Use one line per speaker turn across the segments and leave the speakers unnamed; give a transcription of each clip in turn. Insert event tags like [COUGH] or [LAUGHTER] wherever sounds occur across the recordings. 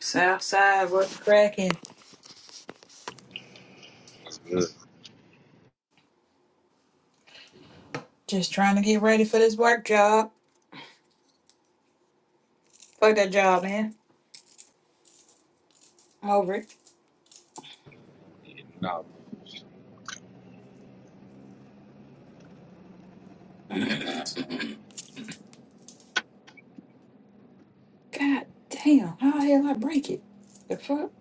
Southside, what's cracking?
It's good
Just trying to get ready for this work job. Fuck that job, man. I'm over it.
getting out. tired.
God damn, how the hell I break it? The fuck?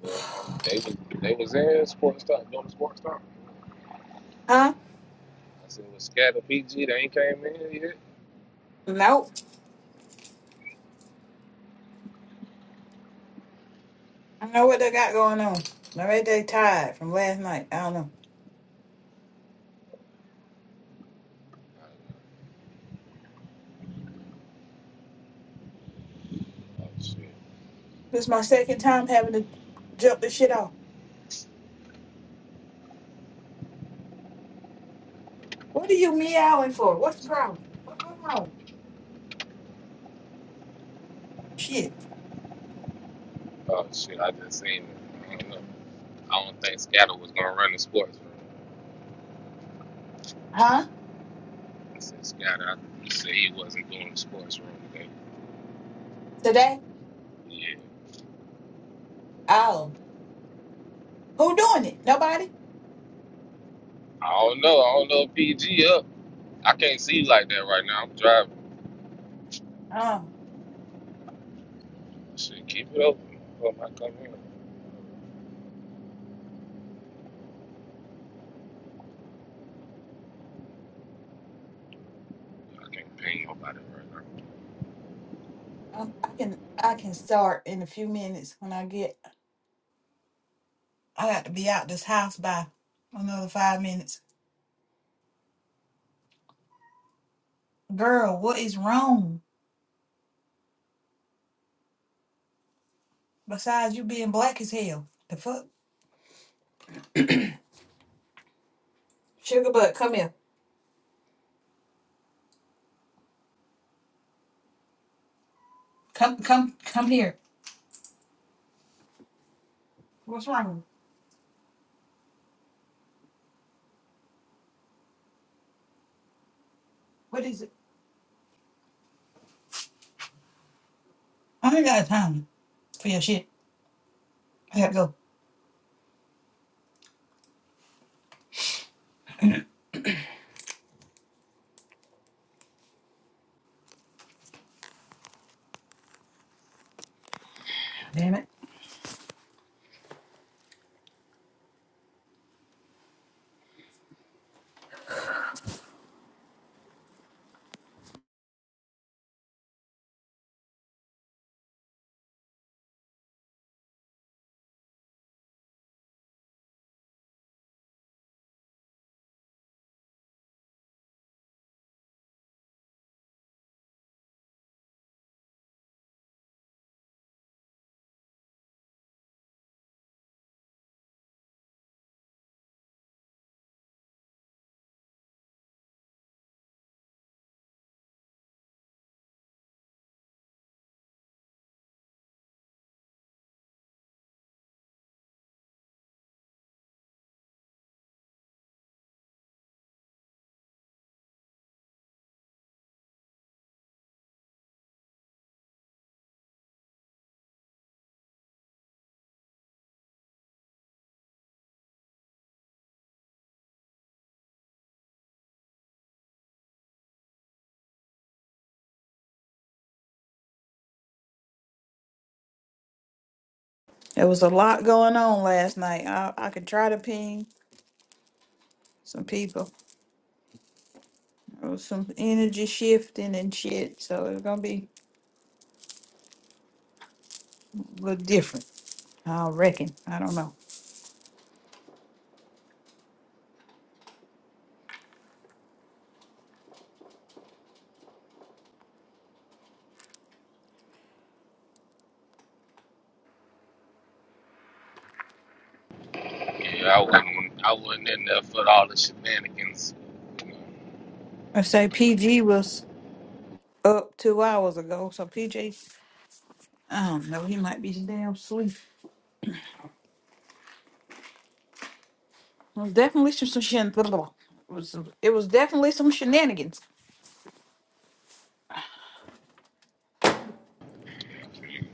boys, they was they was in sports talk, doing sports talk.
Huh?
I said, "Was Scatter PG? They ain't came in yet."
Nope. I don't know what they got going on. I bet they tired from last night. I don't know.
Oh shit!
This is my second time having to jump this shit off. What are you meowing for? What's the problem? What, what's wrong? Shit.
Oh shit! I just seen it. I don't know. I don't think Scatter was gonna run the sports room.
Huh?
I said Scatter. I, he said he wasn't doing the sports room today.
Today?
Yeah.
Oh. Who doing it? Nobody?
I don't know. I don't know if PG up. I can't see like that right now. I'm driving.
Oh.
Shit, keep it open. Before I come in. I can't ping nobody right now.
I I can I can start in a few minutes when I get I got to be out this house by another five minutes. Girl, what is wrong? Besides you being black as hell. The fuck? Sugar butt, come here. Come come come here. What's wrong? What is it? I ain't got time for your shit. I gotta go. [CLEARS THROAT] Damn it. There was a lot going on last night. I, I could try to ping some people. There was some energy shifting and shit, so it's gonna be a little different. I reckon. I don't know.
Yeah, I wasn't. I wasn't in there for all the shenanigans. You
I say PG was. up two hours ago. So PJ, I don't know, he might be damn sleep. It was definitely some, some shen- blah, blah, blah. It was it was definitely some shenanigans.
know, I mean,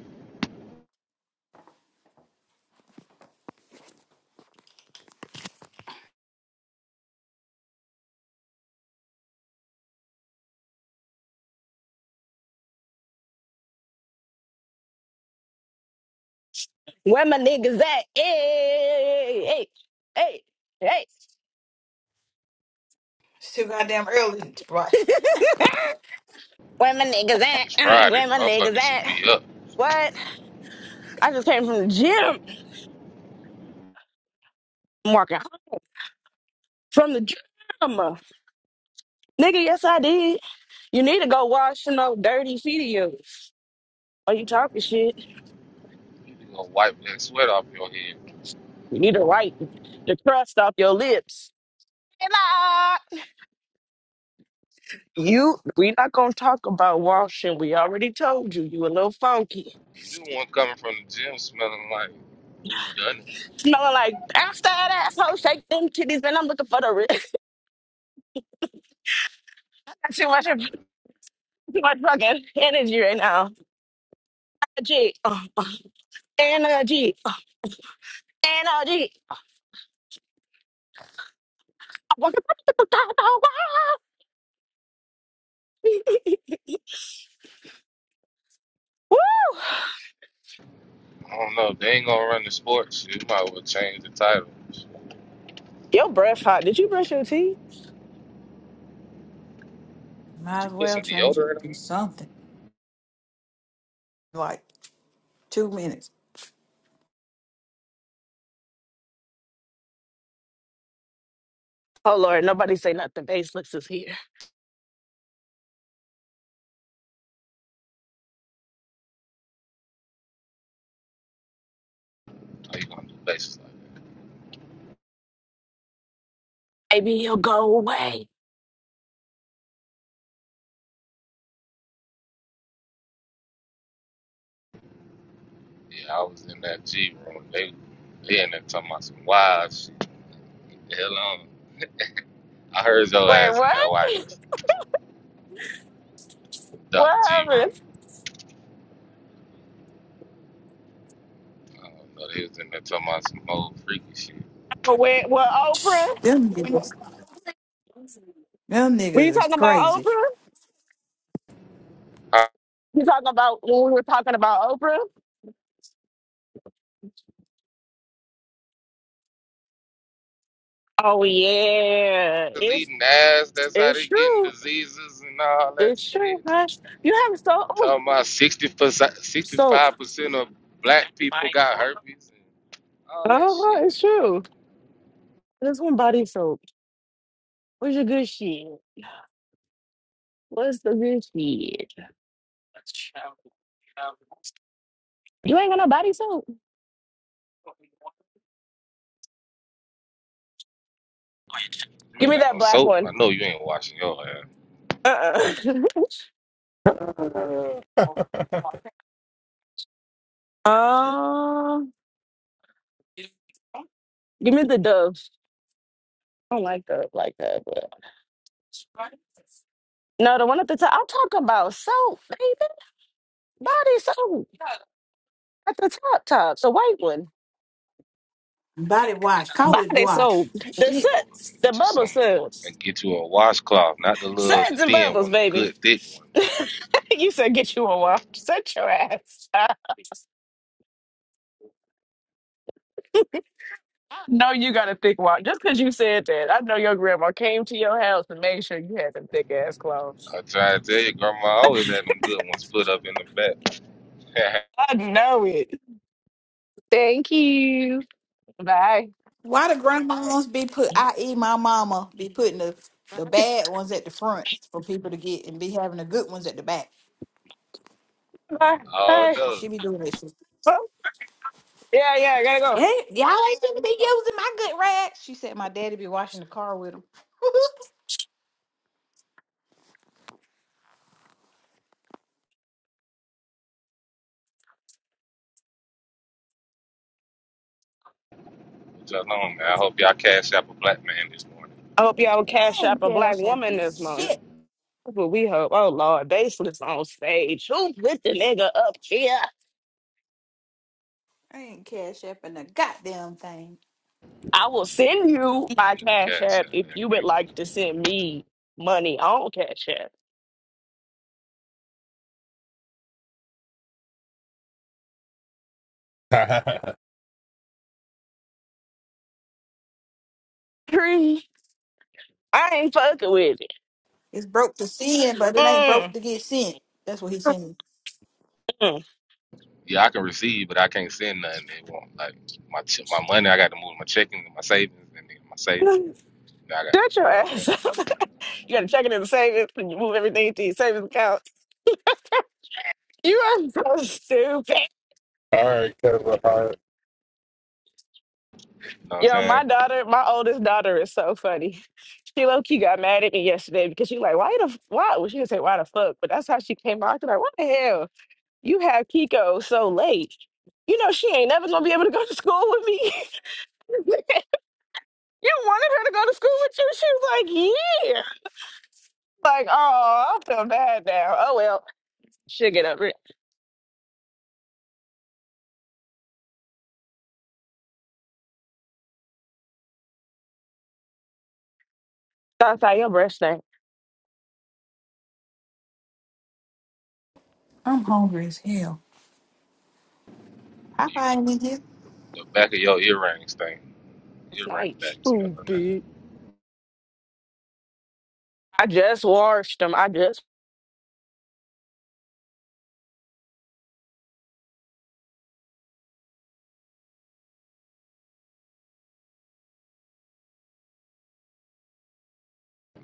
Where my niggas at? Hey, hey, hey, hey.
It's too goddamn early, right?
[LAUGHS] Where my niggas at?
It's
Uh,
Friday.
Where my niggas
Motherfuckers should
at?
be up.
What? I just came from the gym. I'm walking from the gym. Nigga, yes I did. You need to go wash some old dirty feet of yours. Are you talking shit?
You need to go wipe that sweat off your head.
You need to wipe the crust off your lips. You, we not gonna talk about washing. We already told you you a little funky.
You the one coming from the gym smelling like who done it?
smelling like after that asshole shake them titties, man. I'm looking for the rich. [LAUGHS] too much, too much [LAUGHS] fucking energy right now. Energy, uh, uh, energy, uh, energy. Woo!
I don't know. They ain't gonna run the sports. You might as well change the title. Did
Your breath hot. Did you brush your teeth?
Might
you
as
put
well
some
change it
deodorant
to
on?
something like two minutes.
Oh Lord, nobody say nothing. Baseless is here.
How you gonna do basics like
Maybe he'll go away.
that? Yeah, I was in that G room. They they in there talking about some wild shit. The Hell on. I heard your
Wait,
ass in
what?
that white
[LAUGHS] What
Dr. G room.
happened?
I don't know. They was in there talking about some old freaky shit.
Wait, what Oprah?
Them niggas, them
Were you
niggas is
talking about
crazy.
Oprah?
I
You talking about when we were talking about Oprah? Oh yeah,
was
it's
eating ass. That's how
it's
they getting
true.
diseases and all that
It's true.
shit. And
Hush. You have so oh
talking about 60 percent,
soap.
65 percent of black people got herpes and all that
Uh-huh,
shit.
it's true. This one body soap. Where's your good shit? What's the good shit? You ain't got no body soap.
You
Give
ain't
me
got
that
no
black
soap.
one.
I know you ain't washing your hair.
Uh uh
[LAUGHS] All
[LAUGHS] Um, give me the Dove. I don't like Dove like that, but. No, the one at the top. I'm talking about soap, baby. Body soap. At the top, top. The white one.
Body wash, call it
Body
wash.
soap.
Get
The
you,
Shit.
suds.
a-
The
get you
bubble
some
suds.
and get you a washcloth, not the little the
Suds and
thin
bubbles,
one, the
baby.
good thick one.
[LAUGHS] you said get you a walk. Shut your ass. [LAUGHS] I know you got a thick walk. Just because you said that, I know your grandma came to your house and made sure you had some thick ass clothes.
I try to tell you, grandma always had them good ones put up in the back. [LAUGHS]
I know it. Thank you. Bye.
Why the grandmas be put, i.e., my mama, be putting the, the bad ones at the front for people to get and be having the good ones at the back?
Bye.
all
Bye.
those.
She be doing that shit.
Oh, yeah, yeah, I gotta go.
Hey, y'all ain't gonna be using my good rags. She said my daddy be washing the car with him. [LAUGHS]
Shalom, man. I hope y'all cash out a black man this morning.
I hope y'all will cash
I
up
ain't
a black
cash
woman this
effing shit.
morning. That's what we hope. Oh Lord, baseless on stage. Who put the nigga up here?
I ain't cash effing a goddamn thing.
I will send you my
Get the
cash
cash
app
out
if
there,
you would
man.
like to send me money on cash app. Pre, I ain't fucking with it.
It's broke to sin, but it ain't broke
Mm,
to get sent. That's what he's saying.
mm.
Yeah, I can receive, but I can't send nothing they want. Like my ch- my money, I got to move my checking, and my savings, and then my savings.
[SIGHS]
Now I got,
Shut your
you know what I'm saying?
ass up. [LAUGHS] you gotta check it in the savings and you move everything to your savings account. You are so stupid.
right, Kevin Hart.
You know what I'm
Yo, my
saying?
daughter, my oldest daughter is so funny. [LAUGHS] She low key got mad at me yesterday because she like, why the f- why? Well, she didn't say why the fuck, but that's how she came out. She's like, what the hell? You have Kiko so late. You know she ain't never gonna be able to go to school with me. [LAUGHS] you wanted her to go to school with you? She was like, yeah. Like, oh, I feel bad now. Oh well, she'll get over it. So I was like, your breath stink.
I'm hungry as hell. How I
You,
find in here.
the back of your earrings thing,
It's
earring
nice.
backs, you know what I'm
Stupid.
saying?
I just washed them. I just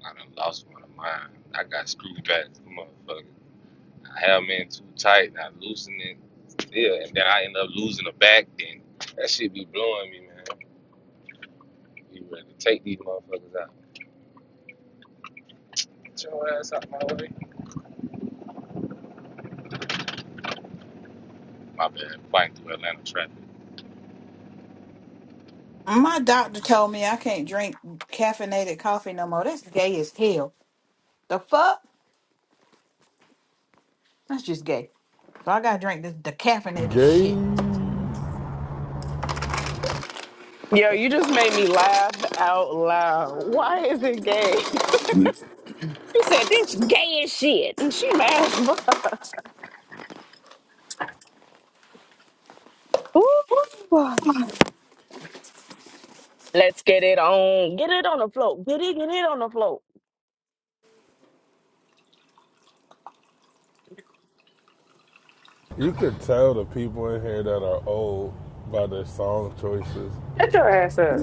I done lost one of mine. I got screwed back, motherfucker. I have them in too tight, and I loosen it. Yeah, and then I end up losing the back. Then that shit be blowing me, man. You ready to take these motherfuckers out? Get your ass out my way. My bad, fighting through Atlanta traffic.
My doctor told me I can't drink caffeinated coffee no more. That's gay as hell. The fuck? That's just gay. So I gotta drink this decaffeinated shit.
Game.
Fuck
Yo, you just made me laugh out loud. Why is it gay? [LAUGHS] You said this is gay as shit, and she mad as fuck. Ooh. Let's get it on. Get it on the float. Get it. Get it on the float.
You could tell the people in here that are old by their song choices.
Shut your ass up.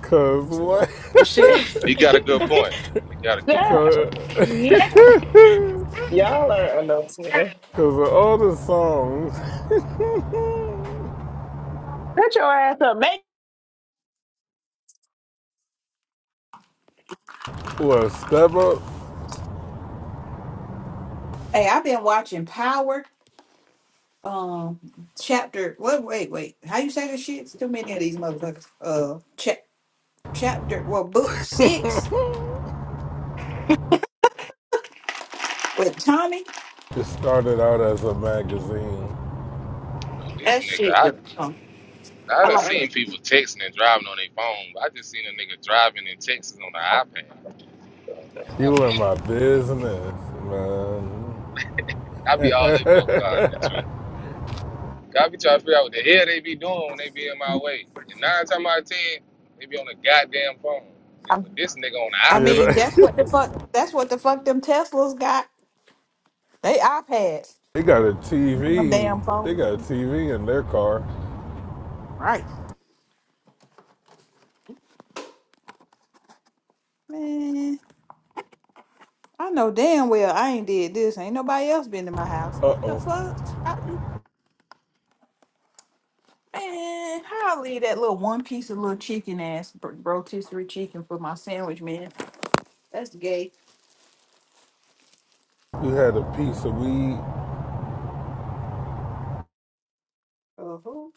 Cause what? [LAUGHS]
Shit.
He
[LAUGHS]
got a good point. He got a good
Yeah,
point.
Cause, [LAUGHS]
Y'all are adults, man.
Cause all the songs, [LAUGHS]
Shut your ass up, man.
well, Step Up,
Hey, I've been watching Power. um chapter what wait wait how you say this shit it's too many of these motherfuckers uh cha- chapter well book six with tommy
it started out as a magazine.
But this
that
nigga,
shit
I
oh,
I
i
done
like it.
seen people texting and driving on their phone. I just seen a nigga driving and texting on the iPad. The
You in my business, man.
I be all in fuck car in the truck.
[LAUGHS]
I be trying to figure out what the hell they be doing when they be in my way. And nine times out of ten, they be on the goddamn phone. But
I'm-
this nigga on
i
the
you
iPad.
mean that's what the
know?
fuck that's what the fuck them teslas got they ipads
[LAUGHS] they got a
them
TV.
damn
They
phones
got a TV in their car.
right man i know damn well i ain't did this ain't nobody else been to my house
Uh
what the
oh.
fuck Man, how I leave that little one piece of little chicken ass br- rotisserie chicken for my sandwich, man? That's gay.
You had a piece of weed.
A who?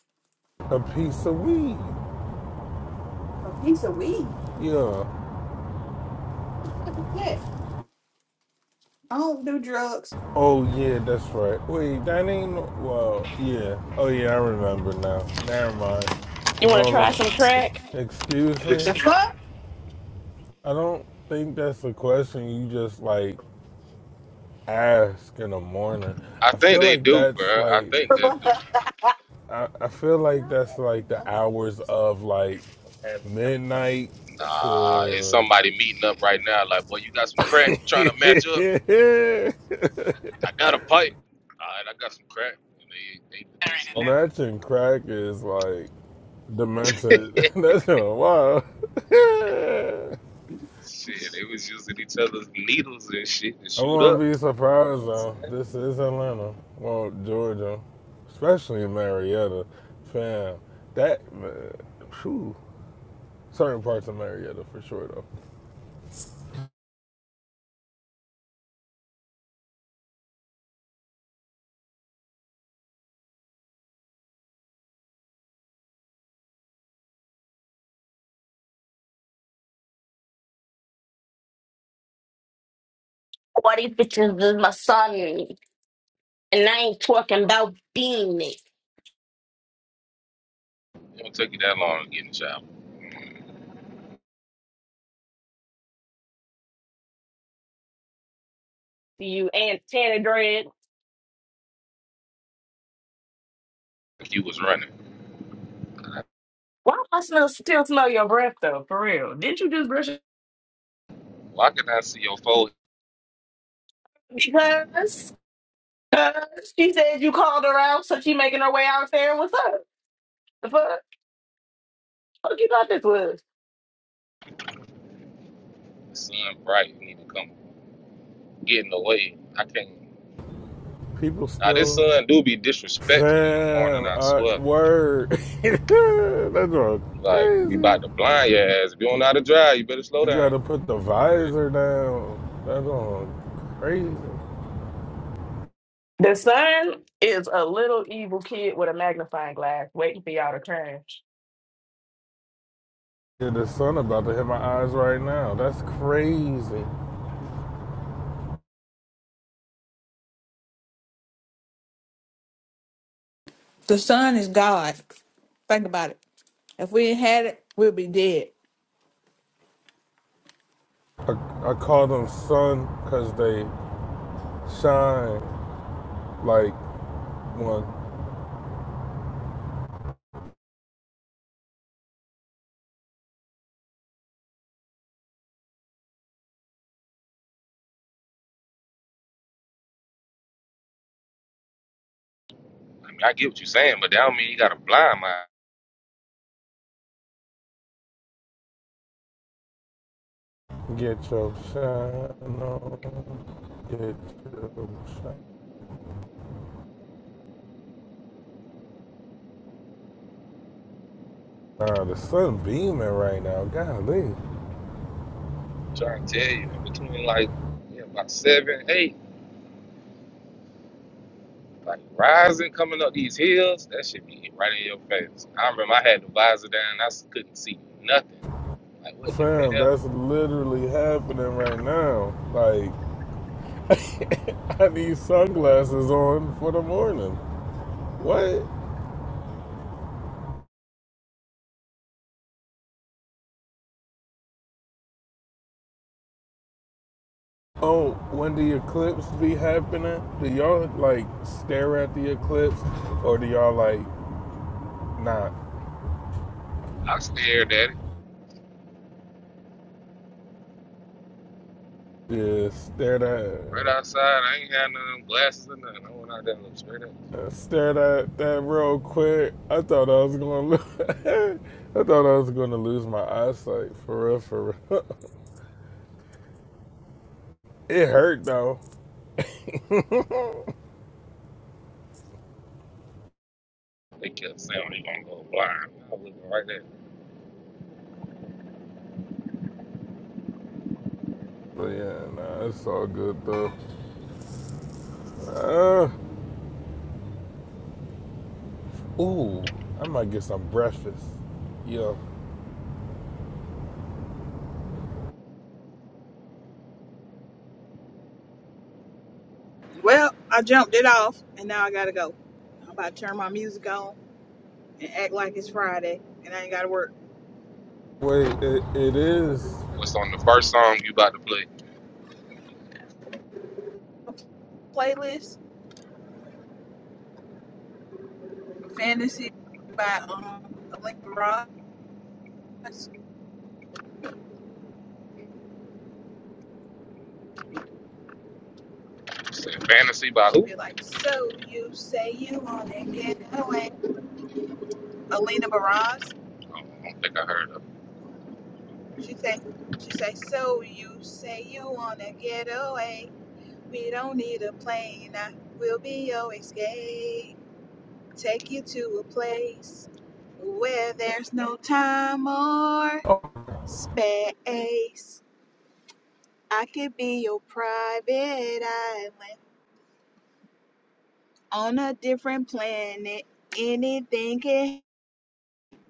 A piece of weed.
A piece of weed.
Yeah.
What's that? I don't do drugs.
Oh yeah, that's right. Wait, that ain't no- well. Yeah. Oh yeah, I remember now. Never mind.
You want to try
Nolan,
some crack?
excuse
The
me.
fuck?
I don't think that's a question you just like ask in the morning.
I
I
think
feel
they
like
do, bro.
that's
I
like.
think they do.
I, I feel like that's like the hours of like midnight
Nah, it's
to
somebody meeting up right now. Like, boy, you got some crack trying to match up.
[LAUGHS]
I got a pipe. All right, I got some crack. And they they they smoking.
Matching crack is like demented. [LAUGHS] That's wild. [LAUGHS]
Shit, they was using each other's needles and shit to
I
shoot
wouldn't
up.
be
You know
surprised
what I'm
though.
saying?
This is Atlanta, well, Georgia, especially Marietta, fam. That man, phew. certain parts of Marietta for sure though.
And that's
It don't take you that long to get in the shower.
you and Tanner Dread.
Like you was running.
Why do I smell, still smell your breath though? For real? Didn't you just brush? it?
Why can I see your forehead?
Because. [LAUGHS] Uh, she said you called her out, so she making her way out there. What's up? The fuck? Fuck you thought this was?
The sun bright. You need to come get in the way. I can't.
People
Now this
still,
sun do be disrespectful in the morning.
fam,
I
uh,
swear.
word. [LAUGHS] That's all
Like we
crazy.
about to blind your ass. If you don't know how to drive, you better slow
You
down.
gotta put the
For real.
visor down. That's all crazy.
The son is a little evil kid with a magnifying glass waiting for y'all to turn.
Yeah, the sun about to hit my eyes right now. That's crazy.
The sun is God. Think about it. If we ain't had it, we'd be dead.
I, I call them sun because they shine like one.
I mean, I get what you're saying, but that don't mean you got a blind mind.
Get your shine on. Get your shine. on. the sun beaming right now. Golly.
I'm trying to tell you, in between like yeah, about seven, eight, like rising, coming up these hills, that should be right in your face. I remember I had the visor down, I s- couldn't see nothing. Like, what the
Fam,
hell?
that's literally happening right now. Like, [LAUGHS] I need sunglasses on for the morning. What? Oh, when the eclipse be happening, do y'all like stare at the eclipse, or do y'all like not?
I stared at it
Yeah, stare
right
that,
outside. I ain't had none of them glasses or nothing. I went out there and looked straight at it.
uh, stare that that real quick. I thought I was gonna, lo- [LAUGHS] I thought I was gonna lose my eyesight for real, for real. [LAUGHS] it hurt though,
They kept saying they gonna go blind. I was looking right there.
but yeah, nah, it's all good though. Uh, ooh, I might get some breakfast. Yeah,
Well, I jumped it off and now I gotta go. I'm about to turn my music on and act like it's Friday and I ain't gotta work.
wait, it, it is
What's on the first song you about to play?
Playlist Fantasy by um Alina Baraz.
You said Fantasy by
She'd
who?
be like, So you say you wanna get away. Alina Baraz.
I don't think I heard of
She say, she say, so you say you wanna get away. We don't need a plane. I will be your escape. Take you to a place where there's no time or space. I could be your private island on a different planet. Anything can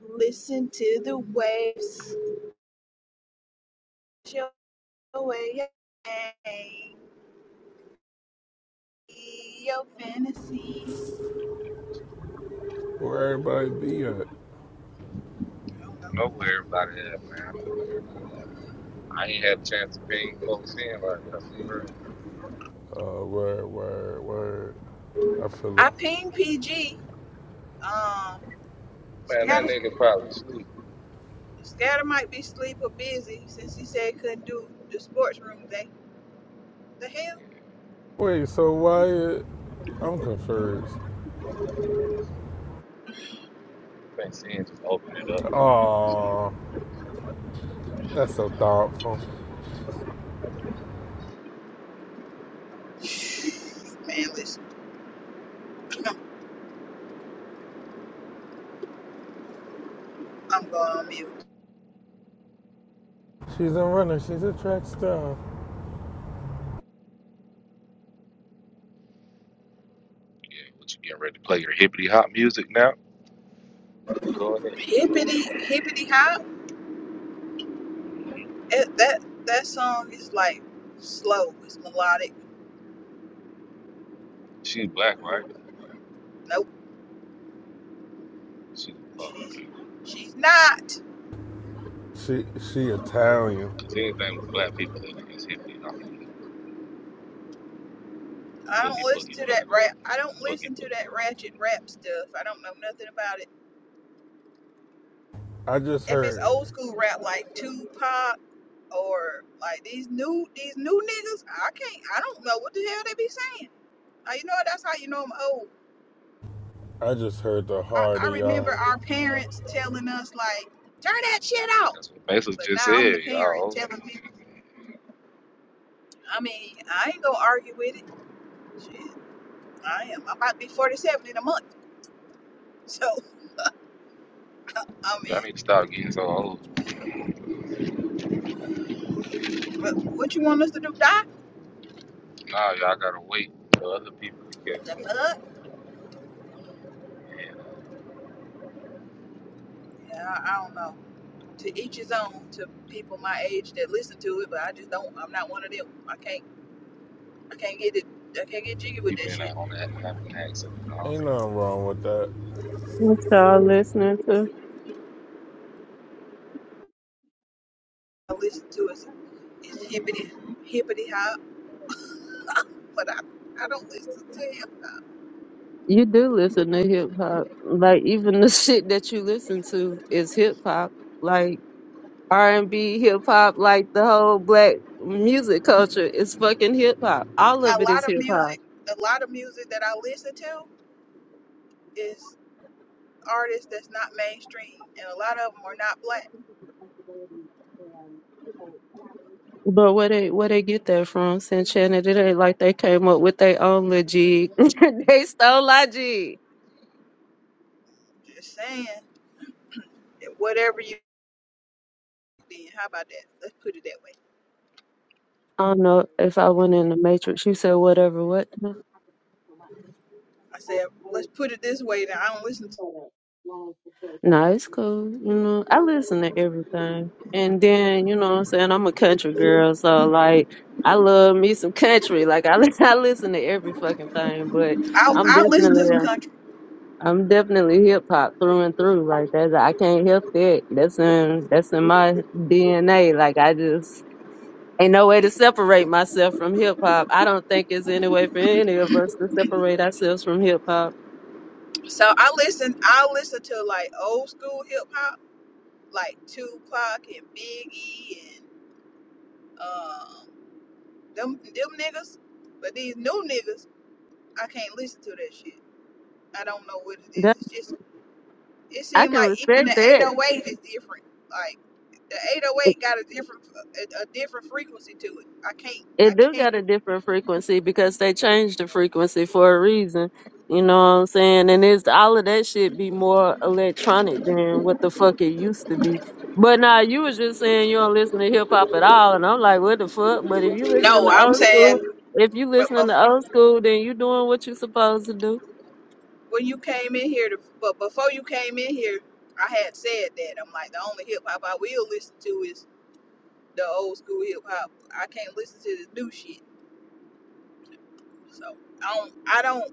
listen to the waves. Show away your fantasy.
where everybody be at.
it. Nowhere everybody had, man. I ain't had a chance to ping folks in like that for real.
Uh, word, word, word. I feel it.
I ping PG. Um,
Man, that
Scatter,
nigga probably sleep.
Scatter might be sleep or busy since he said he couldn't do the sports room thing. The
Yeah,
hell?
Wait, so Wyatt, I'm confused.
I think Sin just opened it up. You know what I'm saying?
Aw, that's so thoughtful.
[LAUGHS] Man, listen, I'm going on mute.
She's a runner. She's a track star.
Yeah, what you getting ready to play your hippity hop music now? Go ahead.
Hippity, hippity hop.
hmm
It, that that song is like slow. It's melodic.
She's black, right?
Nope,
She's oh,
she's
okay.
she's not.
She she Italian.
Cause anything with black people in it is hippity hop music.
I don't
Boogie
listen
boogie,
to that
nigga.
rap. I don't
Boogie
listen to that
boogie.
ratchet rap stuff. I don't know nothing about it.
I just
if it's old
heard.
school rap like Tupac or like these new these new niggas, I can't I don't know what the hell they be saying. Like, you know what? That's how you know I'm old.
I just heard the
I,
hard
I remember
ER.
our parents telling us like, turn that shit out.
That's what Basil
But
just
now I'm the
said. Y'all
parent telling people. I mean, I ain't gonna argue with it. Shit, I am. I'm about to be 47 in a month. [LAUGHS] So I
Y'all
mean,
need to stop getting so old.
but what you want us to do? Die?
Now y'all gotta wait for other people to catch up.
Uh,
Yeah,
yeah, I I don't know. to each his own to people my age that listen to it, but I just don't I'm not one of them. I can't I can't get it I can't get jiggy with
people
that
in
shit.
that on that having an accident
Ain't
already.
nothing wrong with that.
You start listening to
I listen to it it's hippity hippity hop, but I I don't listen to him.
you do listen to hip hop. Like even the [LAUGHS] shit that you listen to is hip hop. Like R and B, hip hop, like the whole black music culture is fucking hip hop. All of
A
it
lot
is
of
hip hop.
music a lot of music that I listen to is artists that's not mainstream and a lot of them are not black.
But where they where they get that from, Since Shannon? It ain't like they came up with their own logic. [LAUGHS] they stole logic.
Just saying that whatever you then how about that? Let's put it that way.
I don't know if I went in the Matrix. You said whatever. What?
I said, let's put it this way. That I don't listen. To,
No, it's cool. You know, I listen to everything. And then, you know what I'm saying? I'm a country girl, so like I love me some country. Like I, li- [LAUGHS] I listen to every fucking thing, but
I
I'm
I listen to some
definitely
country.
I'm definitely hip hop through and through. Like that's I can't help that. That's in that's in my DNA. Like I just ain't no way to separate myself from hip hop. I don't think it's any way for any of us to separate ourselves from hip hop.
So I listen. I listen to like old school hip hop, like Tupac and Biggie and um them them niggas. But these new niggas, I can't listen to that shit. I don't know what it is.
That
It's just it
I
seems
can
like even
respect
the
that.
808 is different. Like the
It
808 got a different a, a different frequency to it. I can't. I
it do
can't.
got a different frequency because they changed the frequency for a reason. You know what I'm saying? And it's all of that shit be more electronic than what the fuck it used to be. But now nah, you was just saying you don't listen to hip hop at all, and I'm like, what the fuck? But if you listening
No,
to
I'm
old school,
saying.
if you
But
listening to
bef-
old school, then you doing what you supposed to do.
when you came in here, to, but before you came in here, I had said that I'm like the only hip hop I will listen to is the old school hip hop. I can't listen to this new shit. So I don't I don't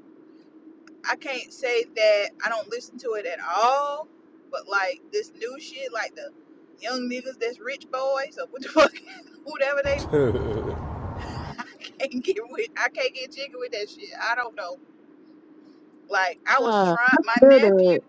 I can't say that I don't listen to it at all. But like this new shit, like the young niggas that's rich boys or what the fuck [LAUGHS] whatever they can't get with I can't get jiggy with that shit. I don't know. Like I was
Nah,
trying my
good
nephew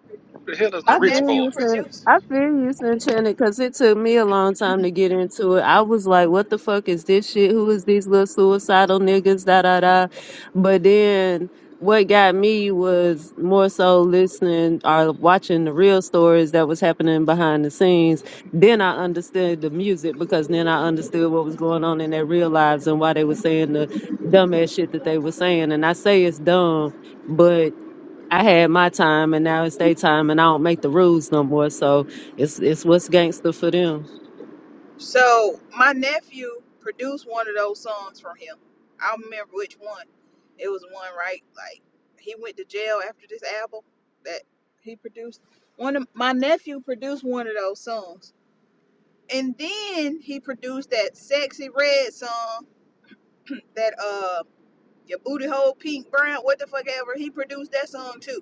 Who the hell is the
my
I
Rich
feel
nephew
you,
Boys?
Sin.
produced
I feel you, Sinchana, because it took me a long time to get into it. I was like, what the fuck is this shit? Who is these little suicidal niggas? Da da da. But then what got me was more so listening or watching the real stories that was happening behind the scenes. Then I understood the music because then I understood what was going on in their real lives and why they were saying the dumbass shit that they were saying. And I say it's dumb, but I had my time and now it's their time and I don't make the rules no more. So it's it's what's gangster for them.
So my nephew produced one of those songs from him. I don't remember which one. It was one right like he went to jail after this album that he produced. One of my nephew produced one of those songs. And then he produced that sexy red song that uh your booty hole pink brown, what the fuck ever. He produced that song too.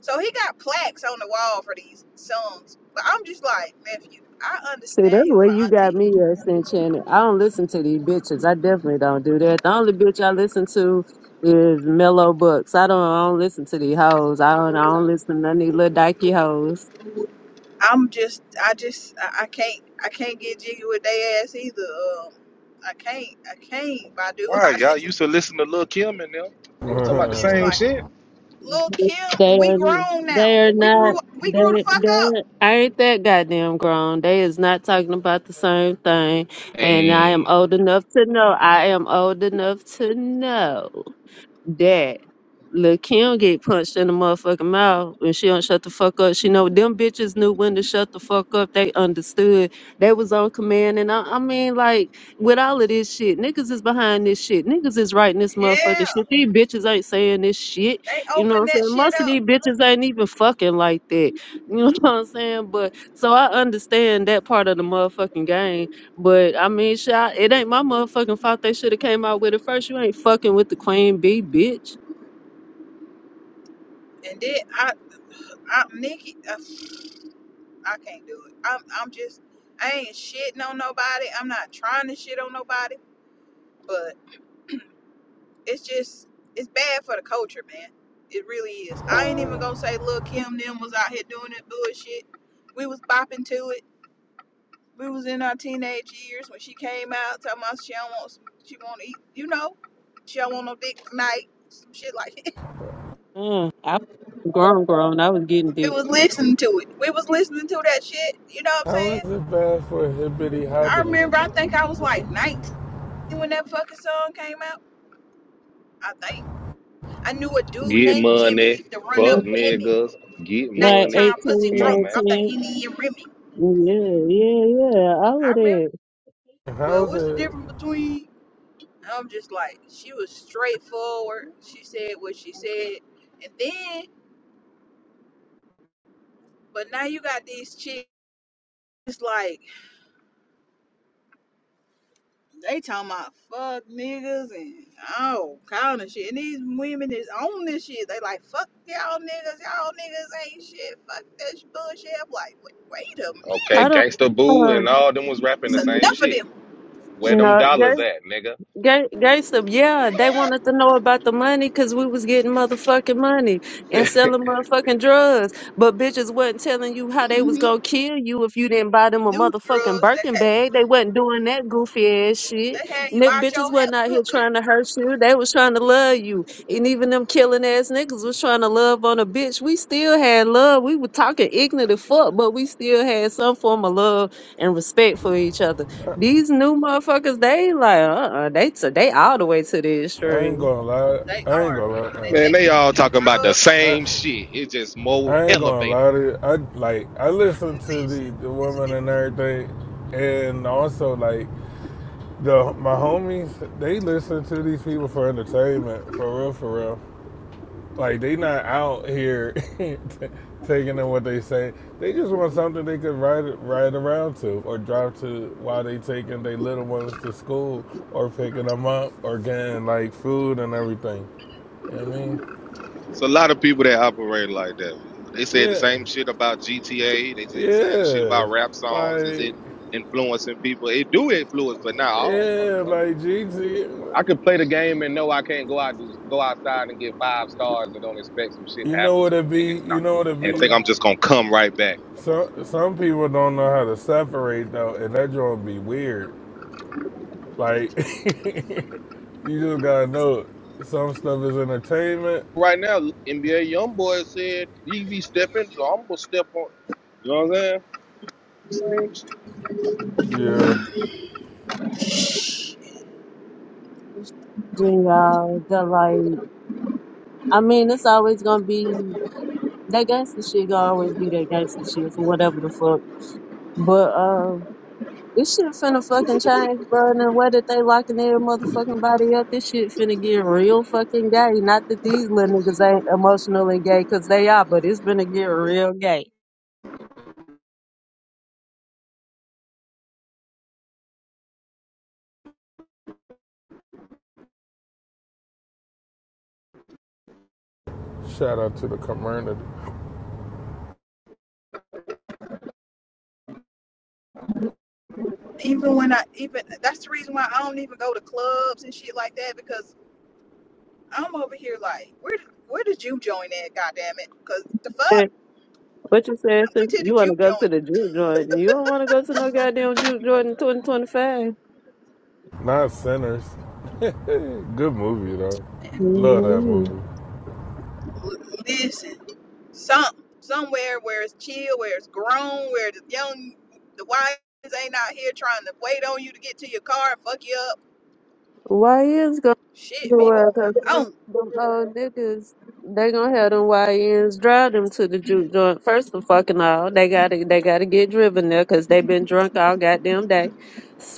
So he got plaques on the wall for these songs. But I'm just like, nephew, I
See,
understand.
that's
He was
where
like,
you
auntie,
got me at, Enchanted. I don't listen to these bitches. I definitely don't do that. The only bitch I listen to is Mellow Books. I don't I don't listen to these hoes. I don't I don't listen to none of these little dykey hoes.
I'm just, I just, I, I can't, I can't get jiggy with they ass either. Um, I can't, I can't, Badu. [LAUGHS]
Why
I
y'all
just,
used to listen to Lil Kim and them? They was talking
I'm
about the
just
same
[LAUGHS]
like,
shit.
Lil Kim,
They
we
are
grown now.
they are
We
not
grew, we grew the
they
fuck up.
they ain't that goddamn grown. They is not talking about the same thing. And I am
And
old enough to know. I am old enough to know that Lil Kim get punched in the motherfucking mouth and she don't shut the fuck up. She know them bitches knew when to shut the fuck up. They understood. They was on command. And I, I mean, like, with all of this shit, niggas is behind this shit. Niggas is writing this motherfucking
Yeah,
shit. These bitches ain't saying this shit.
they
You know what
opened
I'm
that
saying?
shit
Most of
up,
these bitches ain't even fucking like that. You know [LAUGHS] what I'm saying? But so I understand that part of the motherfucking game but I mean, shit, I- it ain't my motherfucking fault they should have came out with it first. You ain't fucking with the queen bee, bitch.
and then I, I, Nikki, I, I can't do it. I'm, I'm just, I ain't shitting on nobody. I'm not trying to shit on nobody, but. it's just it's bad for the culture, man. It really is. I ain't even gonna say Lil Kim them was out here doing that bullshit. We was bopping to it. We was in our teenage years when she came out talking about she don't want she want to eat, you know, she don't want no dick tonight, some shit like that. [LAUGHS]
Uh, I was grown, grown. I was getting
We
dick.
was listening to it. We was listening to that shit. You know what I'm
How is it bad for a hibbity
saying? I
hobbity?
remember. I think I was like 19 when that fucking song came out. I think I knew a dude
get
named Jimmy
money,
used to run up
Mm,
fuck
Bimmy,
niggas, get
Like
money.
nighttime pussy
18,
Come on,
drunk
man.
off the Henny and Remy.
nineteen. Yeah, yeah, yeah. All of
I remember
that.
How
well,
is
what's the
it?
difference between I'm just like she was straightforward. She said what she said. And then but now you got these chicks like they talking about fuck niggas and all kind of shit. And these women is on this shit. They like fuck y'all niggas, y'all niggas ain't shit. Fuck this bullshit. I'm like, wait, wait a
Okay,
I
minute.
don't.
Gangsta Boo
Uh,
and all them was rapping the
It's
same
enough of
shit.
them.
Where them
no,
dollars at, nigga?
Gay, gangster, yeah, they wanted to know about the money because we was getting motherfucking money and
[LAUGHS]
selling motherfucking drugs. But bitches wasn't telling you how they was
hmm
gonna kill you if you didn't buy them a
New
motherfucking
drugs that
Birkin
had,
bag. They wasn't doing that goofy ass shit.
they had you
Nick
out
bitches
your ha-
wasn't out here
hooker.
trying to hurt you. They was trying to love you. And even them killing ass niggas was trying to love on a bitch. We still had love. We were talking ignorant as fuck, but we still had some form of love and respect for each other. These new motherfuckers, they like, uh-uh, they t- they all the way to the
I ain't
extreme.
gonna lie.
They
I ain't
are.
gonna
And they
man,
taking
they
these
all
new
talking about the
drugs
lie. Uh,
same
I
shit. It's just more
I ain't gonna
elevated
lie to you. I like I listen to
listen,
the the
it's a
women and
different.
everything, and also like the my homies. They listen to these people for entertainment, for real, for real. Like they not out here [LAUGHS] t- taking in what they say. They just want something they could ride ride around to or drive to while they taking their little ones to school or picking them up or getting like food and everything. You know what I mean?
It's a lot of people that operate like that. They said the
Yeah,
same shit about GTA. They said the same shit
yeah.
about rap songs. Is it
Like
influencing people? It do influence, but not all
Yeah,
motherfuckers.
like Gigi,
I could play the game and know I can't go out just go outside and get five stars and don't expect some shit to
you know
happen
what
to
it
a
be.
nigga and I,
You know what it
and
be.
think I'm just gonna come right back. Come on,
Some
man.
some people don't know how to separate though, and that joint be weird. Like [LAUGHS] you just gotta know it. some stuff is entertainment.
Right now, NBA YoungBoy said he be stepping, so I'm gonna step on. You know what I'm saying? Same shit.
Yeah,
y'all, the like, I mean, it's always gonna be that gangster shit. Gonna always be that gangster shit for whatever the fuck. But uh, this shit finna fucking change, bro. And the way that they locking their motherfucking body up, this shit finna get real fucking gay. Not that these little niggas ain't emotionally gay, cause they are, but it's finna get real gay.
shout out to the community,
Even when I even that's the reason why I don't even go to clubs and shit like that because I'm over here like where where the juke joint at? Goddamn it! Because the
[LAUGHS]
fuck,
But you said
I'm too
since
to the
you want to
juke
go to
joint.
the juke joint, you don't want to go to no goddamn juke joint in 2025.
not sinners. Eh, Good movie though. Love that
hmm
movie.
Listen, some somewhere where it's chill, where it's grown, where the young, the wives ain't out here trying to wait on you to get to your car and fuck you up.
Why is going to
Shit be going.
Cause
Oh,
them, them old niggas, they gonna have them YNs drive them to the juke joint. First of fucking all, they gotta they gotta get driven there because they been drunk all goddamn day.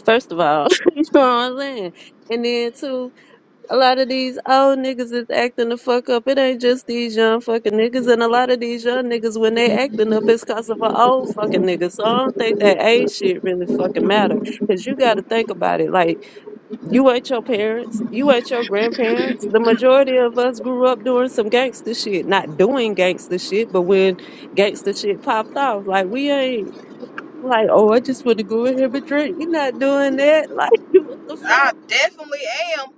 First of all, [LAUGHS] you know what I'm saying. And then two. A lot of these old niggas is acting the fuck up. It ain't just these young fucking niggas. And a lot of these young niggas, when they acting up, it's cause of an old fucking nigga. So I don't think that age shit really fucking matter. Cause you gotta think about it. Like, you ain't your parents. You ain't your grandparents. The majority of us grew up doing some gangster shit. Not doing gangster shit, but when gangster shit popped off, like, we ain't like, oh, I just wanna go in here and drink. you not doing that. [LAUGHS] Like, what the
I
fuck?
definitely am.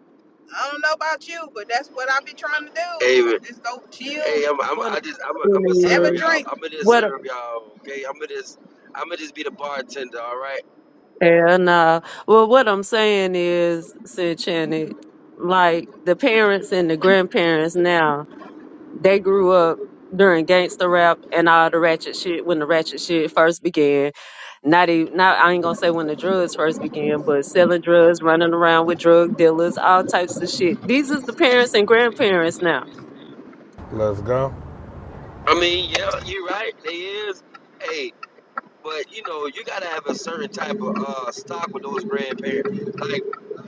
I don't know about you, but that's what I be trying to
Hey, man.
do. Just go chill
hey, I'm,
and
I'm, I just, I'm, I'm gonna
have a
serve y'all.
drink
I'm gonna just
What
serve y'all, okay? I'm gonna just, I'm gonna just be the bartender, all right?
Yeah, nah. Well, what I'm saying is, said Channing, like the parents and the grandparents now, they grew up during gangster rap and all the ratchet shit when the ratchet shit first began. Not even, not I ain't gonna say when the drugs first began, but selling drugs, running around with drug dealers, all types of shit. These is the parents and grandparents now.
Let's go.
I mean, yeah, you right. They is, hey, but you know, you gotta have a certain type of uh stock with those grandparents. Like,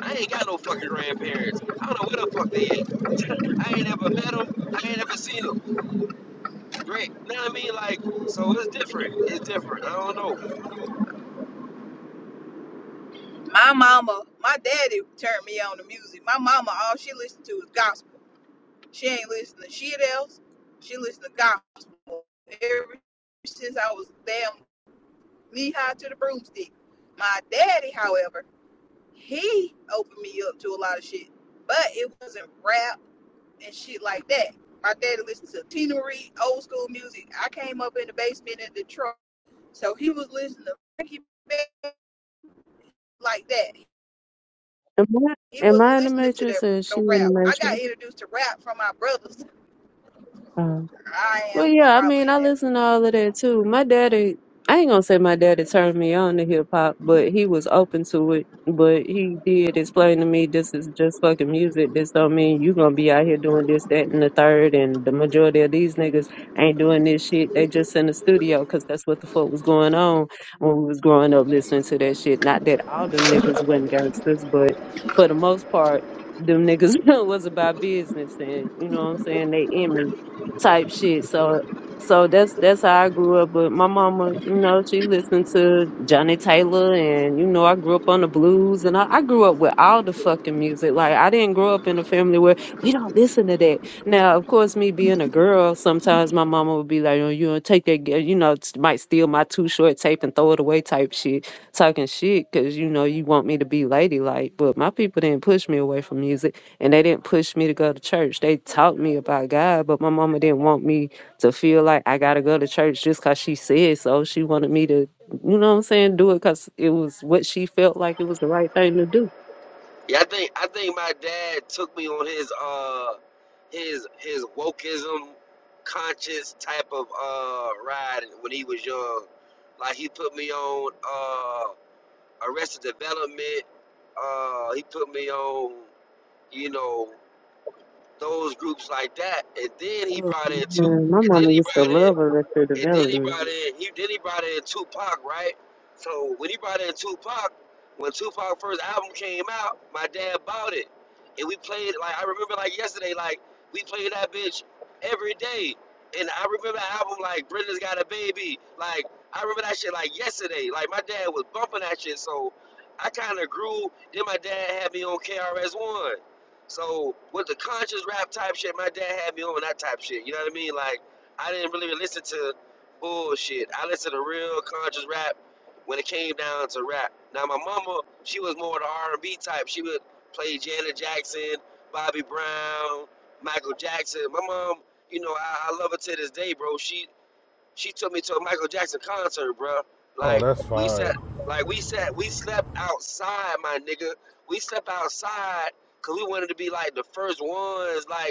I ain't got no fucking grandparents. I don't know where the fuck they at. I ain't ever met them. I ain't ever seen them. Great, you know what I mean? Like, so it's different. It's different. I don't know.
My mama, my daddy turned me on to music. My mama, all she listened to was gospel. She ain't listening to shit else. She listened to gospel ever since I was damn knee high to the broomstick. My daddy, however, he opened me up to a lot of shit, but it wasn't rap and shit like that. My daddy listened to Tina Reid, old school music. I came up in the basement in Detroit, so he was listening to Frankie Beverly, like that
Am
He
I, am I
wasn't
in the
listening to that
matrix or is she
no
in the
rap. I got
matrix?
introduced to rap from my brothers. I
Well,
am. I'm
yeah, I mean,
probably in
I
that.
listen to all of that too. My daddy, I ain't gonna say my daddy turned me on to hip hop, but he was open to it. But he did explain to me this is just fucking music. This don't mean you gonna be out here doing this, that, and the third. And the majority of these niggas ain't doing this shit. They just in the studio because that's what the fuck was going on when we was growing up listening to that shit. Not that all them niggas wasn't gangsters, but for the most part, them niggas [LAUGHS] was about business and you know what I'm saying, they image type shit. So so that's that's how I grew up. But my mama, you know, she listened to Johnny Taylor and you know, I grew up on the blues and I, I grew up with all the fucking music. Like I didn't grow up in a family where we don't listen to that. Now, of course, me being a girl, sometimes my mama would be like, Oh, you don't take that ga- you know, s- might steal my two short tape and throw it away type shit, talking shit, cause you know, you want me to be ladylike. But my people didn't push me away from music and they didn't push me to go to church. They taught me about God, but my mama didn't want me to feel like I gotta go to church just cause she said so. She wanted me to, you know what I'm saying, do it cause it was what she felt like it was the right thing to do.
Yeah, I think I think my dad took me on his uh his his wokeism conscious type of uh ride when he was young. Like he put me on uh Arrested Development, uh he put me on, you know, those groups like that. And then he
Mm.
brought in two
Man, my
and then
mama
he
used to
brought in
love Arrested
and then he
Development.
brought in he then he brought in Tupac, right? So when he brought in Tupac, when Tupac first album came out, my dad bought it. And we played like I remember like yesterday, like we played that bitch every day. And I remember the album like Brenda's Got a Baby. Like I remember that shit like yesterday. Like my dad was bumping that shit, so I kinda grew, then my dad had me on KRS one. So with the conscious rap type shit, my dad had me on that type shit. You know what I mean? Like I didn't really listen to bullshit. I listened to real conscious rap when it came down to rap. Now my mama, she was more the R and B type. She would play Janet Jackson, Bobby Brown, Michael Jackson. My mom, you know, I, I love her to this day, bro. She she took me to a Michael Jackson concert, bro.
Oh,
Like
that's
we sat,
fire.
like we sat, we slept outside, my nigga. We slept outside because we wanted to be like the first ones, like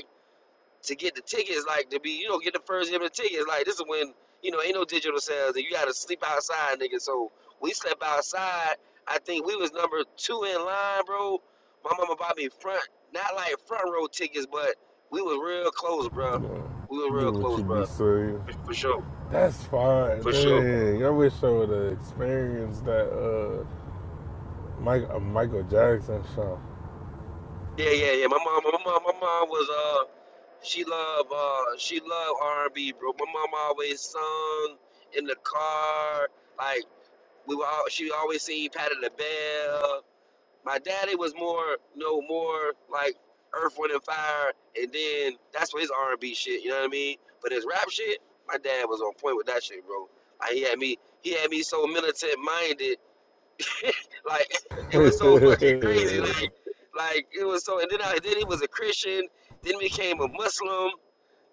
to get the tickets, like to be, you know, get the first game of the tickets. Like this is when, you know, ain't no digital sales and you gotta sleep outside, nigga. So we slept outside. I think we was number two in line, bro. My mama bought me front, not like front row tickets, but we was real close, bro.
Yeah.
We were
Get
real
what
close,
you
bro.
be saying.
For, for sure,
That's fine.
for sure.
Dang, I wish I would have experienced that uh, Mike, uh, Michael Jackson show.
Yeah, yeah, yeah. My mom, my mom, my mom was uh, she loved uh, she loved R and B, bro. My mom always sung in the car, like. we were all she always seen Patty LaBelle. My daddy was more no more like Earth, Wind and Fire, and then that's what his R and B shit. You know what I mean? But his rap shit, my dad was on point with that shit, bro. Like he had me, he had me so militant minded. Like [LAUGHS]
[LAUGHS]
it
yeah,
was so fucking crazy. Like like it was so. And then I then he was a Christian. Then he became a Muslim.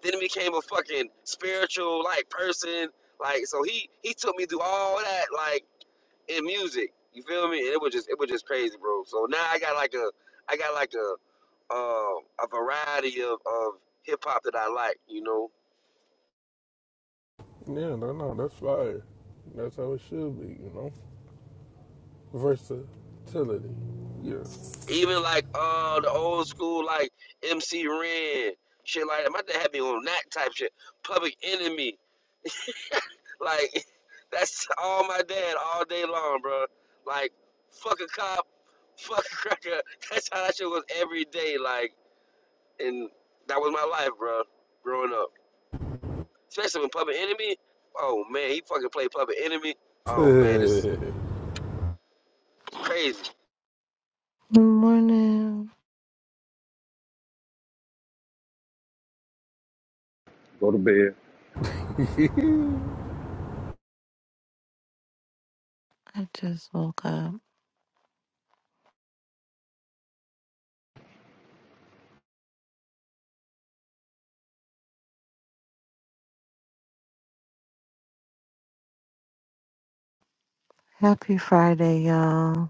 Then he became a fucking spiritual like person. Like so he he took me through all that like in music. You feel me? It was just it was just crazy, bro. So now I got like a I got like a uh, a variety of, of hip hop that I like, you know.
no, no, that's fire. That's how it should be, you know? Versatility. Yeah.
Even like uh the old school like MC Ren, shit like that. My dad had me on that type shit. Public Enemy, like [LAUGHS] that's all my dad all day long, bro. Like fuck a cop, fuck a cracker. [LAUGHS] That's how that shit was every day, like and that was my life, bro. Growing up. Especially when Public Enemy. Oh man, he fucking played Public Enemy. Oh man, it's crazy.
Good morning.
Go to bed,
I just woke up. Happy Friday, y'all.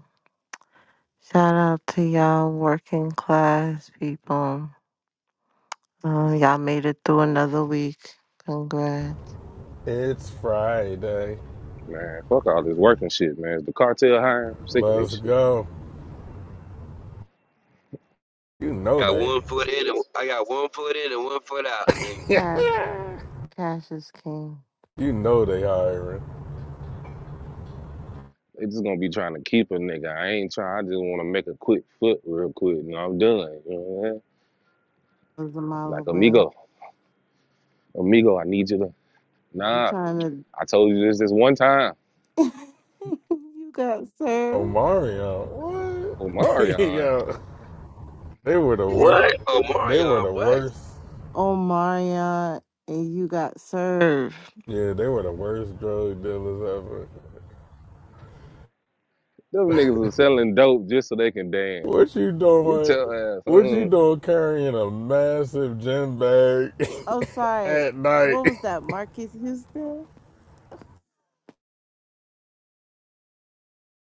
Shout out to y'all working class people. Um, y'all made it through another week. Congrats.
[LAUGHS] it's Friday.
man. Fuck all this working shit, man. Is the cartel hiring? I'm sick of
Let's
this shit.
go. You know
Got
they.
one foot in, and I got one foot in and one foot out. Nigga.
Cash, cash is king.
You know they hiring.
They just gonna be trying to keep a nigga. I ain't trying. I just want to make a quick foot real quick, and I'm done. You know what i mean?
Was a
Like
mile away.
amigo, amigo, I need you to.
You
Nah,
trying
I told you this this one time.
to? [LAUGHS] you got served.
Omarion,
Oh,
what? [LAUGHS]
Marion,
Yo, they were the worst.
What? Oh
They were
Marion,
the
what?
worst
Oh, Maria, and you got served.
Yeah, they were the worst drug dealers ever.
them niggas are selling dope just so they can dance.
What you
Get
doing?
your ass
What you
on
doing carrying a massive gym bag
Oh,
[LAUGHS]
sorry.
at night?
What
[LAUGHS]
was that, Marcus Houston?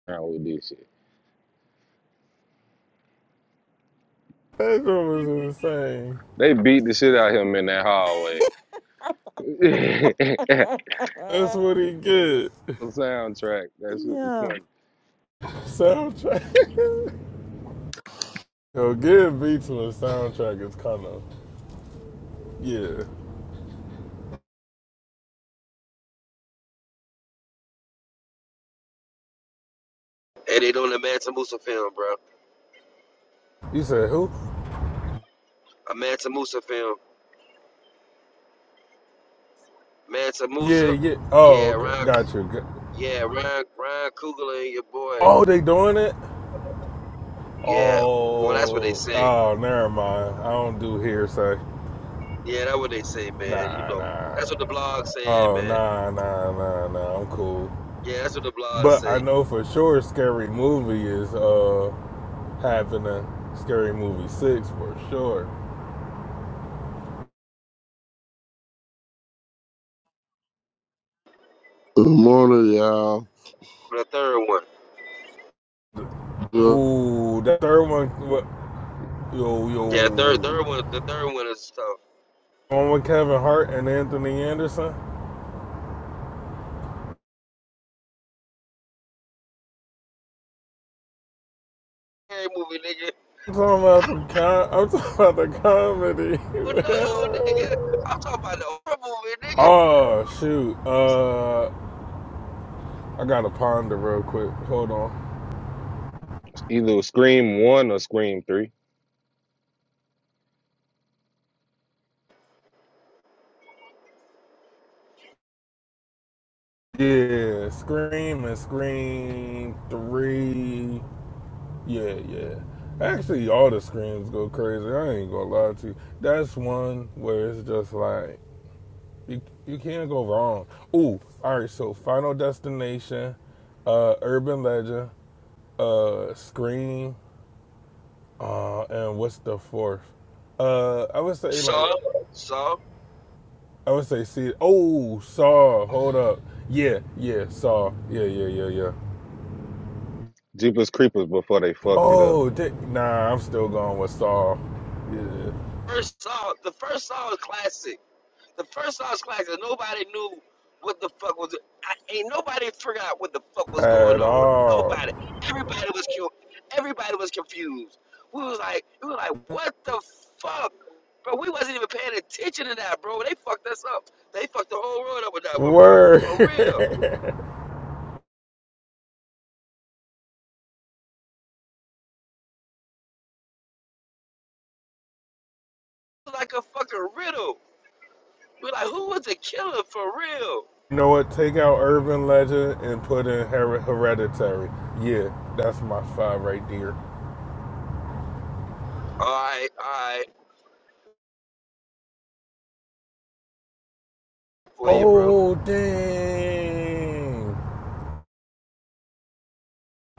around with this shit.
That was insane.
They beat the shit out of him in that hallway. [LAUGHS]
[LAUGHS]
That's what he get.
Soundtrack. That shit was
yeah.
funny.
Soundtrack. [LAUGHS] Yo, getting beat to a soundtrack is kind of, yeah.
And they doing the Mansa Musa film, bro.
You said who?
A Mansa Musa film. Mansa
Yeah,
Musa.
yeah.
Yeah,
Oh, okay.
Ron.
Got you. Got-
Yeah, Ron. Ron Coogler and your boy.
Oh, they doing it?
Yeah. Well, that's what
Oh,
they say.
oh, never mind. I don't do hearsay.
Yeah, that's what they say, man. You
Nah,
know,
nah.
that's what the blog saying,
Oh
man.
nah nah nah nah I'm cool.
Yeah, that's what the blog
But I
say.
know for sure scary movie is uh having a scary movie six for sure.
Good morning, y'all.
The third one.
Good-
Ooh, that third one what yo yo
Yeah, third, third one. The third one is tough.
one with Kevin Hart and Anthony Anderson.
scary movie, nigga.
I'm talking about the com- I'm talking about the
But no,
comedy.
nigga. I'm talking about the horror movie,
[LAUGHS]
nigga.
oh shoot. Uh I gotta ponder real quick. Hold on.
Either Scream One or Scream Three.
Yeah, Scream and Scream Three. Yeah, yeah. Actually, all the screams go crazy. I ain't gonna lie to you. That's one where it's just like you you can't go wrong. Ooh, all right. So Final Destination, uh, Urban Legend, uh, Scream, uh, and what's the fourth? Uh, I would say like
Saw, Saw,
I would say see. Oh, Saw. Hold up. Yeah, yeah. Saw. Yeah, yeah, yeah, yeah.
Jeepers Creepers before they fucked it up.
Oh, di- nah, I'm still going with Saul. Yeah.
first Saw. The first Saw is classic. The first Saw is classic. Nobody knew what the fuck was. I, ain't nobody forgot what the fuck was going
At
on.
all.
Nobody. Everybody was cu- Everybody was confused. We was like, we were like, what the fuck, bro? We wasn't even paying attention to that, bro. They fucked us up. They fucked the whole world up with that one, bro.
Word.
For
[LAUGHS] you
real. It was like a fucking riddle. We're like, who was the killer for real?
know what? Take out Urban Legend and put in Her- Hereditary. Yeah, that's my five right there.
All right, all right, for you, bro.
Oh, dang.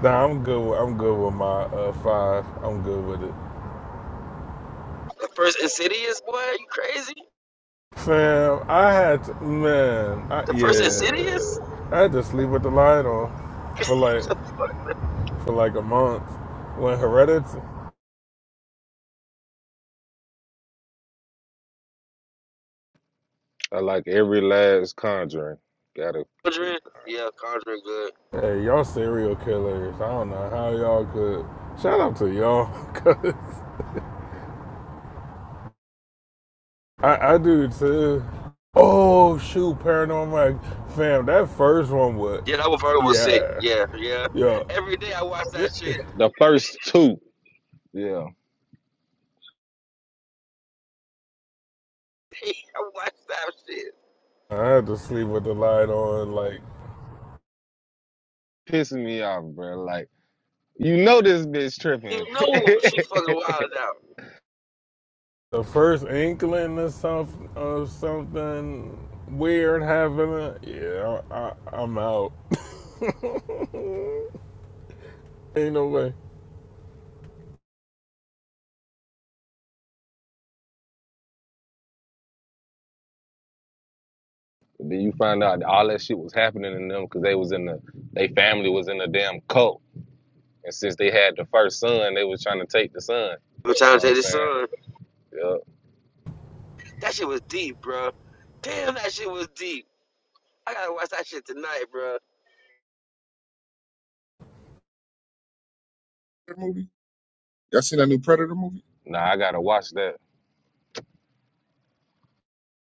Nah, I'm good. With, I'm good with my uh, five. I'm good with it.
The first Insidious, boy, you crazy?
Fam, I had to, man, I,
The first
yeah,
Insidious?
I had to sleep with the light on for like for like a month when Hereditary.
I like every last Conjuring. Got a cool
Conjuring?
Conjuring.
Yeah, Conjuring, good.
Hey, y'all serial killers. I don't know how y'all could. Shout out to y'all, [LAUGHS] cause I, I do too. Oh shoot, paranormal fam. That first one was,
Yeah, that one for her was sick.
yeah,
Yeah, yeah.
yeah.
Every day I watch that shit.
The first two, yeah,
[LAUGHS] I watch that shit.
I had to sleep with the light on. Like
pissing me off, bro. Like you know this bitch
You
tripping.
know she fucking
[LAUGHS]
wilded out.
the first inkling of something of something weird happening. Yeah, I, I, I'm out. [LAUGHS] Ain't no way.
then you find out all that shit was happening in them because they was in the they family was in a damn cult, and since they had the first son, they was trying to take the son.
I'm
You
trying
know
to
what I'm
tell this
saying?
son.
Yup.
That shit was deep, bro. Damn, that shit was deep. I gotta watch that shit tonight, bro.
movie? Y'all seen that new Predator movie?
Nah, I gotta watch that.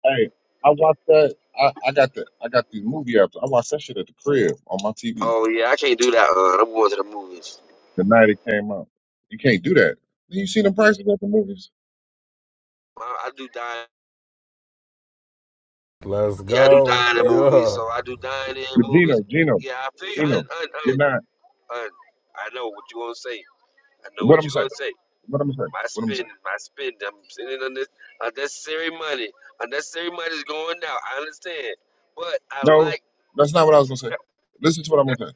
Hey, I watched that. I, I got the I got these movie apps. I watched that shit at the crib on my TV
Oh yeah, I can't do that. Uh, I'm going to the movies.
the night it came out. You can't do that. You seen the prices at the movies?
I, I do die.
Let's
Yeah, I do
go.
dining movies,
Yeah,
so I do dining
But
movies.
Gino, Gino,
Yeah, I feel you. Un,
Gino,
un,
you're
un,
not.
un. I know what you're gonna say. I know
What
what
I'm
you're gonna
saying?
say.
What I'm saying?
My
What I'm
spending,
saying?
my spending. I'm spending on this unnecessary money. Unnecessary money is going out. I understand, but I
No,
like.
that's not what I was gonna say. Listen to what I'm gonna say.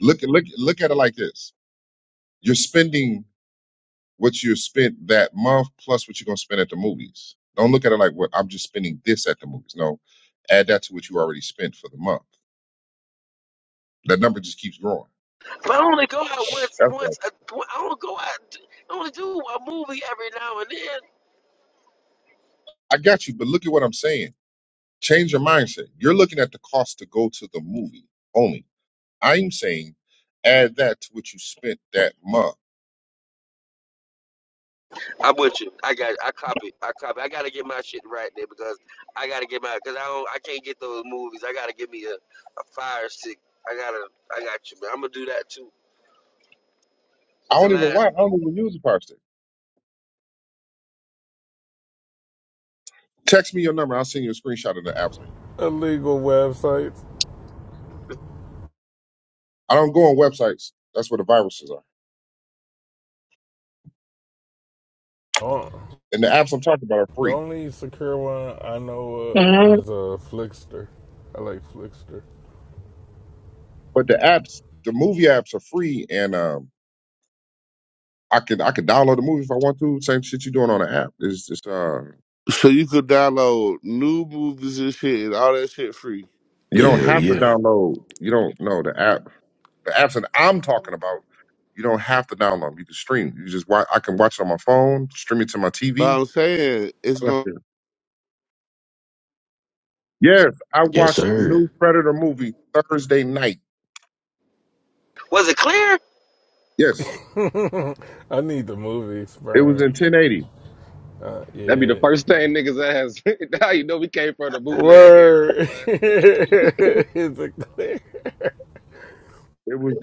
Look, look, look at it like this. You're spending what you spent that month plus what you're going to spend at the movies. Don't look at it like, what I'm just spending this at the movies. No, add that to what you already spent for the month. That number just keeps growing.
But I only go out once.
That's right.
Once a, I don't go out. I only do a movie every now and then.
I got you, but look at what I'm saying. Change your mindset. You're looking at the cost to go to the movie only. I'm saying add that to what you spent that month.
I'm with you. I got. I copy. I copy. I gotta get my shit right there because I gotta get my. Cause I don't. I can't get those movies. I gotta give me a, a fire stick. I gotta. I got you, man. I'm gonna do that too.
I
It's the
don't even
last.
why I don't even use a power stick. Text me your number. I'll send you a screenshot of the apps I use.
illegal websites.
I don't go on websites. That's where the viruses are.
Oh,
And the apps I'm talking about are
the
free.
only secure one I know uh, is a uh, Flickster. I like Flickster.
But the apps, the movie apps are free, and um, I could I could download the movie if I want to. Same shit you're doing on the app. It's just uh,
So you could download new movies and shit and all that shit free.
you don't
Yeah,
have to
yeah.
download. You don't know the app. The apps that I'm talking about, you don't have to download. 'em. You can stream. You just watch. I can watch it on my phone. Stream it to my
But
TV.
I'm saying it's
all that
going
shit. Yes, I
Yes,
watched the
sir.
new Predator movie Thursday night.
Was it clear
Yes,
[LAUGHS] I need the movie
it was in
experience.
1080.
Uh,
That'd be the
yeah.
first thing niggas ask. [LAUGHS] now you know we came from the bootleg era,
Word. [LAUGHS]
boy.
is it clear?
It was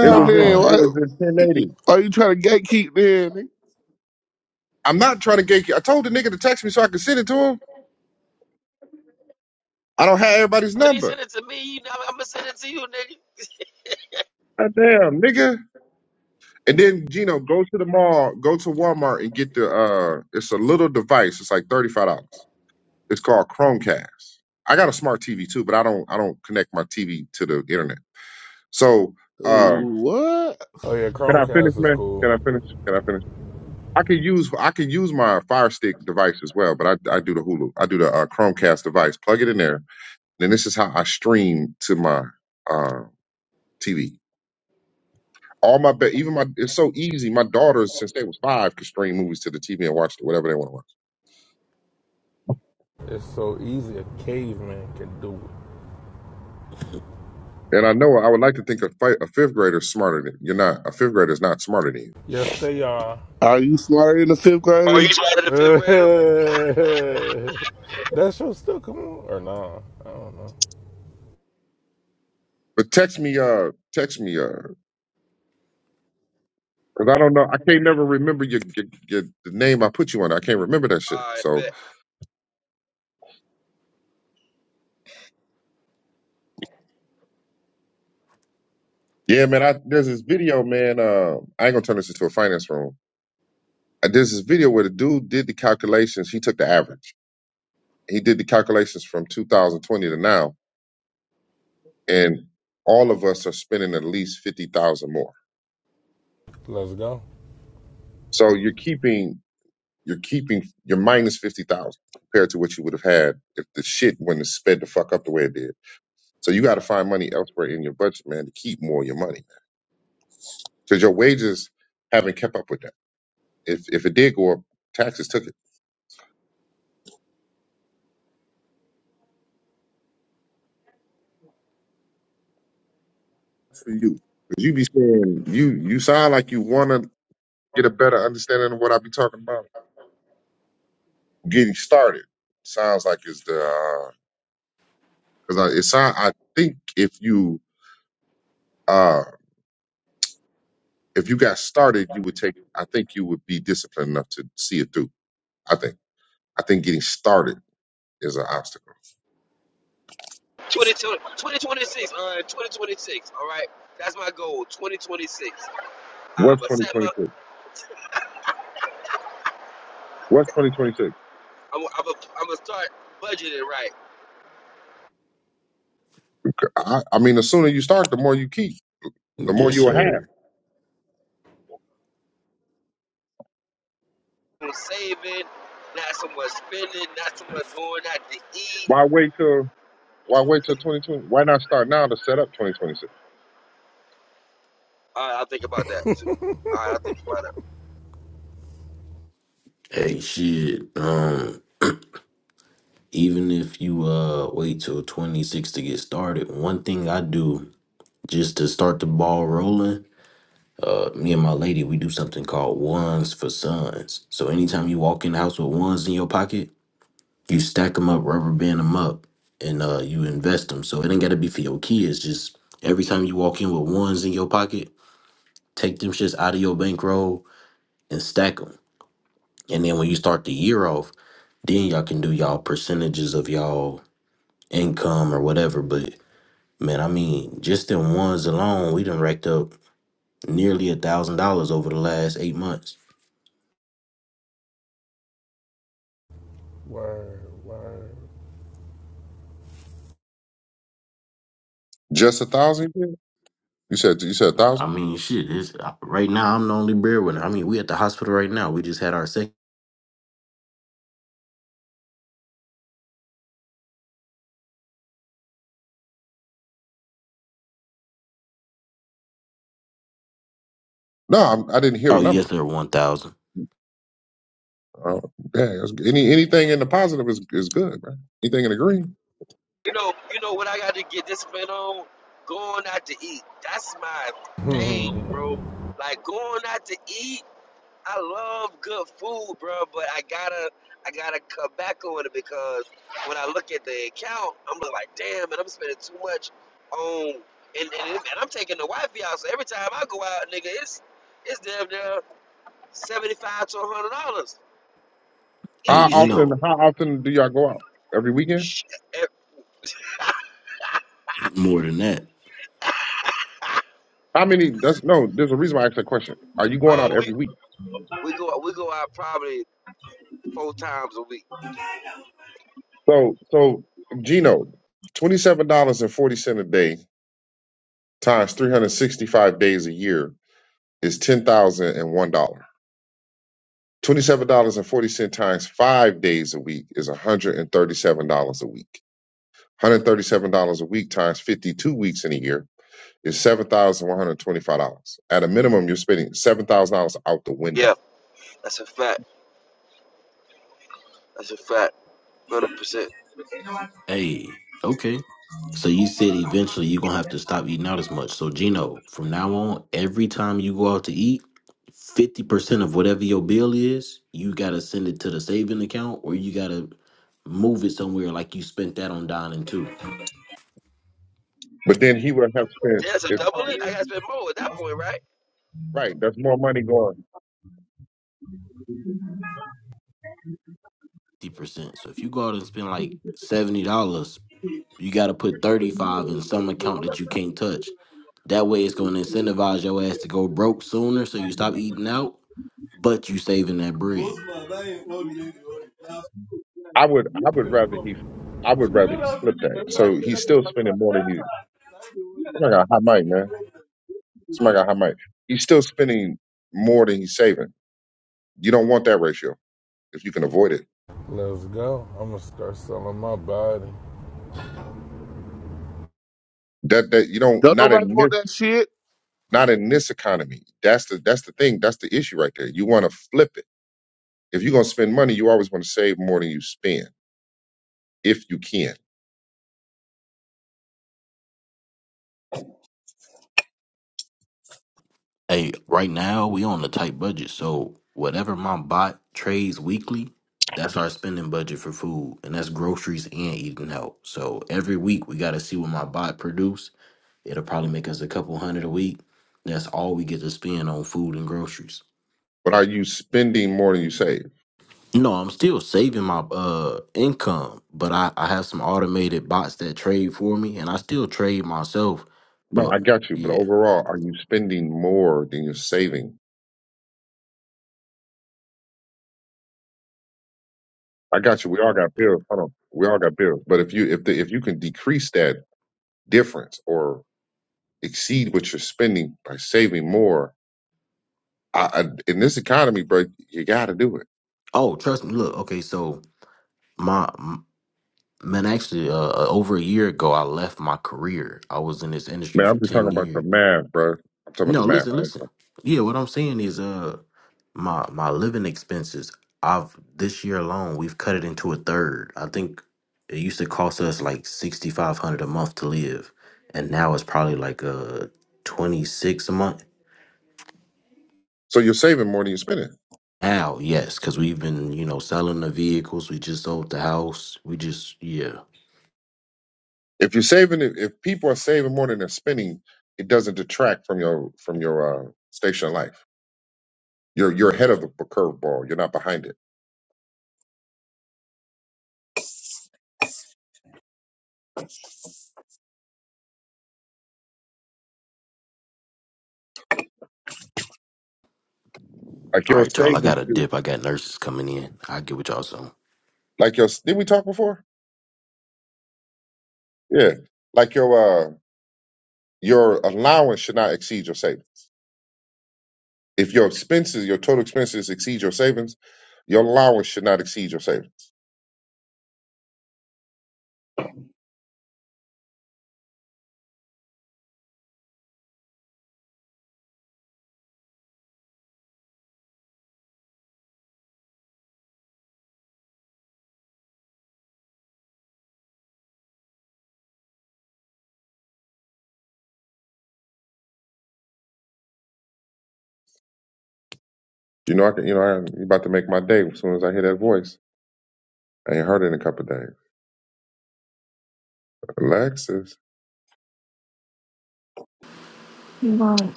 it was
Nah,
in
there.
on.
it
Why
was in 1080.
are you trying to gatekeep there? nigga?
I'm not trying to get. I told the nigga to text me so I could send it to him. I don't have everybody's
when he
number.
sent it to me? You know, I'm gonna send it to you, nigga.
God damn, nigga. And then Gino, go to the mall, go to Walmart and get the uh it's a little device. It's like thirty five dollars. It's called Chromecast. I got a smart TV too, but I don't I don't connect my TV to the internet. So uh
What?
Oh yeah,
can I finish,
Chromecast is
man? Can
cool.
I finish? Can I finish? I can use I can use my Fire Stick device as well, but I, I do the Hulu. I do the uh, Chromecast device. Plug it in there. Then this is how I stream to my uh, TV. All my ba- even my it's so easy. My daughters, since they was five, could stream movies to the TV and watch whatever they want to watch.
It's so easy a caveman can do it.
And I know I would like to think a, fi- a fifth grader is smarter than you're not. A fifth grader is not smarter than you.
Yes, they are.
Are you smarter than a fifth
[LAUGHS] Are you
grader?
smarter
[LAUGHS]
than a fifth grader?
that show still come on or nah? I don't know.
But text me, uh, text me, uh, because I don't know. I can't never remember your, your, your the name I put you on. I can't remember that shit.
All right,
So
bet.
yeah, man. I there's this video, man. Uh, I ain't gonna turn this into a finance room. Uh, There's this video where the dude did the calculations. He took the average. He did the calculations from 2020 to now and all of us are spending at least fifty thousand more.
Let's go.
So you're keeping you're keeping you're minus fifty thousand compared to what you would have had if the shit wouldn't have sped the fuck up the way it did. So you got to find money elsewhere in your budget, man, to keep more of your money because your wages haven't kept up with that. If if it did go up, taxes took it for you. 'Cause you be saying you you sound like you want to get a better understanding of what I be talking about. Getting started sounds like it's the because I it sound I think if you Uh, if you got started, you would take. I think you would be disciplined enough to see it through. I think. I think getting started is an obstacle.
2020 2026. All right, 2026. All right. That's my goal. 2026. I'm
What's
gonna set my.
2026? What's 2026?
I'm. I'm gonna. I'm gonna start budgeting right.
I, I mean, the sooner you start, the more you keep, the more
Yes,
you will have.
sir.
much saving, not so much spending, not so much going out to eat.
Why wait till Why wait till 2020? Why not start now to set up 2026?
All right, I'll think about that too. All right, I'll think about that.
Hey, shit. Um, even if you uh wait till 26 to get started, one thing I do just to start the ball rolling, uh, me and my lady, we do something called ones for sons. So anytime you walk in the house with ones in your pocket, you stack them up, rubber band them up, and uh, you invest them. So it ain't gotta be for your kids. Just every time you walk in with ones in your pocket, take them shits out of your bankroll and stack them. And then when you start the year off, then y'all can do y'all percentages of y'all income or whatever. But man, I mean, just them ones alone, we done racked up nearly a thousand dollars over the last eight months.
Word, word.
Just a thousand? You said you said you said a
I
thousand?
mean, shit. It's, right now, I'm the only breadwinner. I mean, we at the hospital right now. We just had our second.
No, I'm, I didn't hear the
Oh yes,
number.
sir. One thousand.
Oh, yeah, it's- any anything in the positive is is good, man. Anything in the green?
You know, you know what I got to get disciplined on? Going out to eat. That's my thing,
[LAUGHS]
bro. Like going out to eat. I love good food, bro, but I gotta, I gotta cut back on it because when I look at the account, I'm like, damn, man, I'm spending too much on, and and, and I'm taking the wifey out. So every time I go out, nigga, it's it's damn near. seventy-five to a hundred dollars,
Hey,
How
easy.
often?
Gino,
How often do y'all go out? Every weekend?
Sh- eh,
more than that.
How many? That's no. There's a reason why I asked that question. Are you going
Uh,
out
we
every week?
we go we go out probably four times a week.
So, so Gino, twenty seven dollars and forty cent a day times three hundred sixty five days a year is ten thousand and one dollar. Twenty seven dollars and forty cent times five days a week is one hundred and thirty seven dollars a week. One hundred thirty seven dollars a week times fifty two weeks in a year Is seven thousand one hundred twenty-five dollars. At a minimum, you're spending seven thousand dollars out the
Yeah,
window.
that's a fact. That's a fact. Hundred percent.
Hey, okay. So you said eventually you're gonna have to stop eating out as much. So Gino, from now on, every time you go out to eat, fifty percent of whatever your bill is, you gotta send it to the saving account or you gotta move it somewhere like you spent that on dining too.
But then he would have spent
Yeah, so
if
double it. I gotta
Both
spend more at that point, right?
right, there's more money going.
Fifty percent. So if you go out and spend like seventy dollars, you gotta put thirty five in some account that you can't touch. That way it's gonna incentivize your ass to go broke sooner so you stop eating out, but you saving that bread.
man, that ain't what we
I would I would rather he I would rather he flip that. So he's still spending more
need.
than he oh my god, high mic, man. Somebody got high mic. He's still spending more than he's saving. You don't want that ratio. if you can avoid it.
Let's go. I'm gonna start selling my body.
That that you don't
Don't
not
nobody
in
want
this
that shit.
not in this economy. That's the that's the thing. That's the issue right there. You want to flip it. If you're gonna spend money, you always want to save more than you spend if you can.
Hey, right now we on a tight budget, so whatever my bot trades weekly, that's our spending budget for food, and that's groceries and eating out. So every week we got to see what my bot produce. It'll probably make us a couple hundred a week. That's all we get to spend on food and groceries.
But are you spending more than you save?
No, I'm still saving my uh income, but I I have some automated bots that trade for me, and I still trade myself.
No,
But
I got you. But
yeah.
overall, are you spending more than you're saving? I got you. We all got
Yeah.
bills. Hold on. We all got bills. But if you if the, if you can decrease that difference or exceed what you're spending by saving more, I, I, in this economy, bro, you got to do it
Oh, trust me. Look, okay, so my m- man, actually, uh, uh, over a year ago, I left my career. I was in this industry
Man,
for
I'm just talking
ten
about the
years.
math, bro. I'm talking about the
No,
math.
listen, listen.
right?
Yeah, what I'm saying is uh my my living expenses, I've this year alone, we've cut it into a third. I think it used to cost us like sixty five hundred a month to live. And now it's probably like uh twenty six a month.
So you're saving more than you're spending.
Now, yes, because we've been, you know, selling the vehicles. We just sold the house. We just yeah.
If you're saving, if people are saving more than they're spending, it doesn't detract from your from your uh, station in life. You're you're ahead of the curveball. You're not behind it. Like
All
your
right, y'all. I
savings,
got a
should-
dip. I got nurses coming in. I'll get with y'all soon.
like your did we talk before? Yeah. Like your uh your allowance should not exceed your savings. If your expenses, your total expenses exceed your savings, your allowance should not exceed your savings. You know, I can, you know, I'm about to make my day as soon as I hear that voice. I ain't heard it in a couple of days. Alexis.
You might,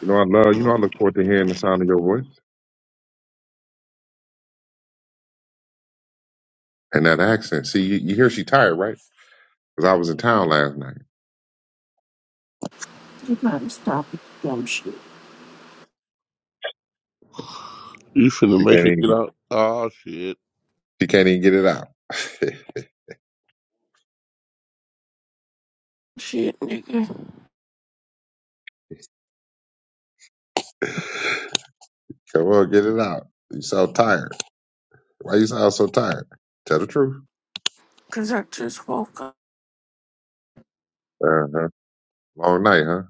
You know, I love, you know, I look forward to hearing the sound of your voice and that accent. See, you, you hear she tired, right? Because I was in town last night.
you might stop with the dumb shit.
You finna
She
make
can't
her get
even,
out. Oh shit.
she can't even get it out.
Shit, nigga.
[LAUGHS] Come on, get it out. You sound tired. Why you sound so tired? Tell the truth.
Cause I just woke up.
Uh-huh. Long night, huh?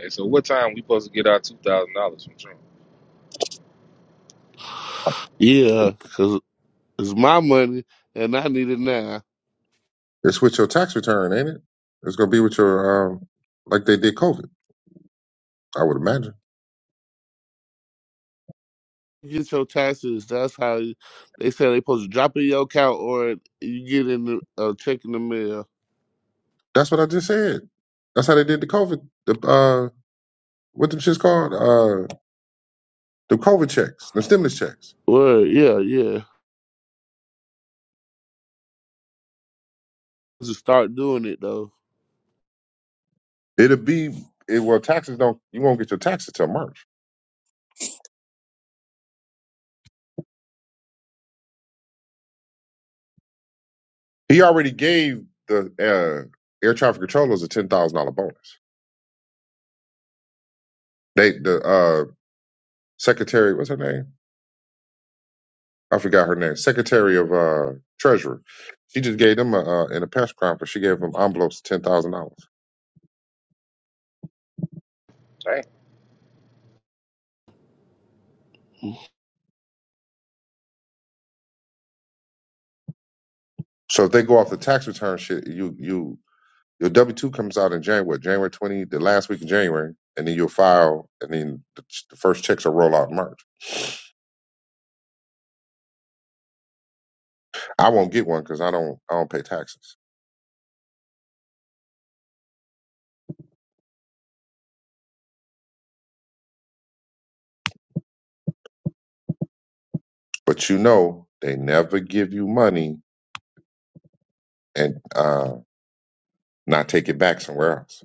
Hey, so what time we supposed to get our two thousand dollars from Trump?
Yeah, cause it's my money and I need it now.
It's with your tax return, ain't it? It's gonna be with your um, like they did COVID. I would imagine.
get your taxes. That's how you- they say they supposed to drop it in your account or you get in the uh, check in the mail.
That's what I just said. That's how they did the COVID. The uh, what them shits called? Uh, the COVID checks, the stimulus checks.
Well, yeah, yeah. Just start doing it though.
It'll be it, well. Taxes don't. You won't get your taxes till March. He already gave the uh, air traffic controllers a ten thousand dollar bonus. They the uh, secretary. What's her name? I forgot her name. Secretary of uh, Treasury. She just gave them a, uh, in a press conference. She gave them envelopes ten thousand dollars.
I
So if they go off the tax return shit, you you your W two comes out in January, January twenty, the last week of January, and then you'll file, and then the, the first checks will roll out in March. I won't get one because I don't I don't pay taxes. But you know, they never give you money and uh, not take it back somewhere else.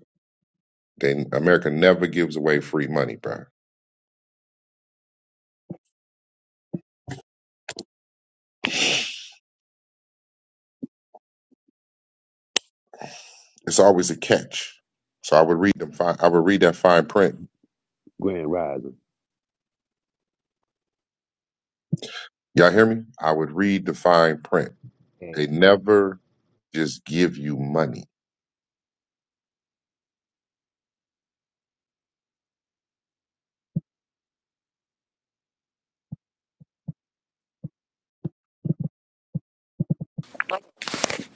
They America never gives away free money, bro. It's always a catch. So I would read them. Fine, I would read that fine print.
Grand Rising.
Y'all hear me? I would read the fine print. They
hmm
never just give you money.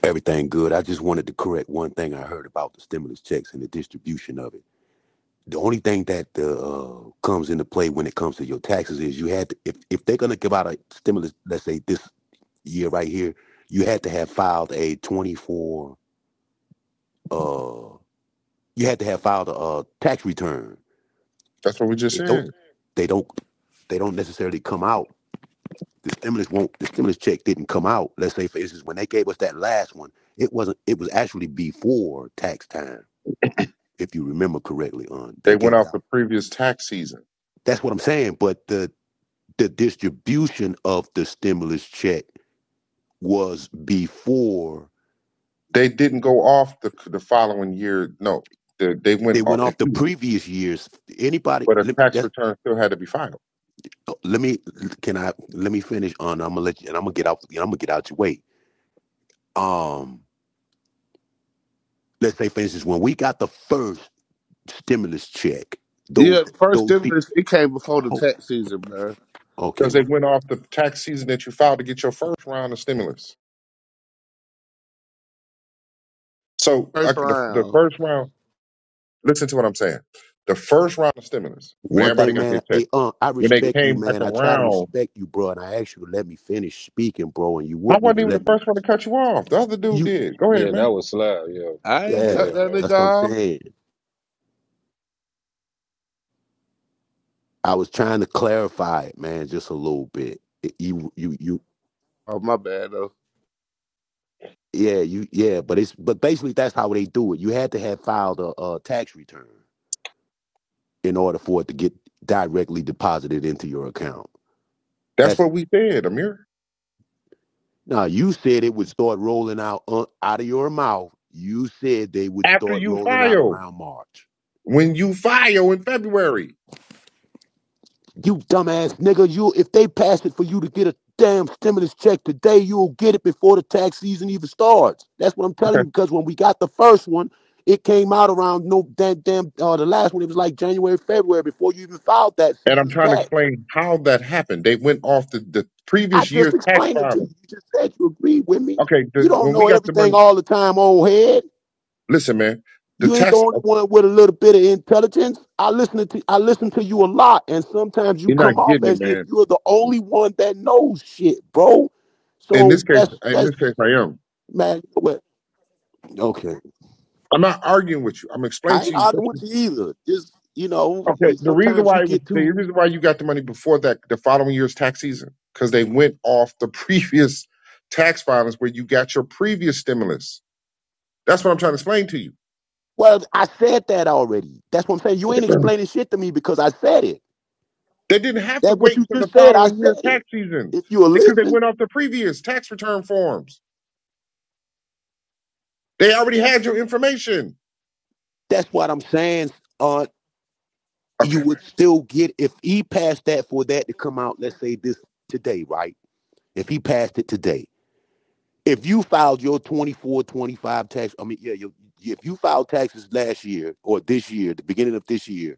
Everything good. I just wanted to correct one thing I heard about the stimulus checks and the distribution of it. The only thing that uh, comes into play when it comes to your taxes is you had to, if if they're gonna give out a stimulus, let's say this year right here, you had to have filed a twenty four. Uh, you had to have filed a, uh tax return.
That's what we just
It don't.
said.
They don't. They don't necessarily come out. The stimulus won't. The stimulus check didn't come out. Let's say, for instance, when they gave us that last one, it wasn't. It was actually before tax time if you remember correctly, on
They
they gave
went
it
off
out.
the previous tax season.
That's what I'm saying. But the the distribution of the stimulus check was before
They didn't go off the the following year. No, they, they
they
went off.
went off the previous years. Anybody?
But a
Let,
tax
that's,
return still had to be filed.
let me can I let me finish on. I'm gonna let you, and I'm gonna get out. I'm gonna get out your way. Um, let's say for instance, when we got the first stimulus check, those
Yeah, the first
those people.
stimulus it came before the
Oh,
tax season, man.
okay,
because
man.
it went off the tax season that you filed to get your first round of stimulus. So I,
First
the, the
round.
first round, listen to what I'm saying. The first round of stimulus, when
One
everybody
thing,
got
man,
their check,
hey, uh, I
when they
respect you,
came back
man. I try to
around,
respect you, bro. And I asked you to let me finish speaking, bro, and you
I
wouldn't
wasn't
even
even the
let me.
first one to cut you off. The other dude
You,
did. Go ahead,
Yeah, that
man.
was Slab. Yeah,
I ain't
go
cut
yeah,
ahead,
that
man.
nigga
that's what I'm
off.
saying. I was trying to clarify it, man, just a little bit. It- You, you, you,
Oh my bad though.
yeah, you, yeah. But it's, but basically, that's how they do it. You had to have filed a, a tax return in order for it to get directly deposited into your account.
That's
That's
what we said, Amir.
now you said it would start rolling out uh, out of your mouth. You said they would
After
start
you
rolling out
file,
around March.
when you file in February.
You dumbass nigga, you if they pass it for you to get a damn stimulus check today, you'll get it before the tax season even starts. That's what I'm telling you
Okay.
because when we got the first one, it came out around no damn damn uh, the last one. It was like January, February before you even filed that
And I'm
season's
trying to
tax.
explain how that happened. They went off the, the
I
previous
just
year's tax
explained it to
filing.
you. You just said you agreed with me.
Okay,
You
the,
don't
when we
know
got the
everything
money,
all the time, old head.
listen, man, the
You ain't the
tax,
only one with a little bit of intelligence. I listen to I listen to you a lot, and sometimes you
you're
come
not
off
getting it,
as if
man.
you're the only one that knows shit, bro.
In
So
this case,
that's
in
that's
this case, I am.
man. what? Okay,
I'm not arguing with you. I'm explaining
I
to
ain't
you what
arguing with
you.
you either. Just you know,
Okay,
you,
the reason
sometimes you
why it was,
get
the
too
reason why you got the money before that, the following year's tax season, because they went off the [LAUGHS] previous tax filings where you got your previous stimulus. That's what I'm trying to explain to you.
well. I said that already. That's what I'm saying. You ain't explaining shit to me because I said it.
They didn't have to
That what
wait
you
till the
just said. I
following year's
said it.
tax season
If you'll
because they
listen,
went off the previous tax return forms. They already had your information.
that's what I'm saying. Uh, you
Okay.
would still get if he passed that for that to come out let's say this today right if he passed it today if you filed your 24, 25 tax i mean yeah your, if you filed taxes last year or this year the beginning of this year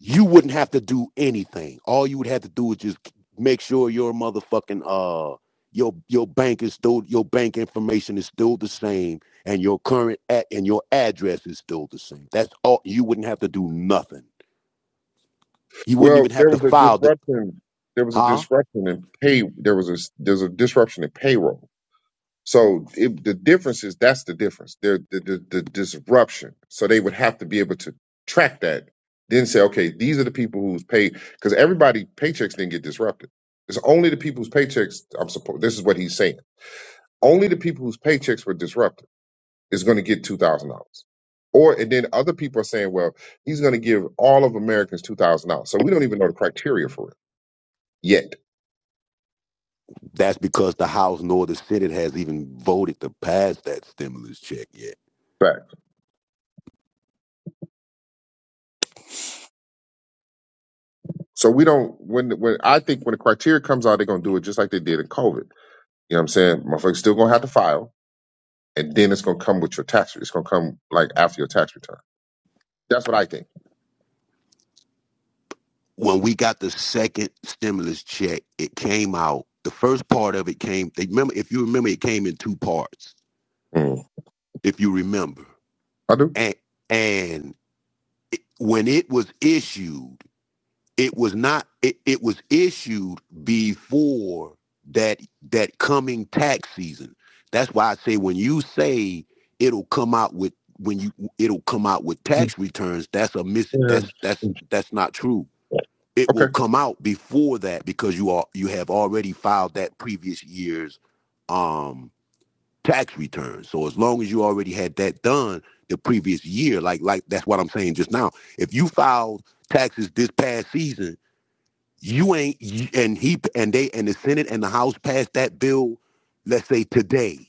you wouldn't have to do anything all you would have to do is just make sure your motherfucking uh your your bank is still your bank information is still the same and your current at and your address is still the same that's all you wouldn't have to do nothing you wouldn't
Well,
even
there
have to
was a
file.
disruption. There was a
Huh?
disruption in pay. There was a there's a disruption in payroll. So it, the difference is that's the difference. There the, the the disruption. So they would have to be able to track that. Then say, okay, these are the people who's paid because everybody paychecks didn't get disrupted. It's only the people whose paychecks I'm supposed. This is what he's saying. Only the people whose paychecks were disrupted is going to get two thousand dollars. Or and then other people are saying, well, he's going to give all of Americans two thousand dollars. So we don't even know the criteria for it yet.
That's because the House nor the Senate has even voted to pass that stimulus check yet.
Fact. So we don't when when I think when the criteria comes out, they're gonna do it just like they did in COVID. You know what I'm saying? Motherfuckers still gonna have to file, and then it's gonna come with your tax. It's gonna come like after your tax return. That's what I think.
When we got the second stimulus check, it came out. The first part of it came. They remember, if you remember, it came in two parts.
Mm.
If you remember,
I do.
and and it, when it was issued, it was not it, it was issued before that that coming tax season that's why i say when you say it'll come out with when you it'll come out with tax returns that's a mis
Yeah.
that's that's that's not true it will
Okay.
come out before that because you are you have already filed that previous year's um tax return so as long as you already had that done the previous year like like that's what i'm saying just now if you filed taxes this past season you ain't and he and they and the senate and the house passed that bill let's say today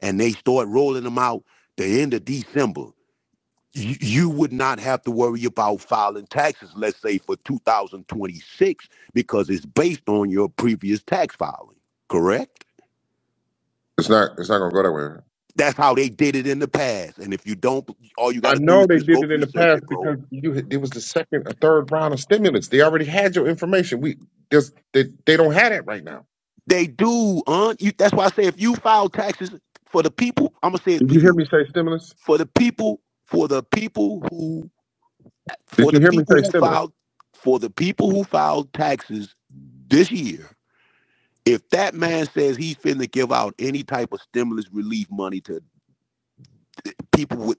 and they start rolling them out the end of december you, you would not have to worry about filing taxes let's say for 2026 because it's based on your previous tax filing correct
It's not. It's not gonna go that way.
that's how they did it in the past and if you don't all you got
I
to do
know
is
they
just
did
go
it in the
research
past
it bro
because you. had- It was the second or third round of stimulus. They already had your information. We just they, they don't have it right now.
they do, huh? You, that's why I say if you file taxes for the people, I'm gonna say it
Did
for
you
you.
hear me say stimulus?
for the people for the people who
Did
for
you
the
hear me
people
say
who
stimulus?
filed for the people who filed taxes this year if that man says he's finna give out any type of stimulus relief money to people with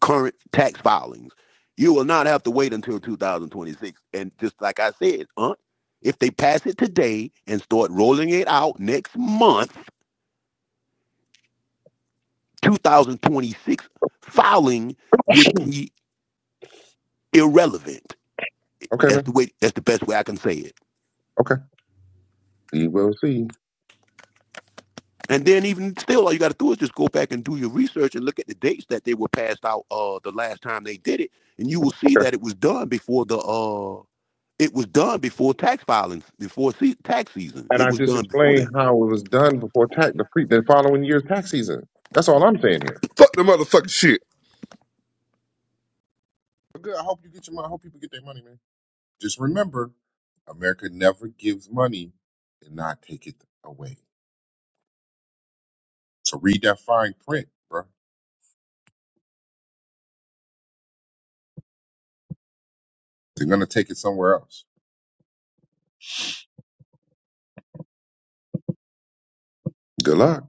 current tax filings you will not have to wait until 2026 and just like i said huh if they pass it today and start rolling it out next month 2026 filing would be irrelevant
Okay,
that's
man.
the way that's the best way i can say it
Okay. We will see.
And then even still, all you got to do is just go back and do your research and look at the dates that they were passed out uh, the last time they did it, and you will see that it was done before the uh, it was done before tax filings, before se- tax season.
And
It
I
was
just
done before
explained
then.
how it was done before tax the pre the following year's tax season. That's all I'm saying here.
Fuck the motherfucking shit
But Good. I hope you get your money. I hope people get their money, man. Just remember, America never gives money and not take it away. So read that fine print, bro. They're gonna take it somewhere else. Good luck.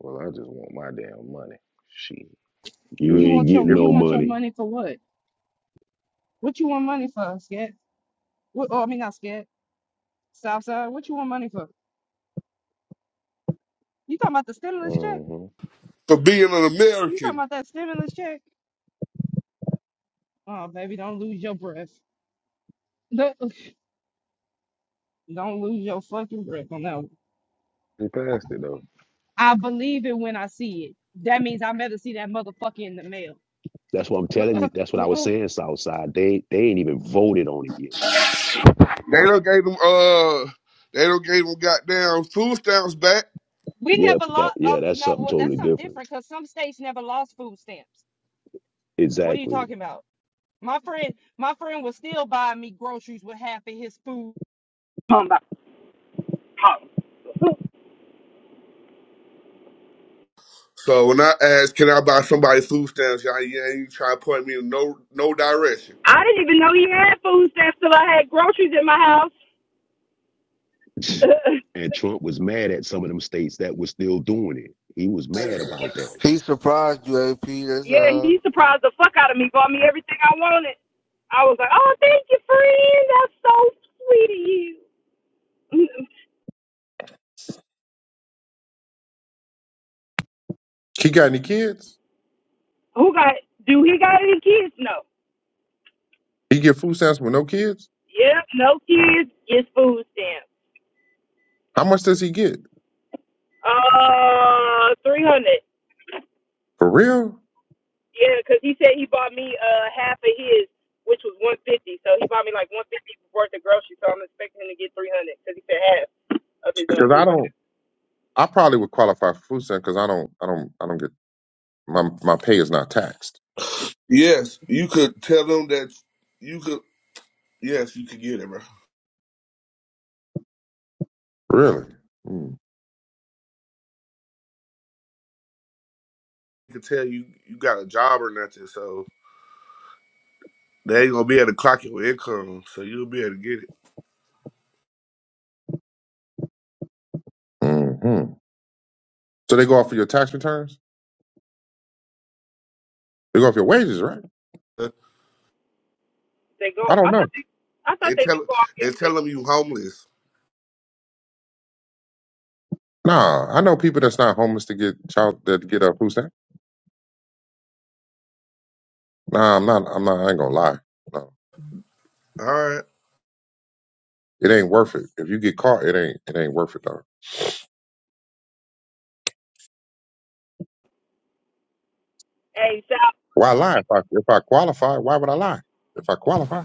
Well, I just want my damn money. Shit.
You
You
You,
ain't
want your
getting
if
you
no
want your
money.
money for what? What you want money for, Scat? What oh I mean not Scat. Southside, what you want money for? You talking about the stimulus check?
hmm
for being an
You talking
American.
about that stimulus check? Oh baby, don't lose your breath. don't [LAUGHS] don't lose your fucking breath on that one.
He passed it though.
I believe it when I see it. That means I better see that motherfucker in the mail.
That's what I'm telling you. That's what I was saying, Southside. They they ain't even voted on it yet.
They don't gave them uh, they don't gave them goddamn food stamps back.
[LAUGHS] we
Yeah,
never
that
lost.
yeah,
Oh,
that's
no,
something
well, that's
totally
something
different.
different because some states never lost food stamps. What are you
Exactly.
talking about? My friend, my friend was still buying me groceries with half of his food. Oh.
So when I ask, can I buy somebody food stamps? Y'all, yeah, you try to point me in no no direction.
[LAUGHS] I didn't even know he had food stamps till I had groceries in my house. [LAUGHS]
[LAUGHS] and Trump was mad at some of them states that were still doing it. He was mad about that.
He surprised you, AP. That's
yeah,
uh.
he surprised the fuck out of me, bought me everything I wanted. I was like, oh, thank you, friend. That's so sweet of you.
he got any kids,
[LAUGHS] Who got, do he got any kids? No.
he get food stamps with no kids.
Yep, no kids, it's food stamps.
How much does he get
Uh, 300.
for real?
Yeah, cause he said he bought me uh half of his, which was one fifty. So he bought me like one fifty worth of groceries. So I'm expecting him to get three hundred, cause he said half of his uh,
Because I
food.
don't. I probably would qualify for food stamps because I don't. I don't. I don't get my my pay is not taxed.
Yes, you could tell them that you could. Yes, you could get it, bro.
Really? Hmm.
You could tell you you got a job or nothing, so they ain't gonna be able to clock your income, so you'll be able to get it.
hmm So they go off of your tax returns? They go off your wages, right?
Uh,
They go.
I don't
I
know.
thought they. I thought
And
they could
tell
go off him
and tell
with
them you homeless.
Nah, I know people that's not homeless to get child that get a food stamp. Nah, I'm not. I'm not. I ain't gonna lie. No,
All right.
it ain't worth it. If you get caught, it ain't. It ain't worth it though.
hey Sal.
Why lie? If I if I qualify, why would I lie? If I qualify?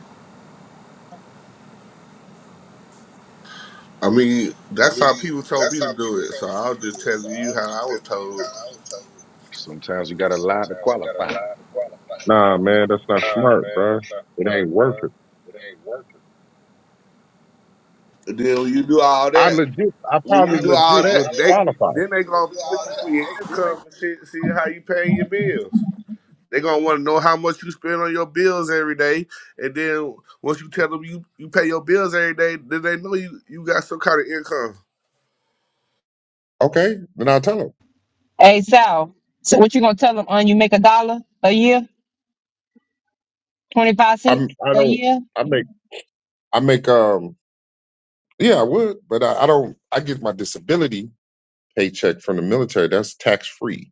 I mean, that's how people told me to do it, so I was just telling you how I was told.
Sometimes you gotta lie to qualify.
Nah, man, that's not smart, bruh. It ain't worth it.
And then when you do all
I
that,
legit. I
when you
probably
do all
legit
that,
would
they
qualify.
then they gonna be looking for your income and see, see how you paying your bills. They gonna want to know how much you spend on your bills every day, and then once you tell them you, you pay your bills every day, then they know you you got some kind of income.
Okay, then I'll tell them.
Hey Sal, so what you gonna tell them? On you make a dollar a year, twenty five
I'm.
cents
I
a
don't.
year.
I make. I make. Um. Yeah, I would, but I, I don't. I get my disability paycheck from the military. That's tax free.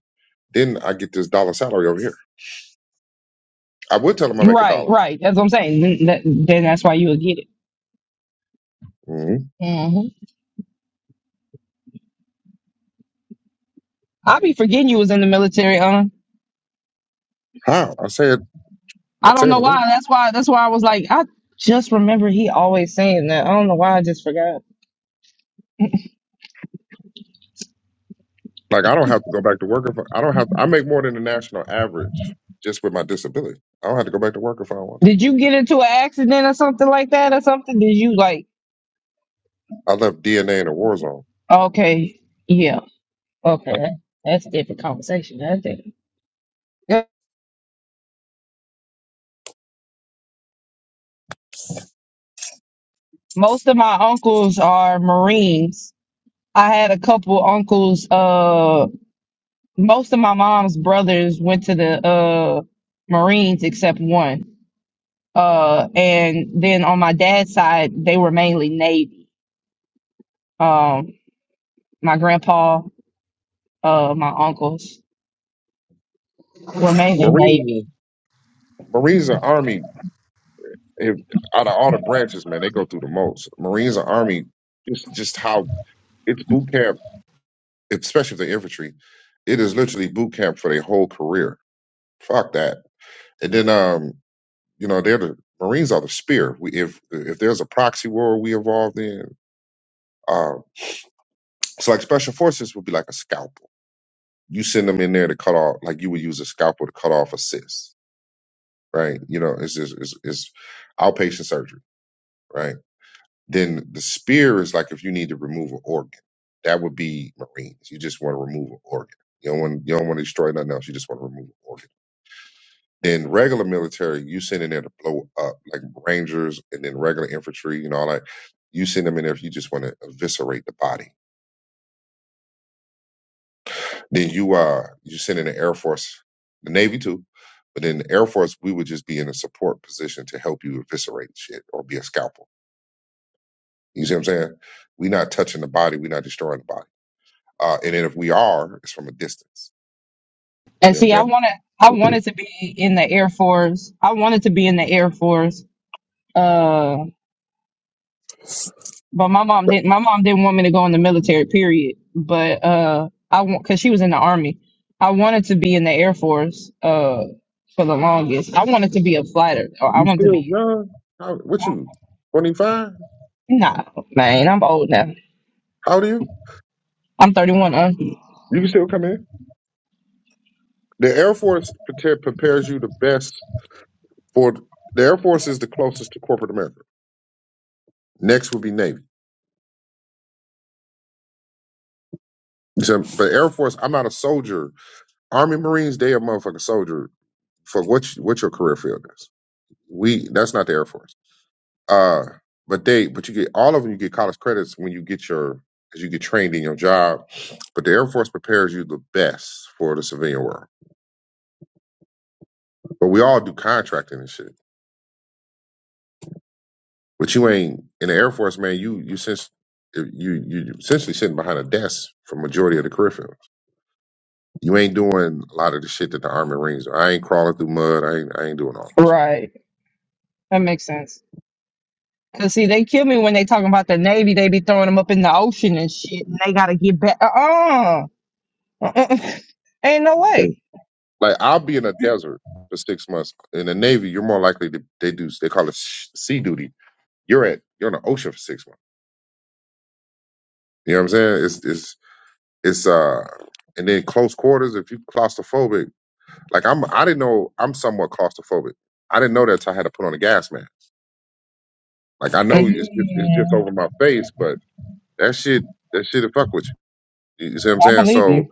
Then I get this dollar salary over here. I would tell them I make a
Right,
dollar.
right. That's what I'm saying. Then, that, then that's why you would get it.
hmm
hmm i be forgetting you was in the military, huh?
How? I say it. I
I don't
say it
know
a lot.
why. That's why. That's why I was like, I just remember he always saying that. I don't know why. I just forgot.
Like I don't have to go back to work if I, I don't have. I make more than the national average just with my disability. I don't have to go back to work if I don't want to.
Did you get into an accident or something like that or something? Did you like?
I left DNA in a war zone.
Okay, yeah, okay. that- That's a different conversation. I think. Yeah. Most of my uncles are Marines. I had a couple uncles. Uh, most of my mom's brothers went to the uh Marines except one. Uh, and then on my dad's side, they were mainly Navy. Um, my grandpa, uh, my uncles were mainly Navy.
Marines, Marines and Army, if, out of all the branches, man, they go through the most. Marines and Army, just just how it's boot camp, especially the infantry. It is literally boot camp for their whole career. Fuck that. And then, um, you know, they're the Marines are the spear. We, if if there's a proxy war we involved in, um, so like special forces would be like a scalpel. You send them in there to cut off, like you would use a scalpel to cut off a cyst, right? You know, it's just it's, it's outpatient surgery, right? Then the spear is like if you need to remove an organ, that would be Marines. You just want to remove an organ. You don't want you don't want to destroy nothing else. You just want to remove an organ Then regular military, you send in there to blow up, like Rangers and then regular infantry and all that. You send them in there if you just want to eviscerate the body. Then you uh you send in the Air Force, the Navy too, but then the Air Force, we would just be in a support position to help you eviscerate shit or be a scalpel. You see what I'm saying? We're not touching the body, we're not destroying the body. Uh, and then if we are, it's from a distance.
And
You know what I'm
see, I
saying?
wanted, I wanted to be in the Air Force. I wanted to be in the Air Force. Uh, but my mom didn't, my mom didn't want me to go in the military period. But, uh, I want, cause she was in the army. I wanted to be in the Air Force, uh, for the longest. I wanted to be a fighter. Or I
You
wanted to
still
be,
young? How, what you? 25?
nah, man, I'm old now.
How old are you?
I'm 31. Uh,
You can still come in. The Air Force prete- prepares you the best for the Air Force is the closest to corporate America. Next would be Navy. So, but Air Force, I'm not a soldier. Army Marines, they a motherfucking soldier for what you, what your career field is. We that's not the Air Force. Uh, but they but you get all of them. You get college credits when you get your as you get trained in your job. But the Air Force prepares you the best for the civilian world. But we all do contracting and shit. But you ain't in the Air Force, man. You you since you you essentially sitting behind a desk for majority of the career field. You ain't doing a lot of the shit that the Army Marines are. I ain't crawling through mud. I ain't I ain't doing all this.
right. That makes sense. Cause see, they kill me when they talking about the Navy. They be throwing them up in the ocean and shit. And they gotta get back. Uh-uh. Uh-uh. [LAUGHS] Ain't no
Right.
way.
Like I'll be in a desert for six months. In the Navy, you're more likely to they do they call it sh- sea duty. You're at you're in the ocean for six months. You know what I'm saying? It's it's it's uh and then close quarters. If you claustrophobic, like I'm, I didn't know I'm somewhat claustrophobic. I didn't know that till I had to put on a gas mask. Like I know it's just it's just
Mhm.
over my face, but that shit that shit will fuck with you. You see what I'm
I
saying?
believe you.
So,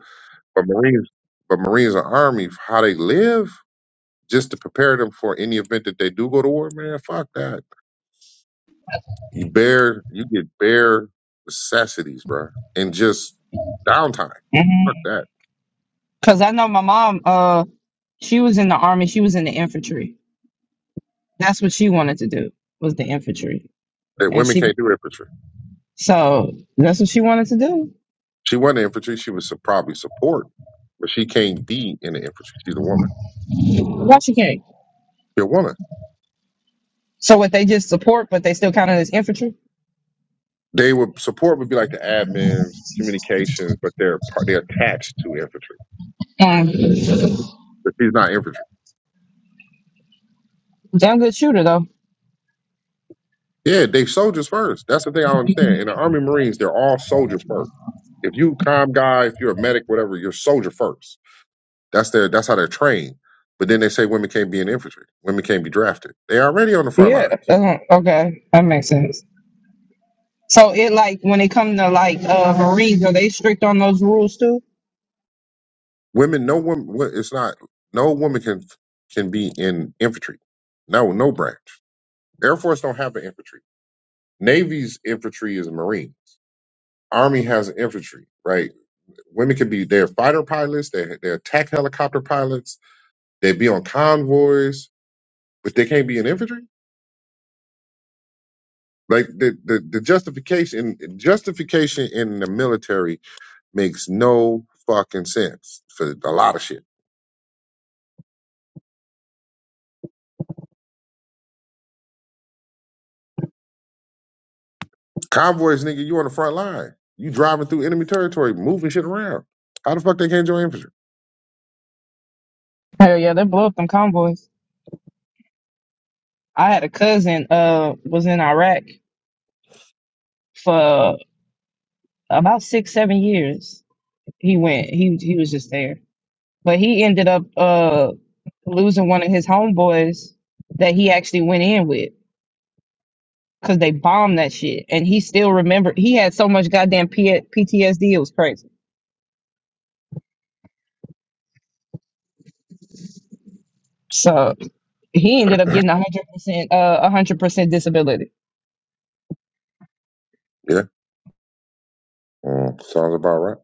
but Marines, but Marines and Army, how they live, just to prepare them for any event that they do go to war, man. Fuck that. You bear, you get bare necessities, bro, and just downtime.
Mhm.
Fuck that.
Cause I know my mom. Uh, she was in the army. She was in the infantry. That's what she wanted to do was the infantry.
That
And
women
she,
can't do infantry.
so that's what she wanted to do.
She wasn't infantry. She was su- probably support, but she can't be in the infantry. She's a woman.
Why she can't?
She's a woman.
So what? They just support, but they still count it as infantry.
They would support would be like the admins, communications, but they're part, they're attached to infantry.
Mm.
But he's not infantry.
Damn good shooter though.
Yeah, they soldiers first. That's the thing I don't understand. In the Army Marines, they're all soldiers first. If you com guy, if you're a medic, whatever, you're soldier first. That's their that's how they're trained. But then they say women can't be in infantry. Women can't be drafted. They already on the front
Yeah.
lines.
that's okay, that makes sense. So it like when it come to like uh Marines, are they strict on those rules too?
Women, no woman. wo- It's not no woman can can be in infantry. No, no branch. Air Force don't have an infantry. Navy's infantry is Marines. Army has infantry, right? Women can be they're fighter pilots, they they're they're attack helicopter pilots, they be on convoys, but they can't be in infantry. Like the the, the justification justification in the military makes no fucking sense for a lot of shit. Convoys, nigga, you on the front line, you driving through enemy territory, moving shit around. How the fuck they can't join infantry?
Hell yeah, they blow up them convoys. I had a cousin uh was in Iraq for about six, seven years. He went he he was just there. But he ended up uh losing one of his homeboys that he actually went in with because they bombed that shit. And he still remembered he had so much goddamn P- PTSD, it was crazy. So he ended up getting a hundred percent uh a hundred percent disability.
Yeah, mm, sounds about right.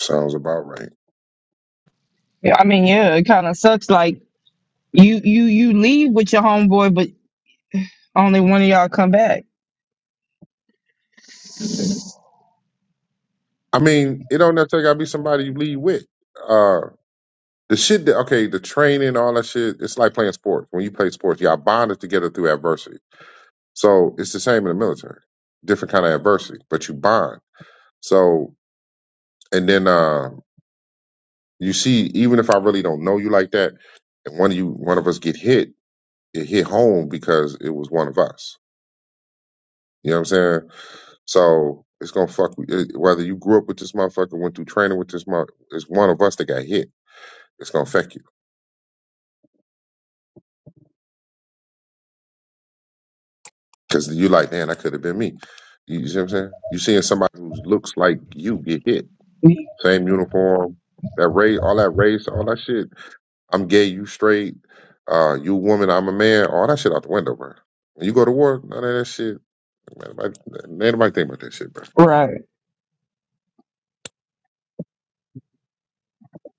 Sounds about right.
Yeah, I mean, yeah, it kind of sucks. Like you, you, you leave with your homeboy, but only one of y'all come back.
I mean, it don't necessarily gotta be somebody you lead with. Uh, The shit that okay, the training, all that shit, it's like playing sports. When you play sports, y'all bonded together through adversity. So it's the same in the military. Different kind of adversity, but you bond. So and then uh you see, even if I really don't know you like that, and one of you one of us get hit, it hit home because it was one of us. You know what I'm saying? So it's gonna fuck with- it, whether you grew up with this motherfucker, went through training with this mother, it's one of us that got hit. It's gonna affect you. Because you like, man, that could have been me. You see what I'm saying? You seeing somebody who looks like you get hit. Same uniform, that race, all that race, all that shit. I'm gay, you straight, uh, you woman, I'm a man, all that shit out the window, bro. When you go to war, none of that shit. Man, nobody, man, nobody think about that shit, bro.
Right.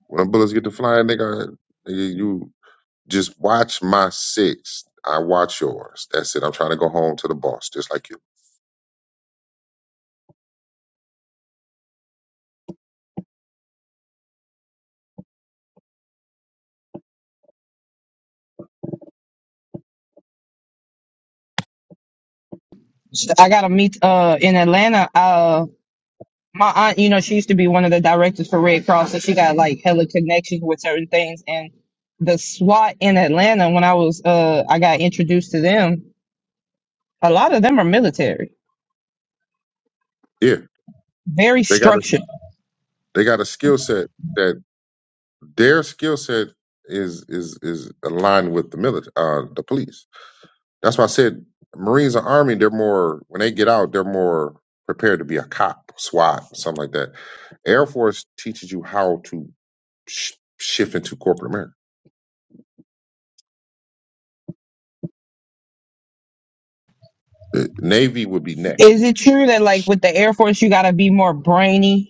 When them bullets get to flying, nigga, you you just watch my six. I watch yours. That's it. I'm trying to go home to the boss, just like you.
I gotta meet uh in Atlanta. Uh, my aunt, you know, she used to be one of the directors for Red Cross, so she got like hella connections with certain things. And the SWAT in Atlanta, when I was uh, I got introduced to them. A lot of them are military,
Yeah,
very
they got a
structured.
they got a skill set that. Their skill set is is is aligned with the military, uh, the police. That's why I said Marines and Army. They're more when they get out, they're more prepared to be a cop, SWAT, something like that. Air Force teaches you how to sh- shift into corporate America. The Navy would be next.
Is it true that like with the Air Force, you gotta be more brainy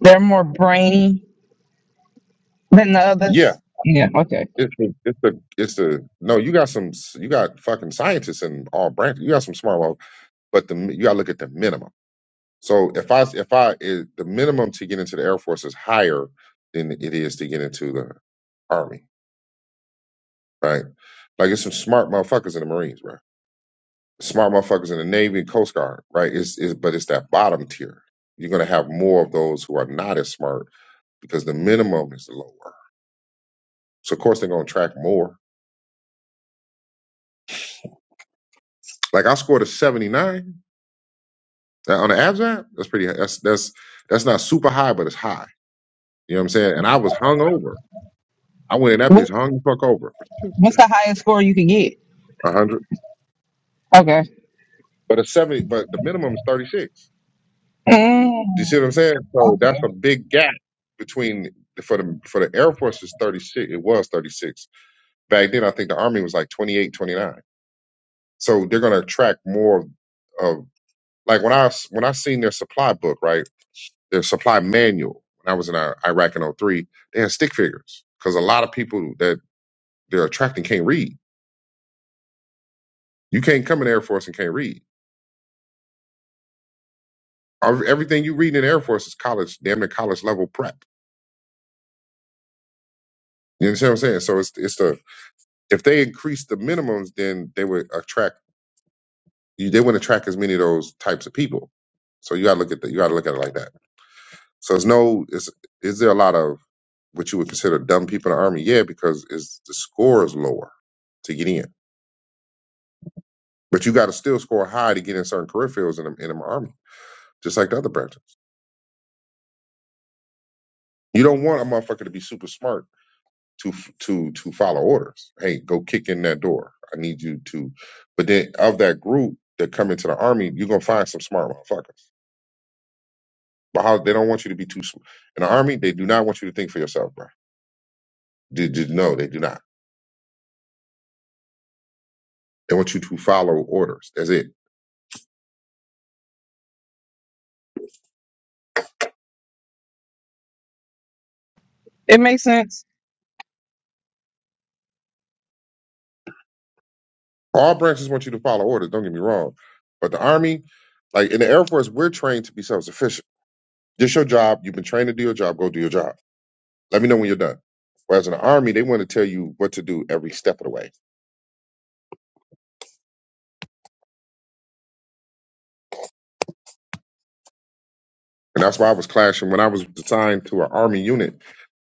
They're more brainy than the
Yeah,
others. Yeah, okay.
it's a, it's a, it's a. No, you got some, you got fucking scientists and all branches. You got some smart ones, but the you got to look at the minimum. So if I if I it, the minimum to get into the Air Force is higher than it is to get into the Army, right? Like it's some smart motherfuckers in the Marines, right? Smart motherfuckers in the Navy and Coast Guard, right? It's, it's but it's that bottom tier. You're gonna have more of those who are not as smart because the minimum is lower. So of course they're gonna track more. Like I scored a 79 uh, on the abs app. That's pretty. That's that's that's not super high, but it's high. You know what I'm saying? And I was hung over. I went in that bitch
What's
hung the fuck over.
what's the highest score you can get?
100.
Okay.
But a seventy, but the minimum is thirty six.
Mm,
Do you see what I'm saying? So that's a big gap between for the for the Air Force is thirty six. It was thirty six back then. I think the Army was like 28, 29. So they're going to attract more of like when I when I seen their supply book right, their supply manual. When I was in Ir- Iraq in '03, they had stick figures because a lot of people that they're attracting can't read. You can't come in the Air Force and can't read. Ev- Everything you read in the Air Force is college, damn near college level prep. You understand what I'm saying? So it's it's the If they increase the minimums, then they would attract you. They wouldn't attract as many of those types of people. So you got to look at that. You got to look at it like that. So it's no. Is is there a lot of what you would consider dumb people in the army? Yeah, because is the score is lower to get in, but you got to still score high to get in certain career fields in the, in the army, just like the other branches. You don't want a motherfucker to be super smart to to to follow orders. Hey, go kick in that door. I need you to. But then of that group that come into the army, you're gonna find some smart motherfuckers But how they don't want you to be too sm- in the army. They do not want you to think for yourself, bro. Did, did, no, they do not. They want you to follow orders. That's it.
it makes sense.
All branches want you to follow orders. Don't get me wrong, but the army, like in the Air Force, we're trained to be self-sufficient. Just your job. You've been trained to do your job. Go do your job. Let me know when you're done. Whereas in the army, they want to tell you what to do every step of the way, and that's why I was clashing when I was assigned to an army unit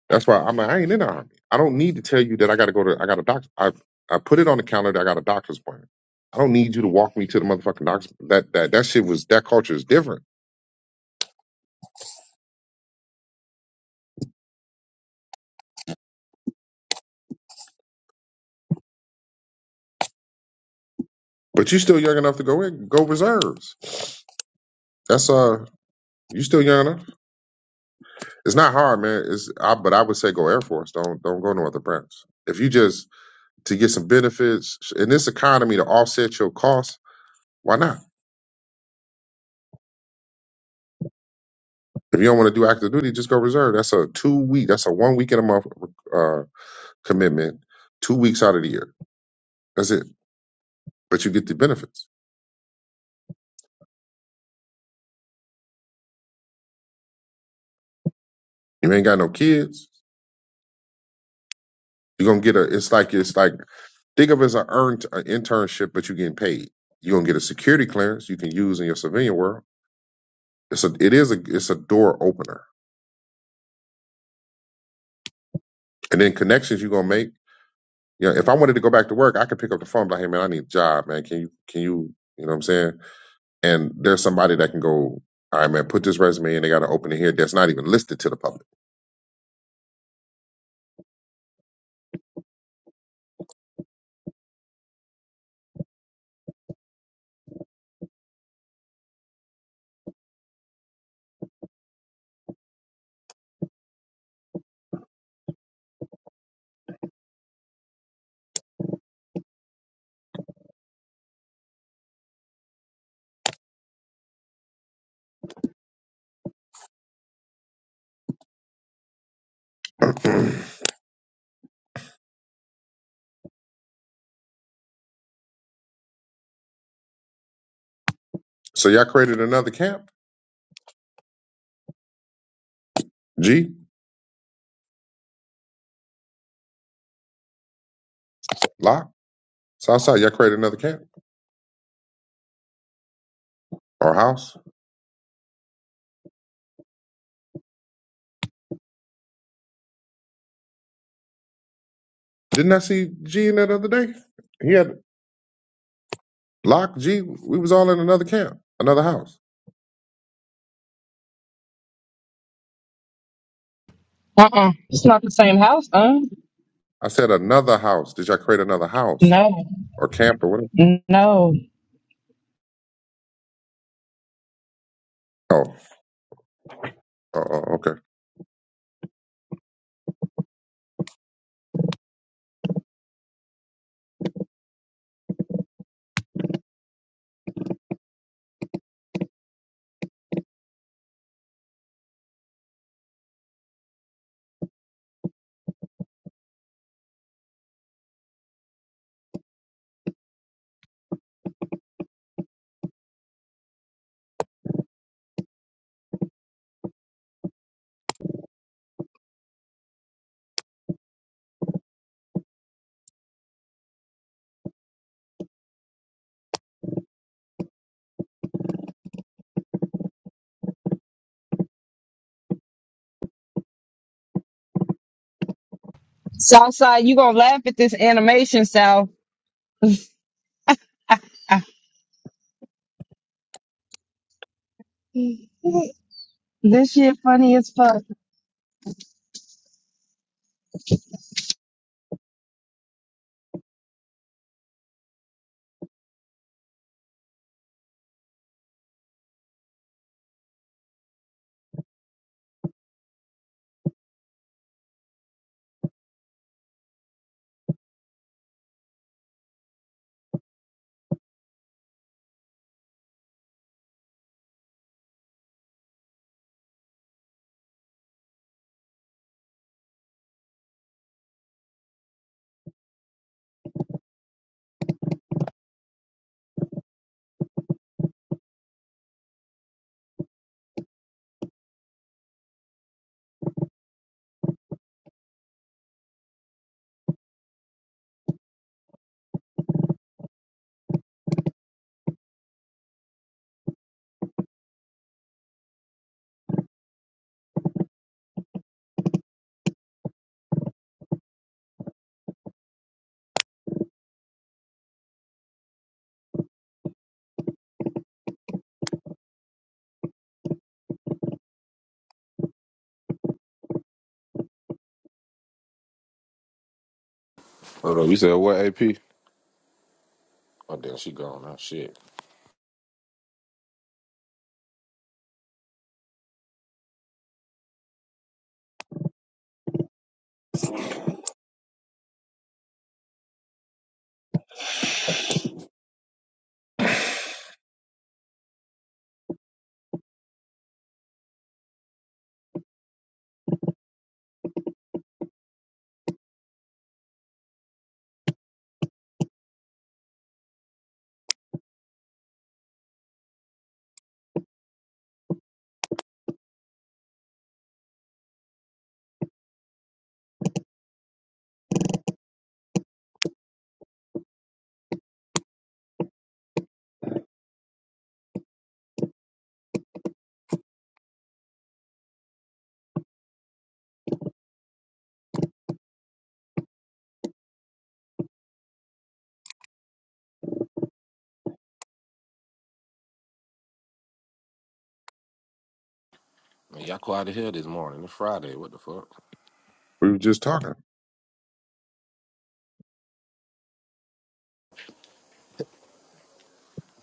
That's why I'm. like I ain't in the army. I don't need to tell you that I got to go to. I got a doctor. I I put it on the calendar. I got a doctor's appointment. I don't need you to walk me to the motherfucking doctor. That that that shit was that culture is different. But you are still young enough to go in. Go reserves. That's uh. You still young enough. It's not hard, man. It's I, but I would say go Air Force. Don't don't go no other branch. If you just to get some benefits in this economy to offset your costs, why not? If you don't want to do active duty, just go reserve. That's a two week. That's a one week in a month. uh, commitment two weeks out of the year. That's it. But you get the benefits. You ain't got no kids. You're gonna get a it's like it's like think of it as an earned an internship, but you're getting paid. You're gonna get a security clearance you can use in your civilian world. It's a it is a it's a door opener. And then connections you're gonna make. You know, if I wanted to go back to work, I could pick up the phone and be like, hey man, I need a job, man. Can you can you you know what I'm saying? and there's somebody that can go, all right, man, put this resume in. They got to open it here. That's not even listed to the public. [CLEARS THROAT] so y'all created another camp. G Lock Southside. Y'all created another camp or house. Didn't I see G in that other day? He had Lock G, we was all in another camp, another house.
Uh-uh. It's not the same house, huh?
I said another house. Did y'all create another house
No,
or camp or whatever?
no.
Oh, oh, oh, okay.
Southside, you gonna laugh at this animation, South? Ah. [LAUGHS] This shit funny as fuck.
Hold up, you said what, AP? Oh, damn, she gone now. Shit. Man, y'all quiet as hell this morning. It's Friday. What the fuck?
We were just talking.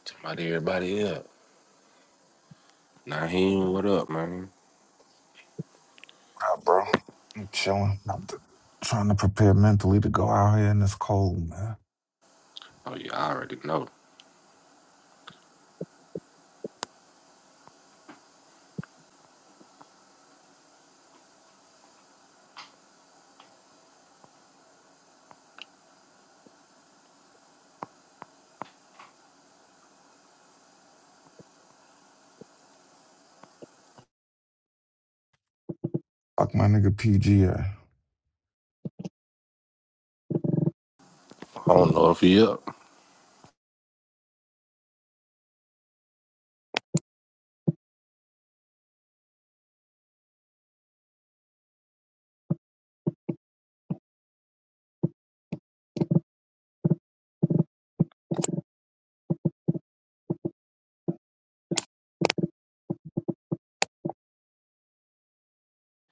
Talking about everybody up. Naheem, what up, man?
Nah, bro. I'm chilling. I'm t- trying to prepare mentally to go out here in this cold, man.
Oh, yeah, I already know.
Fuck my nigga PG. I
I don't know if he up.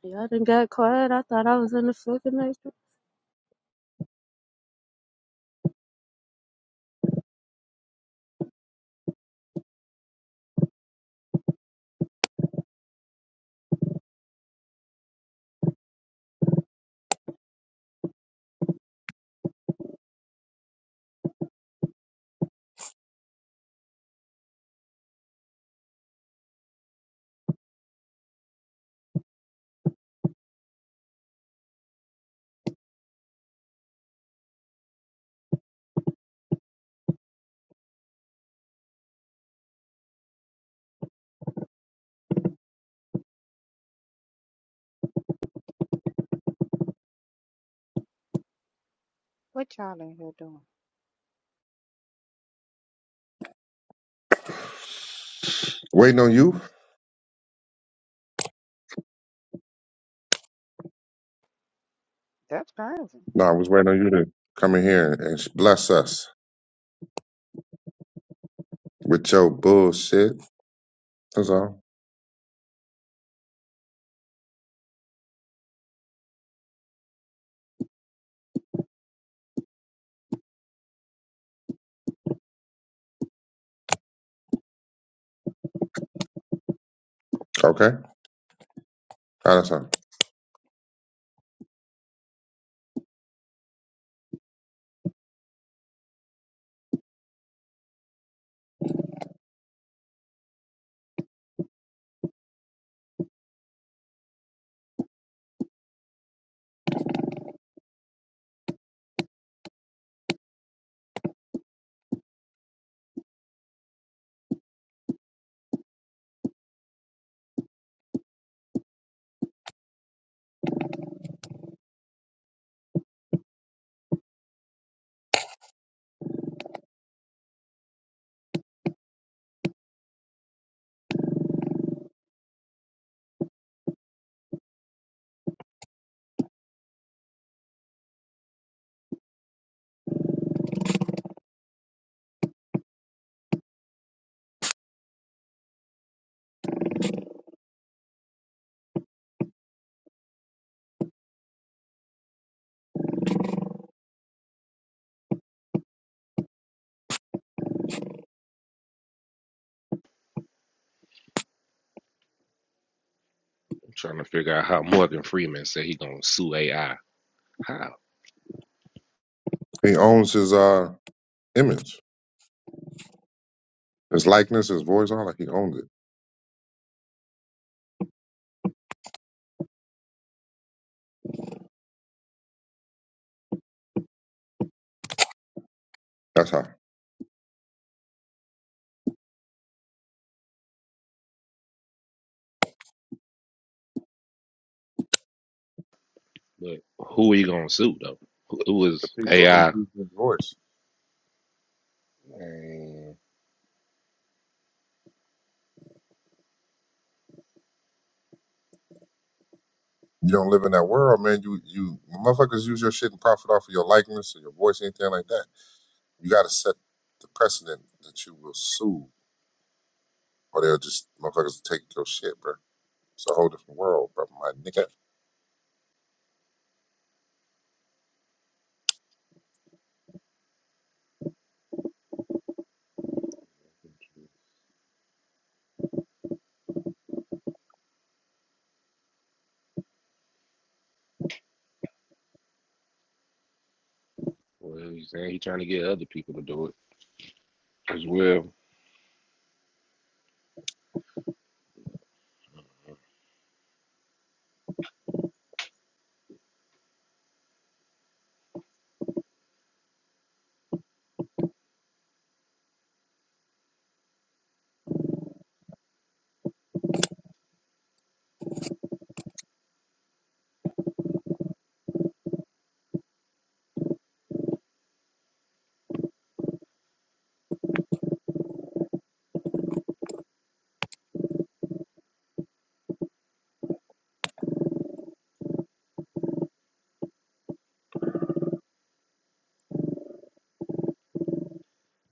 Y'all done got quiet. I thought I was in the fucking matrix.
What y'all in here doing?
Waiting on you?
That's crazy.
No, I was waiting on you to come in here and bless us with your bullshit. That's all. Okay. All right, That's all.
I'm trying to figure out how Morgan Freeman said he gonna sue AI. How?
He owns his uh image, his likeness, his voice, all that. He owns it. That's how.
But who he gonna sue though? Who who
The
is
people who
AI?
use his voice. You don't live in that world, man. You you motherfuckers use your shit and profit off of your likeness or your voice, anything like that. You got to set the precedent that you will sue, or they'll just motherfuckers will take your shit, bro. It's a whole different world, bro. My nigga,
Well, he's saying he's trying to get other people to do it as well.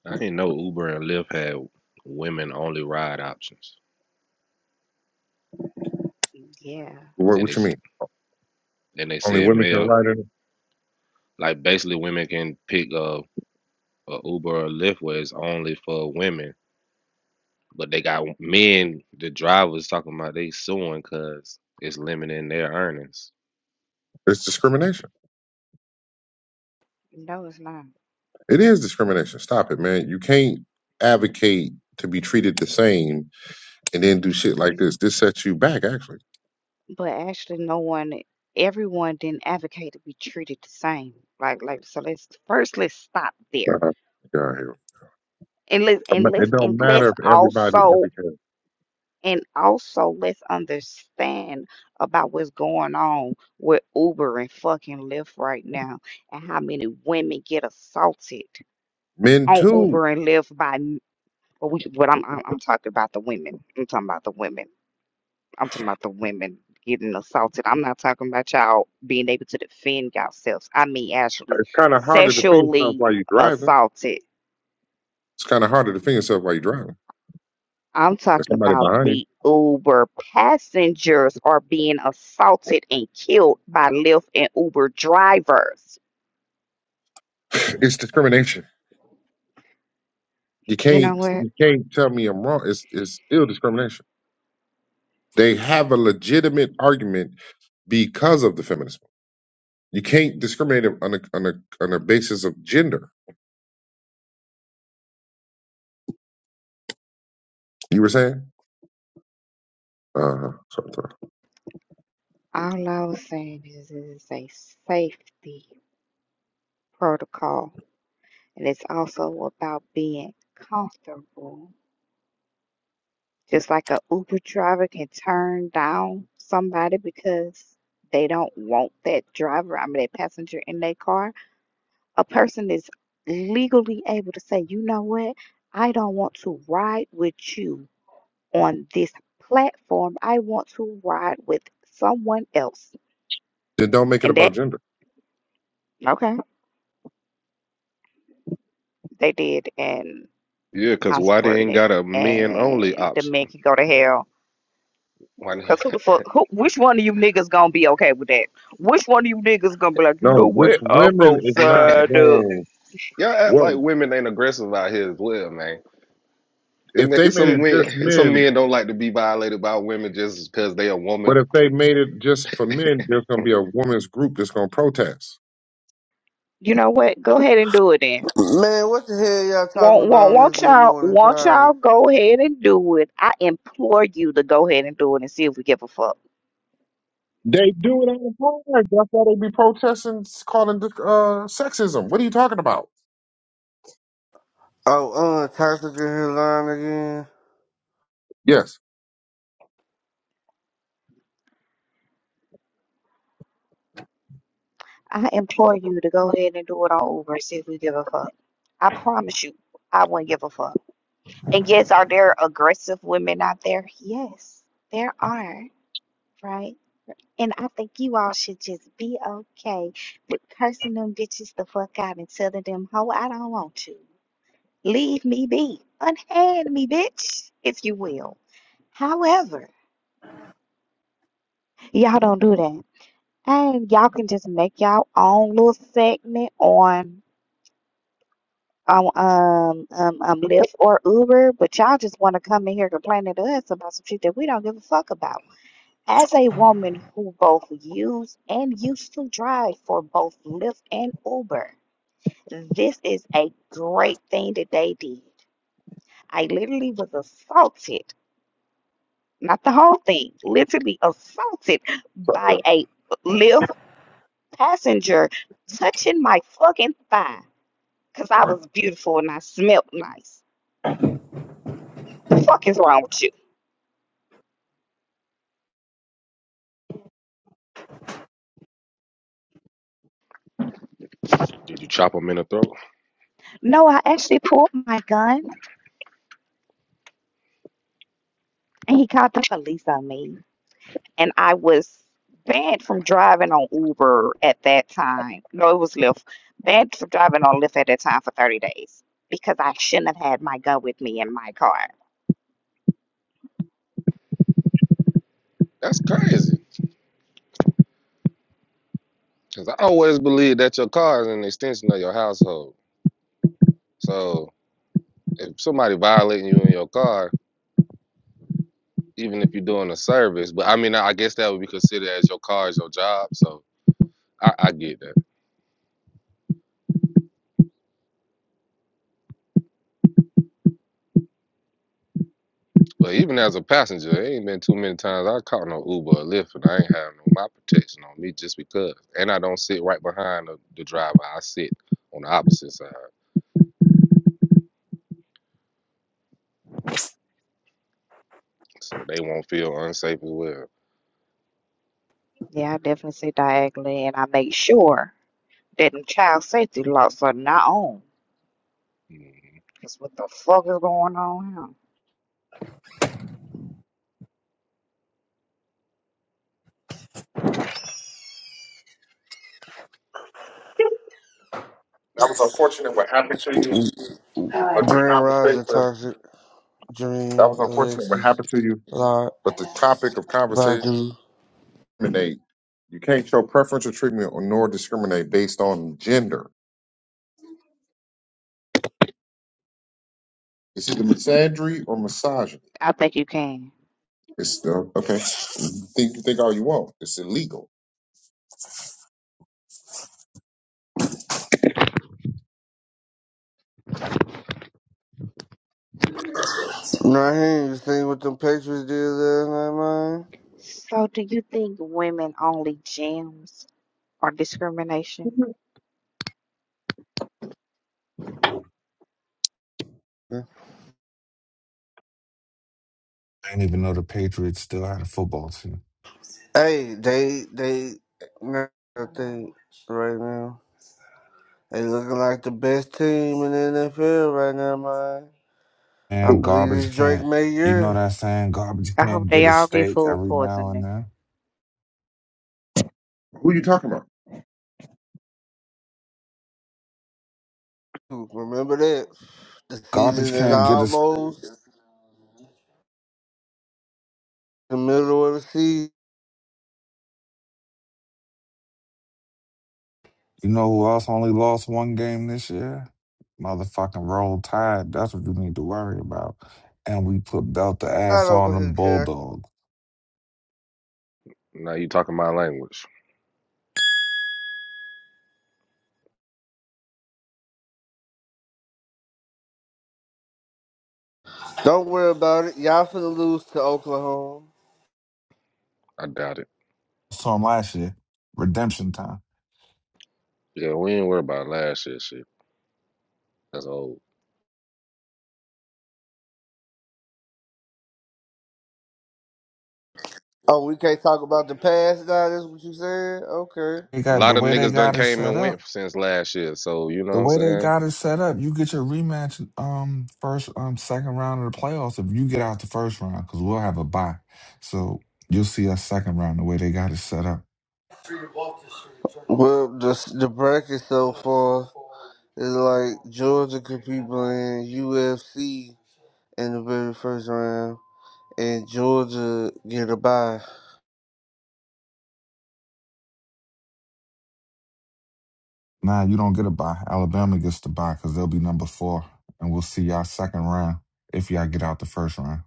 I didn't know Uber and Lyft had women only ride options,
Yeah,
what,
and
what you
it's
mean?
and they
Only
said
women can
male
ride it.
like basically women can pick a, a Uber or Lyft where it's only for women, but they got men the drivers talking about they suing because it's limiting their earnings.
It's discrimination.
no, it's not.
It is discrimination. Stop it, man. You can't advocate to be treated the same and then do shit like this. This sets you back, actually.
But actually, no one, everyone didn't advocate to be treated the same. Like, like, so let's first let's stop there,
Uh-huh. Get out of here.
and let's
It
and
ma-
let's
it don't
and
matter
let's
if everybody
also
advocates.
and also let's understand about what's going on with Uber and fucking Lyft right now, and how many women get assaulted
Men
on
too.
Uber and Lyft by. n- But we, but I'm, I'm I'm talking about the women. I'm talking about the women I'm talking about the women getting assaulted. I'm not talking about y'all being able to defend yourselves. I mean, actually,
It's kind of harder to defend yourself
sexually
while you're driving.
assaulted.
It's kind of harder to defend yourself while you're driving.
I'm
There's
talking
somebody
about
behind you.
the Uber passengers are being assaulted and killed by Lyft and Uber drivers.
[LAUGHS] It's discrimination. You
You know
can't
what?
you can't tell me I'm wrong. It's it's still discrimination. They have a legitimate argument because of the feminism. You can't discriminate on a on a on a basis of gender. You were saying? Uh huh. Sorry, sorry.
All I was saying is it's a safety protocol, and it's also about being comfortable Just like a Uber driver can turn down somebody because they don't want that driver, I mean, that passenger in their car, a person is legally able to say, you know what? I don't want to ride with you on this platform. I want to ride with someone else.
Then don't make it
And
about
that,
gender.
okay, they did, and
Yeah, cause
I'm
why they
supporting
ain't
it.
got a men only
And the
option?
men can go to hell
Why they,
Cause who the fuck? Who? Which one of you niggas gonna be okay with that? Which one of you niggas gonna be like, you know
No, which
what? I'm gonna
women is not
sign up.
going
y'all act
well
like women ain't aggressive out here as well, man.
if
And
they
it's
made
some
it
men,
just
some
men,
men don't like to be violated by women just because they a
but
woman.
if they made it just for men, there's gonna be a women's group that's gonna protest.
You know what? Go ahead and do it then.
Man, what the hell y'all talking
Won't won't
about on this
won't
Good
y'all
Morning
won't
Friday?
y'all go ahead and do it? I implore you to go ahead and do it and see if we give a fuck.
They do it all the time. That's why they be protesting, calling uh, sexism. What are you talking about?
Oh, uh, Toxic in his line again.
Yes.
I implore you to go ahead and do it all over and see if we give a fuck. I promise you, I wouldn't give a fuck. And yes, are there aggressive women out there? Yes, there are, right? And I think you all should just be okay with cursing them bitches the fuck out and telling them, ho, I don't want you. Leave me be. Unhand me, bitch, if you will. However, y'all don't do that. And y'all can just make y'all own little segment on on um um um Lyft or Uber, but y'all just want to come in here complaining to us about some shit that we don't give a fuck about. As a woman who both used and used to drive for both Lyft and Uber, This is a great thing that they did. I literally was assaulted, not the whole thing, literally assaulted by
That
a Lyft passenger touching my fucking thigh because I was beautiful and I smelled nice. The fuck is wrong with you?
Did you chop them in the throat?
No, I actually pulled my gun and he called the police on me. and I was banned from driving on Uber at that time. No, it was Lyft. Banned from driving on Lyft at that time for 30 days because I shouldn't have had my gun with me in my car.
That's crazy. Because I always believe that your car is an extension of your household. So if somebody violating you in your car, even if you're doing a service, but I mean, I guess that would be considered as your car is your job. So I, I get that. But even as a passenger, it ain't been too many times I caught no Uber or Lyft, and I ain't have no my protection on me just because. And I don't sit right behind the, the driver. I sit on the opposite side. so they won't feel unsafe as well.
Yeah, I definitely sit diagonally and I make sure that the child safety laws are not on.
Mhm.
Because what the fuck is going on here?
was unfortunate what happened to you, but the
Grand Rising
conversation
Toxic,
that
Dream,
was unfortunate what
Alexis,
happened to you,
Lot,
but the topic of conversation
Badu.
discriminate. You can't show preferential treatment or nor discriminate based on gender. It's either misandry or misogyny.
I think you can.
It's uh, okay. Think think all you want. It's illegal.
Nah, he ain't even seen what them Patriots did last night,
So, do you think women only gyms are discrimination?
man.
didn't even know the Patriots still had a football team.
Hey, they, they, nah, I think right now, they looking like the best team in the NFL right now, man. I
And
Who
believe
garbage
it's
can.
Drake
not
May
You know
year.
that saying, garbage
I
can
hope
not get
they
a
all get
steak
food
every now and
poisoning.
then.
who you talking about?
Remember that. The season
Garbage
is
can not get a. s-
almost the middle of the season.
You know who else only lost one game this year? Motherfucking roll tide. That's what you need to worry about. And we put belt the
I
ass on them
don't care.
bulldogs.
Now you talking my language.
Don't worry about it. Y'all finna lose to Oklahoma.
I doubt it.
Saw 'em last year. Redemption time.
Yeah, we ain't worried about last year shit. That's old.
Oh, we can't talk about the past now. That's what you said. Okay.
They
A
got the
lot of
way they
niggas done
got it
came
set
and
up.
went since last year, so you know what
the
I'm
way they
saying?
got it set up, you get your rematch um first um second round of the playoffs if you get out the first round because we'll have a bye. So you'll see us second round the way they got it set up.
Well, the the bracket so far is like Georgia could be playing UFC in the very first round, and Georgia get a bye.
Nah, you don't get a bye. Alabama gets the bye because they'll be number four, and we'll see y'all second round if y'all get out the first round.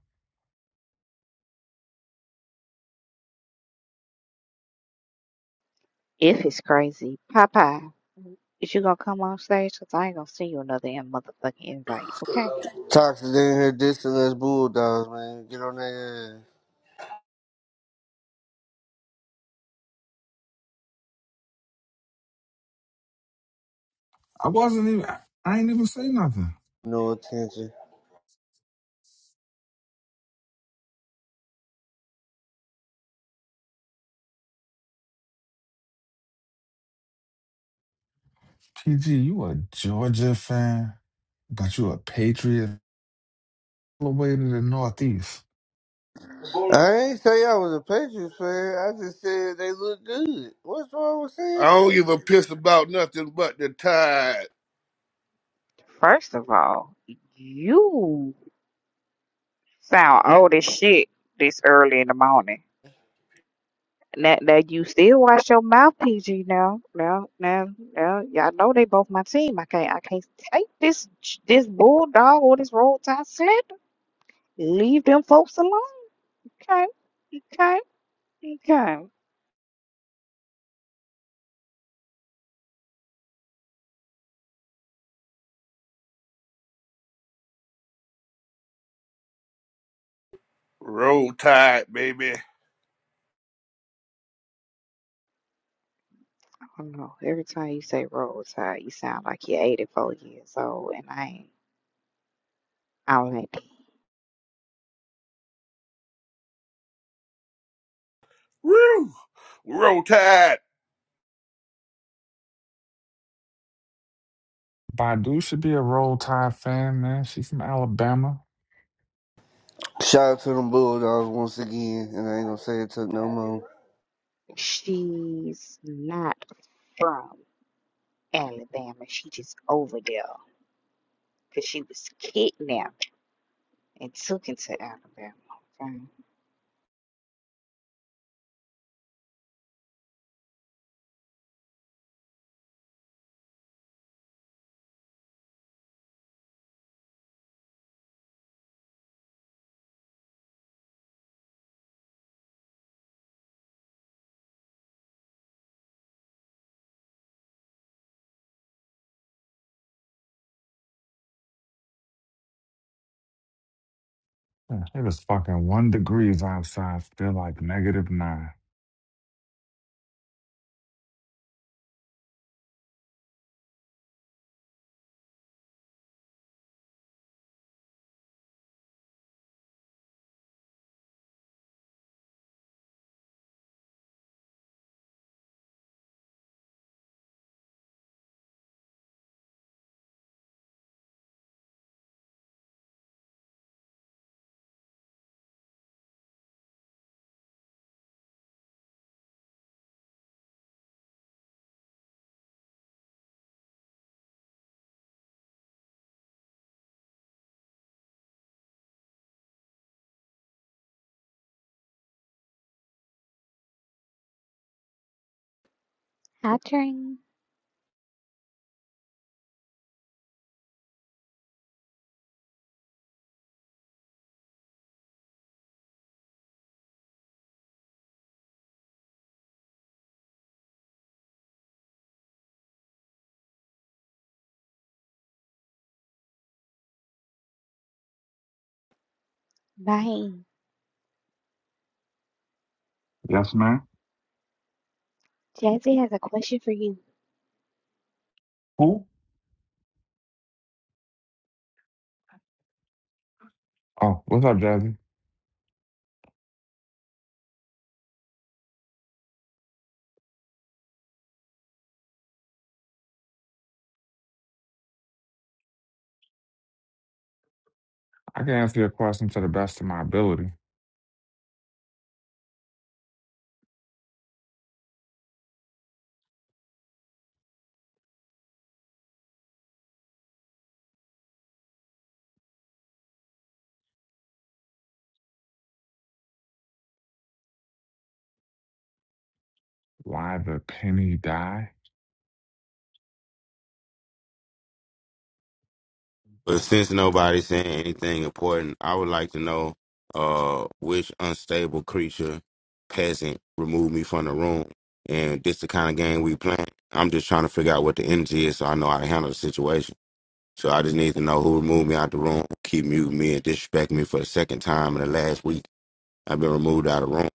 If it's crazy, Popeye, is you gonna come on stage? Cause I ain't gonna send you another in- motherfucking invite, okay?
Toxic in here dissing us Bulldogs, man. Get on that. ass.
I wasn't even. I I ain't even say nothing.
No attention.
PG, you a Georgia fan, but you a Patriot all the way to the Northeast.
I ain't say I was a Patriots fan. I just said they look good. What's wrong with
I
saying
don't
that?
give a piss about nothing but the tide.
First of all, you sound old as shit this early in the morning. Now, now you still watch your mouth, PG. Now, now, now, now, y'all know they both my team. I can't, I can't take this this bulldog or this roll tide sled. Leave them folks alone, okay? Okay, okay.
Roll tide, baby.
I don't know. Every time you say roadside, you sound like you're 84 years old, and I ain't. I ain't.
Woo! Roll tide,
Badu should be a roll tide fan, man. She's from Alabama.
Shout out to them Bulldogs once again, and I ain't gonna say it took no more.
She's not from Alabama. She just over there because she was kidnapped and took into Alabama. Okay.
Yeah, It is fucking one degrees outside, still like negative nine.
Hi, Train. Bye.
Yes, ma'am.
Jazzy has a question for you.
Who? Oh, what's up, Jazzy? I can answer your question to the best of my ability. Why the penny die?
But since nobody's saying anything important, I would like to know uh, which unstable creature peasant removed me from the room. And this the kind of game we playing. I'm just trying to figure out what the energy is so I know how to handle the situation. So I just need to know who removed me out the room, who keep muting me and disrespecting me for the second time in the last week. I've been removed out of the room.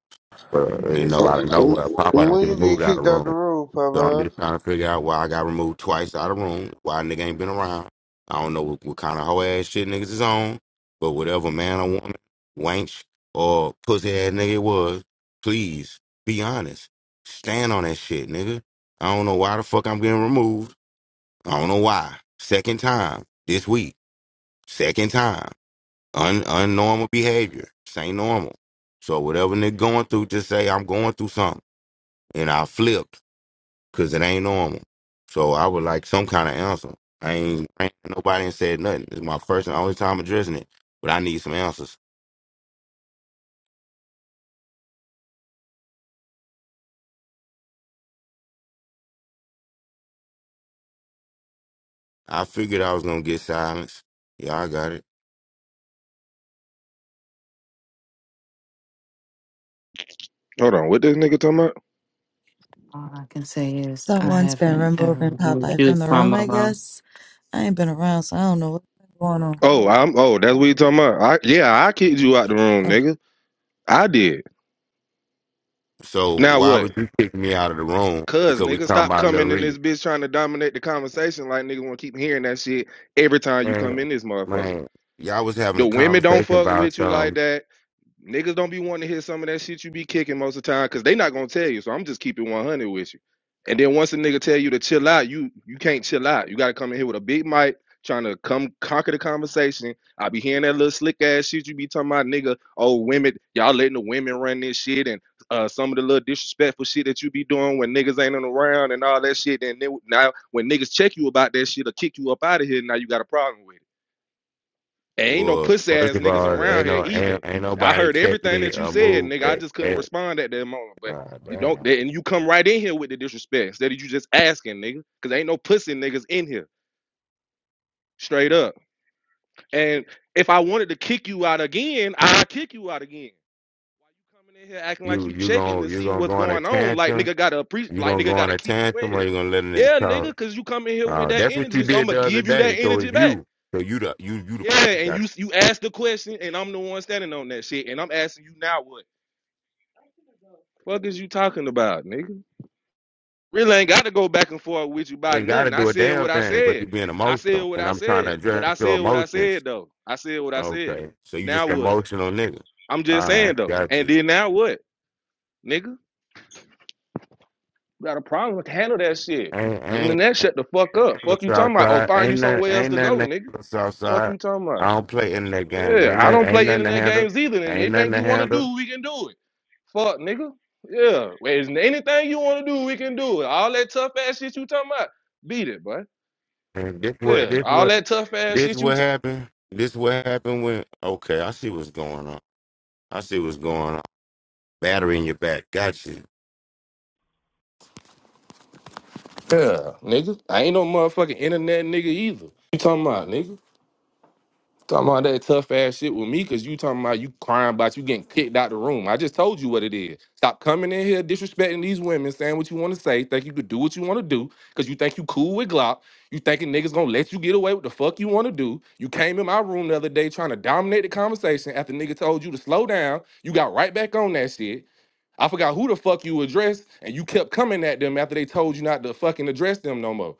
Uh, you know, out of
When
nowhere. Pop, don't
when
get
you
removed
get
out of
kicked
the
out
room.
the room,
So I'm
Papa?
just trying to figure out why I got removed twice out of the room, why a nigga ain't been around. I don't know what, what kind of hoe ass shit niggas is on, but whatever man or woman, wench or pussy ass nigga it was, please be honest. Stand on that shit, nigga. I don't know why the fuck I'm getting removed. I don't know why. Second time this week. Second time. Un unnormal behavior. This ain't normal. So whatever nigga going through, just say I'm going through something. And I flipped because it ain't normal. So I would like some kind of answer. I ain't, I ain't nobody ain't said nothing. It's my first and only time addressing it, but I need some answers. I figured I was gonna get silence. Yeah, I got it.
Hold on, what this nigga talking about?
All I can say is I
Someone's been
haven't ever
removing
removed
Popeye
you
from the room,
from a
I
room.
guess. I ain't been around, so I don't know what's been going on.
Oh, I'm oh, that's what you talking about. I yeah, I kicked you out the room,
Oh,
nigga. I did.
So
Now
why
what?
would you kick me out of the room
Cuz
because we
nigga,
talking
stop
about Lil
coming in this
Reed?
bitch trying to dominate the conversation like nigga wanna keep hearing that shit every time you come
Man,
in this motherfucker.
man, y'all was having
The
a
women don't
conversation
fuck
about
with you like
some.
that. Niggas don't be wanting to hear some of that shit you be kicking most of the time because they not gonna tell you. So I'm just keeping 100 with you. And then once a nigga tell you to chill out, you you can't chill out. You gotta come in here with a big mic, trying to come conquer the conversation. I be hearing that little slick ass shit you be talking about, nigga. Oh, women, y'all letting the women run this shit, and uh, some of the little disrespectful shit that you be doing when niggas ain't around and all that shit. And then now when niggas check you about that shit or kick you up out of here, now you got a problem with it. And ain't no
Well,
pussy
first
ass
of
niggas
all,
around
ain't
here
no ain't,
either.
ain't
I
nobody
heard
check
everything
me
that you
or
said,
move.
nigga. I
eh,
just couldn't
eh,
respond at that moment. But
ah,
you
damn,
don't, and you come right in here with the disrespect instead of you just asking, nigga, because ain't no pussy niggas in here, straight up. And if I wanted to kick you out again, I'd kick you out again. Why you coming in here acting like
you
you
you
checking
gonna
to
you
see
gonna
what's
go on a
going on? Like
tantrum?
nigga gotta appreciate,
You
like
gonna go
nigga
on
gotta
a
keep you in
tantrum or
here.
you gonna let a nigga
Yeah,
talk?
nigga, cause you come in here with
Uh,
that
that's what you
energy, so I'm
did
gonna
the other
give you that
day. So
energy
it's
back.
you. So you the you you the
Yeah,
person
and
got
you you asked the question, and I'm the one standing on that shit, and I'm asking you now what? Fuck is you talking about, nigga? Really ain't got to go back and forth with you
you
about
ain't
nothing.
gotta
I
do a
said
damn
what I
thing, but
said.
you being
I said
emotional.
what
And
I
I'm trying to
said. But
address
I
your
said what I said
emotions.
though. I said what I said.
Okay. So you
Now
just
what?
emotional nigga.
I'm just saying
Alright,
though.
got
And
you.
then now what, nigga? You got a problem with handle that shit.
Ain't
And then
ain't
that shut the fuck up.
the
Fuck you
south
talking about? Oh,
side.
find you
Ain't nothing
somewhere else
ain't
to go,
nothing to
nigga.
handle south
Fuck
side.
you talking
I
about?
don't play internet games.
Yeah,
Ain't
I
nothing
don't
ain't
play
nothing to
internet
handle.
games either. And
Ain't nothing
anything
to
you want to
handle.
do, we can do it. Fuck, nigga. Yeah. Wait, anything you want to do, we can do it. All that tough ass shit you talking about, beat it, boy.
And this what
Yeah.
this
All
what
that tough ass
This
shit you
what
talking
happened. This what happened when. Okay, I see what's going on. I see what's going on. Battery in your back. Got you.
about? Yeah, nigga. I ain't no motherfucking internet nigga either. You talking about, nigga? Talking about that tough ass shit with me, cause you talking about you crying about you getting kicked out the room. I just told you what it is. Stop coming in here disrespecting these women, saying what you want to say, think you could do what you want to do, cause you think you cool with Glock. You thinking niggas gonna let you get away with the fuck you want to do. You came in my room the other day trying to dominate the conversation after nigga told you to slow down. You got right back on that shit. I forgot who the fuck you addressed, and you kept coming at them after they told you not to fucking address them no more.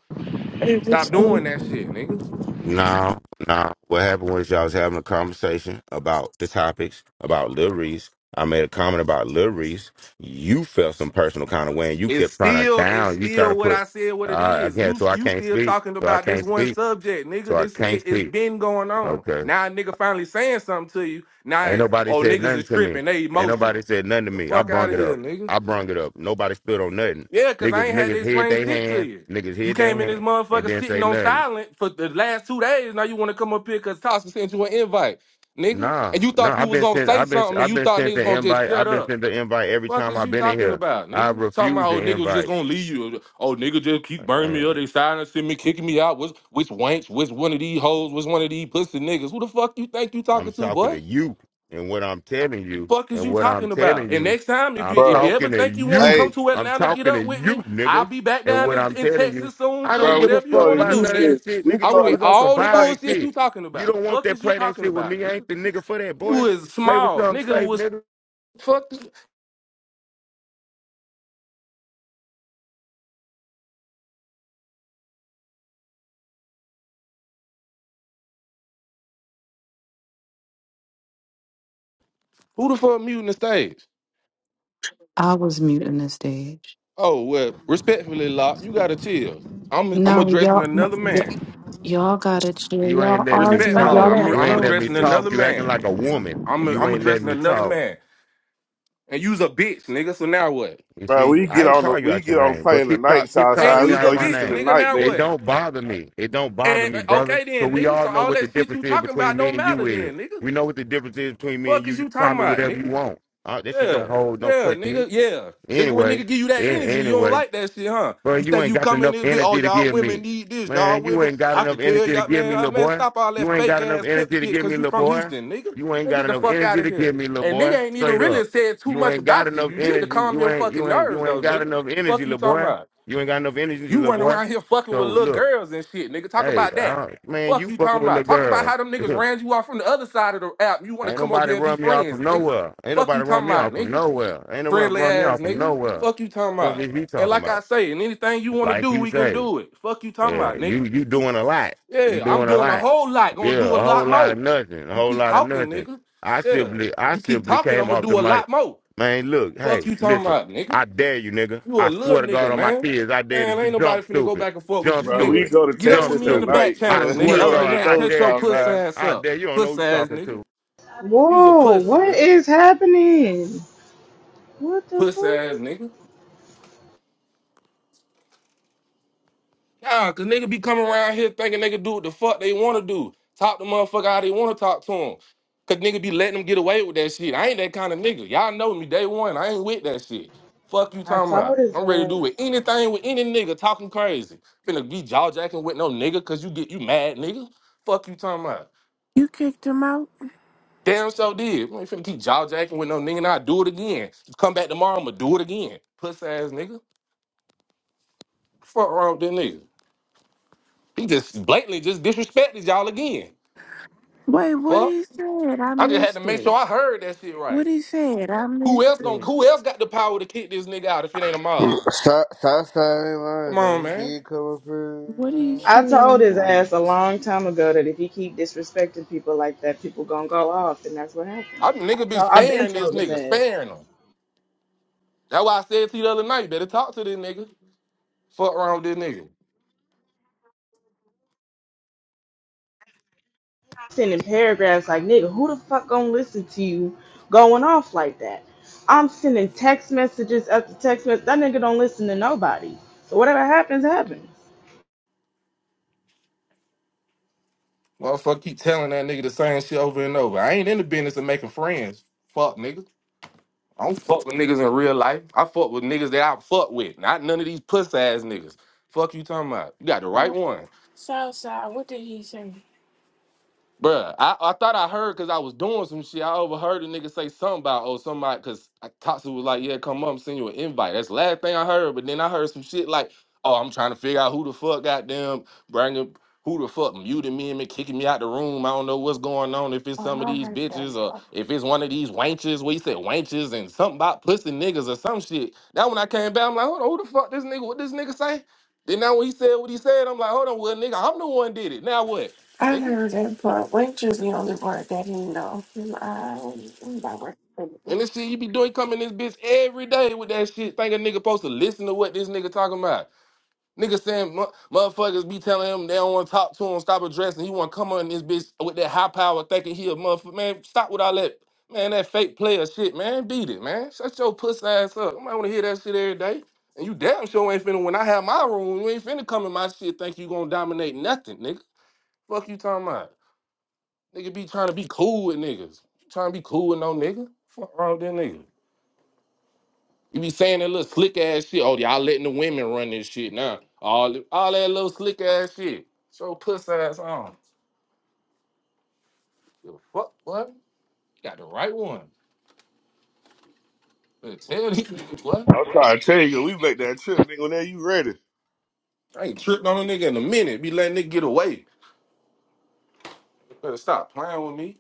It
Stop
was
doing that
over.
shit, nigga.
Now, now, what happened was y'all was having a conversation about the topics about Lil Reese. I made a comment about Lil Reese. You felt some personal kind of way, and you
It's
kept trying to
still it's
down. You try to
still what
put.
I said what it
Uh,
is.
again,
You
so I
you
can't
still
speak.
talking
So I
about this
can't
one
speak.
subject, nigga.
So I
This
can't
shit is
speak.
been going on.
Okay.
Now a nigga finally saying something to you. Now
Ain't
it's
nobody
oh
said
niggas
nothing
is
to me.
tripping, they
Ain't nobody
emotional.
said nothing to
The
me. I
fuck out
brung
of
it
here,
up.
nigga.
I brung it up. Nobody stood on nothing.
Yeah, cause
Niggas,
I ain't had to
niggas hid
explain
they
shit to
hand.
you.
Niggas
You
hid they
came in this
hand and
motherfucker
didn't
sitting
say
on
nothing.
silent for the last two days. Now you wanna come up here cause Tasha sent you an invite, nigga.
Nah,
And you
nah.
thought you
I've
was
been
gonna
sent.
say
I've been.
something and
I've
you
been
thought
sent
niggas
the
gonna just
invite.
shut
I've been
up.
sent the invite every
Fuck
time
is
I've
you
been in
talking
here.
about,
I
nigga? Talking
refuse
about
the
old niggas just
invite.
gonna leave you. Oh, nigga just keep burning me
Damn.
up. They silencing me, kicking me out. Which which wanks? Which one of these hoes? Which one of these pussy niggas? Who the fuck you think you
I'm
talking to,
talking
boy?
to you and what I'm telling you
Fuck is
and
you
what I'm
talking
telling
about? And
you.
next time, if you
I'm
if
bro.
you ever
talking to
think you want to come
Hey,
you.
to
I'm
Atlanta, get
talking to
up with
you,
me. I'll
nigga.
be back
And
down
what
in,
I'm
in
telling you,
Texas soon
I
too.
don't
bro,
give
we
a
can
Whatever you
go
fuck
want
to
to
about
do,
none of
Houston.
nigga.
that shit,
We
nigga.
can
I'm
You
go
with
to
always on
Houston
some
all the
violent
tonight.
bullshit
shit.
you talking
You
about.
don't want
Fuck
that
is you
play that
talking
shit with
about,
me. I
nigga?
ain't the nigga for that,
You
boy.
is
Play with
small,
something
nigga.
safe,
Was
nigga.
fuck? Who the fuck muting the stage?
I was muting the stage.
Oh well, respectfully, Locke, you gotta chill. I'm I'm
No,
addressing
y'all, no,
another man.
y- y'all got to chill.
You
Y'all
ain't letting me
That's why
arguing.
I
Respectfully,
Y'all
talk.
let
I'm
not.
You
it
I'm
ain't
go.
letting me
addressing
talk.
another
You acting
man.
like a woman.
I'm
and You
I'm
ain't letting
addressing
me
another
talk.
man. And you's a bitch, nigga. So now what?
You
Bro,
see,
we get
I ain't
on the
call you
we
out your
get on the
name, but
plane
keep ca-
tonight,
keep
And
calling
Southside.
me
We
you's
out
a
go
of
to
my
bitch,
Houston at
name.
nigga.
night,
Now
It
nigga.
what?
don't bother me. It don't bother
And
me,
uh,
brother.
okay
Cause
then,
we
nigga. So
all know
all
what the
that shit
difference
you
is
talking
between
about
me
don't
and
matter
you is.
then, nigga.
We know what the difference is between me and
Fuck
you.
is
You
you
can
talking
call me
about,
whatever
nigga?
you want. Uh, that shit don't
Yeah,
hold. Don't
yeah,
touch me.
nigga, yeah. Just when nigga
Anyway,
give you that
a-
energy, you don't
anyway.
like that shit, huh?
Bro,
You
you
think
ain't
you
got
come in
enough
this bit, oh
energy to
y'all
give
women
me.
need this, y'all
Man, you
women.
ain't got
I
enough
could tell
energy to
y'all,
give
man,
me,
uh,
little
man,
boy.
stop all that
You ain't
fake
got enough
ass pimp
energy to
shit,
give
cause
me,
you
little
from
boy.
Houston, nigga.
You ain't
Man,
got
get the
enough
fuck out
energy
of
to
here.
give me, little
And
boy.
nigga ain't even
Straight
really
up.
said too
You
much
ain't got
about you.
enough
You need to
energy.
calm
You
your
ain't
fucking
you ain't
nerves
you ain't
though,
got
nigga.
enough energy,
Fuck you
little
talking
boy.
about.
You ain't got enough energy,
You
little
run
boy.
around here fucking
So
with little
look,
girls and shit, nigga. Talk
hey,
about that.
I, man,
Fuck
you
you
fucking
talking
with
about.
little
Talk about
girl.
how them niggas
[LAUGHS]
ran you off from the other side of the app. You want to
ain't
come over
nobody
here and be
run me off
friends,
from
nigga.
nowhere. Ain't
Fuck you
nobody run
talking
me
about,
off from
nigga.
nowhere. Ain't no run
Friendly
run me
ass
off from
nigga.
nowhere.
Fuck you talking
Fuck
about.
is he
And
talking
like I
about?
say, and anything you want to
Like
do,
you
we can
say.
do it. Fuck you talking
Yeah,
about,
you
nigga.
you doing a lot. You
Yeah, I'm
doing a
doing a
lot.
whole lot. Gonna do
Yeah,
a
a whole
lot
lot of
more.
nothing. A
You
whole
keep
lot of
talking,
nothing.
nigga.
I
Yeah.
simply I
You keep
simply
talking,
came
I'm gonna
off the
do a
mic.
lot more.
Man, look, hey,
Fuck you talking
listen.
about, nigga.
I dare you, nigga.
You a
I
little
swear to God
nigga,
on my
man.
kids, I dare to
Man,
do-
ain't nobody
jump
finna go
stupid.
back and forth with
Jump
you,
Bro, we
nigga.
stupid.
go to
Get up
Jump
with
Texas
me in the
stupid.
back
tonight.
I
channels,
Cause [LAUGHS]
nigga.
swear
he
to
Other than
already
God,
that,
I
knows
shut
dare
your
you,
puss
Southside.
nigga.
ass
I
up.
dare you don't know
Puss
who you
ass,
talking to.
nigga. You's a
Whoa,
pussy,
what
nigga.
is happening? What the
Puss ass,
fuck?
nigga. Nah, cause nigga be coming around here thinking they can do what the fuck they wanna do. Talk the motherfucker how they wanna talk to him. Cause nigga be letting them get away with that shit. I ain't that kind of nigga. Y'all know me day one. I ain't with that shit. Fuck you
I
talking
told
about.
his
I'm ready to do with
ass.
anything with any nigga talking crazy. Finna be jawjacking with no nigga cause you get you mad nigga. Fuck you talking about.
You kicked him out?
Damn so did. I ain't finna keep jawjacking with no nigga and I do it again. Come back tomorrow, I'ma do it again. Puss ass nigga. Fuck wrong with that nigga. He just blatantly just disrespected y'all again.
Wait, what
Fuck.
he said? I
I just had to
missed
make sure
it.
I heard that shit
What
right.
he said? I
Who else
missed
gon'
it.
Who else got the power to kick this nigga out if it ain't a mod?
Southside ain't lying
Come
though.
on,
He
man.
did come up here. You
What he
I
know.
told
said?
his
I
ass a
missed it.
long time ago that if he keep disrespecting people like that, people gonna go off, and that's what happened.
I be- nigga
I
been
told, I've been
sparing this
told his
nigga,
ass.
sparing him. That's why I said to you the other night, better talk to this nigga. Fuck around with this nigga.
sending paragraphs like, nigga, who the fuck gonna listen to you going off like that? I'm sending text messages after text messages. That nigga don't listen to nobody. So whatever happens, happens.
Motherfucker keep telling that nigga the same shit over and over. I ain't in the business of making friends. Fuck nigga. I don't fuck with niggas in real life. I fuck with niggas that I fuck with, not none of these puss ass niggas. Fuck you talking about? You got the right
So,
one.
Southside, what did he say?
Bruh, I, I thought I heard because I was doing some shit. I overheard a nigga say something about oh somebody because Tatsu was like, yeah, come up and send you an invite. That's the last thing I heard. But then I heard some shit like, oh, I'm trying to figure out who the fuck goddamn bringing who the fuck muted me and me kicking me out the room. I don't know what's going on. If it's
Oh,
some of
I
these
heard
bitches
that
or
part.
if it's one of these wenches, Where he said wenches and something about pussy niggas or some shit. That when I came back, I'm like, hold on, who the fuck this nigga? What this nigga say? Then now when he said what he said, I'm like, hold on, well nigga, I'm the one did it. Now what?
I
Nigga.
heard that part. Wait is the only part that he know. I, I'm
And this shit you be doing coming this bitch every day with that shit. Think a nigga supposed to listen to what this nigga talking about. Nigga saying mu- motherfuckers be telling him they don't want to talk to him, stop addressing. He want to come on this bitch with that high power thinking he a motherfucker. Man, stop with all that. Man, that fake player shit, man. Beat it, man. Shut your puss ass up. I want to hear that shit every day. And you damn sure ain't finna, when I have my room, you ain't finna come in my shit think you gonna dominate nothing, nigga. Fuck you talking about? Nigga be trying to be cool with niggas. Trying to be cool with no nigga. Fuck wrong with that nigga. You be saying that little slick ass shit. Oh, y'all letting the women run this shit now. All all that little slick ass shit. Show puss ass on. Give a Fuck what? You got the right one. Better Tell these niggas what?
I'm trying to tell you, we make that trip, nigga. Whenever you ready,
I ain't tripped on a nigga in a minute. Be letting nigga get away. Better stop playing with me.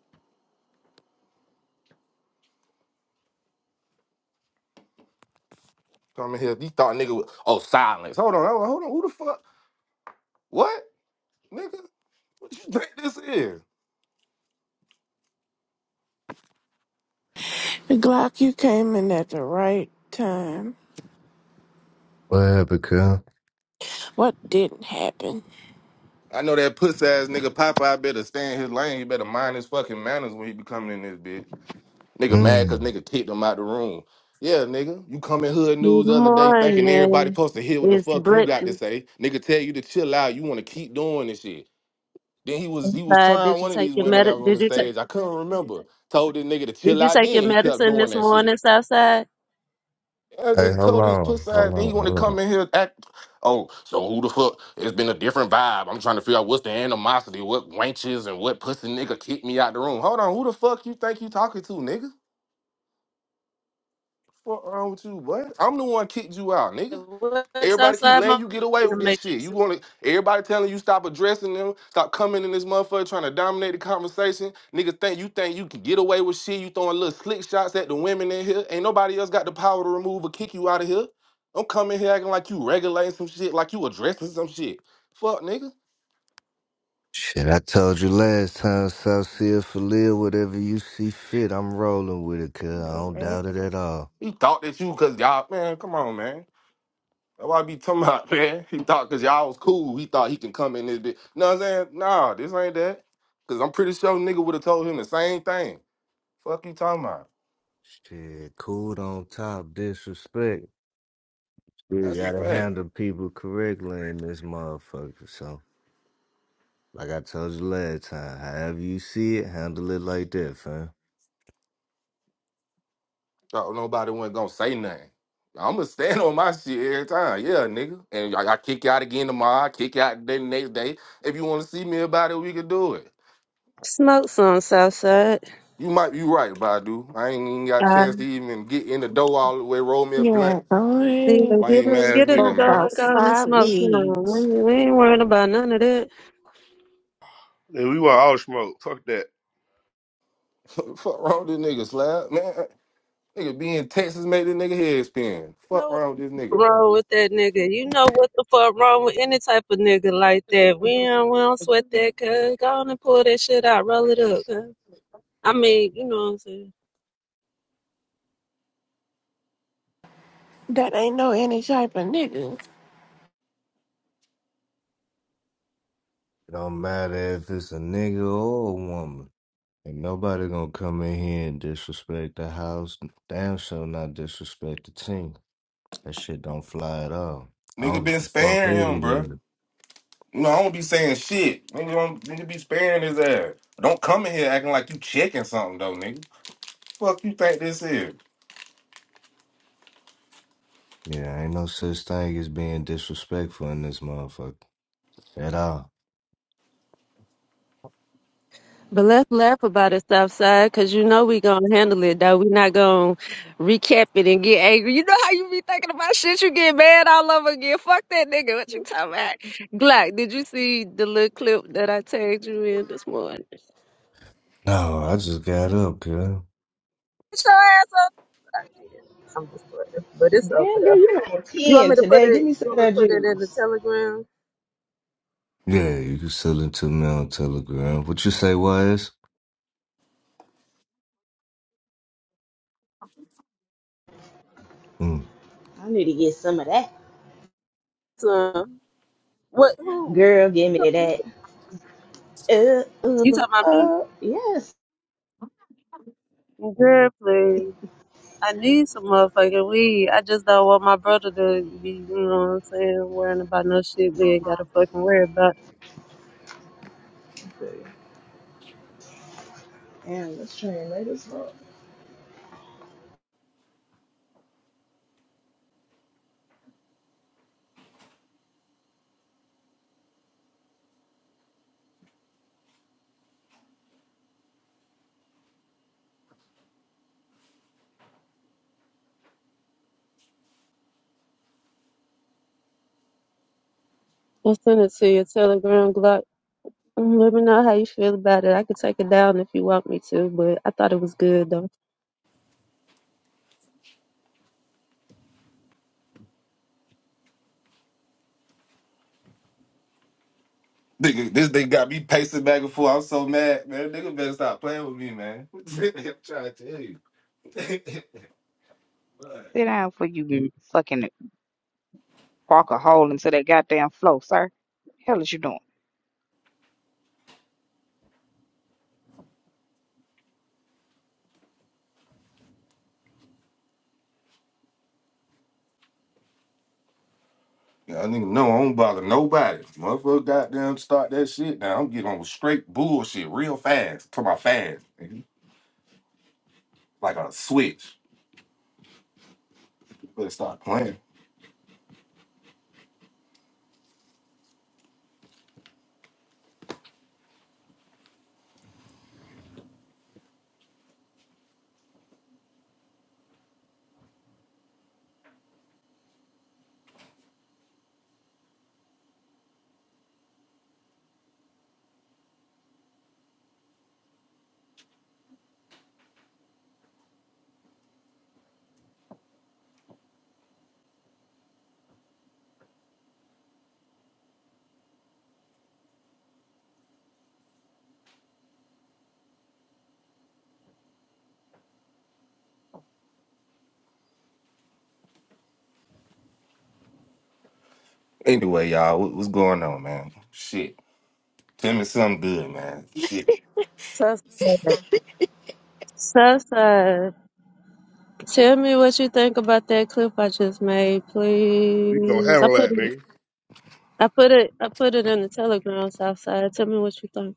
Come in here. He thought nigga was oh silence. Hold on, hold on, hold on. Who the fuck? What? Nigga? What you think this is?
Glock, you came in at the right time.
What happened, cuz?
What didn't happen?
I know that puss ass nigga Popeye better stay in his lane. He better mind his fucking manners when he be coming in this bitch. Nigga mad cause
Mm.
nigga kicked him out the room. Yeah, nigga. You come in hood
Good
news the other day thinking everybody
morning.
supposed to hear what the
It's
fuck you got to
Brittany.
say. Nigga tell you to chill out. You wanna keep doing this shit. Then he was he was
Southside,
trying
did you
one of
take
these
your
women
med?
that was on
Did
the
you take
stage. I couldn't remember. Told this nigga to
Did
chill
you
out
take your
then. He kept
medicine
doing
this
that shit.
morning, Southside?
Yeah, I
Hey,
just
how
told his
long?
pussy
How
ass then he
long? How
wanna come
long?
in here act oh, so who the fuck? It's been a different vibe. I'm trying to figure out what's the animosity, what wenches and what pussy nigga kicked me out the room. Hold on, who the fuck you think you talking to, nigga? What wrong with you, boy? I'm the one kicked you out, nigga.
What's
Everybody keep
outside
letting
my
you get away
the
with this shit.
matrix?
You want to everybody telling you stop addressing them, stop coming in this motherfucker trying to dominate the conversation. Nigga think you think you can get away with shit. You throwing little slick shots at the women in here. Ain't nobody else got the power to remove or kick you out of here. Don't come in here acting like you regulating some shit, like you addressing some shit. Fuck, nigga.
Shit, I told you last time, South Sea for live, whatever you see fit, I'm rolling with it, cuz.
Yeah,
I don't
man.
doubt it at all.
He thought that you cause y'all man, come on, man. That's what I be talking about, [LAUGHS] man. He thought because y'all was cool, he thought he can come in this bitch. Know what I'm saying? Nah, this ain't that. Because I'm pretty sure nigga would have told him the same thing. Fuck you talking about?
Shit, cool on top, disrespect. We
That's a
gotta
fact.
handle people correctly in this motherfucker, so. Like I told you last time, however you see it, handle it like that, fam.
Thought nobody wasn't going to say nothing. I'm going to stand on my shit every time. Yeah, nigga. And I, I kick you out again tomorrow. I kick you out the next day. If you want to see me about it, we can do it.
Smoke some Southside.
You might be right, Badu. I ain't even got a
Uh,
chance to even get in the door all the way, roll me a blunt.
Yeah,
This
see,
I
get
Lame
in,
ass
get in the
nigga,
broke
door
man.
and
about
go on and
five
smoke some. We,
leads.
ain't- we ain't worried about none of that.
and we want all the smoke. Fuck that.
[LAUGHS] Fuck wrong with this nigga, slap, man. Nigga be in Texas made this nigga head spin.
You
Fuck
know what's
wrong with this nigga.
wrong with that nigga? You know what the fuck wrong with any type of nigga like that? We don't, we don't sweat that. Cause go on and pull that shit out, roll it up. Cause. I mean, you know what I'm saying.
That ain't no any type of nigga.
It don't matter if it's a nigga or a woman. Ain't nobody gonna come in here and disrespect the house. Damn sure not disrespect the team. That shit don't fly at all. I
Nigga
don't
been
give a fuck
sparing
who
him, bruh.
it is.
You know, I don't be saying shit. Nigga, don't, nigga be sparing his ass. Don't come in here acting like you checking something, though, nigga. Fuck you think this is?
Yeah, ain't no such thing as being disrespectful in this motherfucker at all.
But let's laugh about it, Southside, because you know we gonna handle it though. we not gonna recap it and get angry. You know how you be thinking about shit, you get mad all over again. Fuck that nigga. What you talking about? Glock, did you see the little clip that I tagged you in this morning?
No, I just got up, girl.
Get your ass up. I did. I'm just playing. But it's over
Damn
there.
girl, you on
You want
10
me to put
today. Give
it
me some
you
of
want me
that
to put it in the
juice.
telegram?
Yeah, you can sell it to me on Telegram. What you say, wise?
I need to get some of that.
So, what who?
Girl, give me that. Uh,
You
uh,
talking about me?
uh, yes.
Girl, please. I need some motherfucking weed. I just don't want my brother to be, you know what I'm saying, worrying about no shit we ain't gotta fucking worry about.
Damn, let's try and make this train late as fuck.
I'll send it to your telegram Glock. Mm, Let me know how you feel about it. I could take it down if you want me to, but I thought it was good though.
Nigga, this nigga got me pacing back and forth. I'm so mad, man. Nigga better stop playing with me, man. [LAUGHS] I'm trying to tell you. [LAUGHS] Bruh.
Sit down for you fucking walk a hole into that goddamn floor, sir. Hell is you doing?
Y'all niggas know I don't bother nobody. Motherfucker goddamn start that shit. Now I'm getting on straight bullshit real fast. To my fast. nigga. Like a switch. Let's start playing. Anyway, y'all, what, what's going on, man? Shit. Tell me something good, man. Shit.
Southside, Southside, tell me what you think about that clip I just made,
We gonna
please. I
handle
put
that,
it,
nigga.
I put it, I put it in the telegram. Southside, tell me what you think.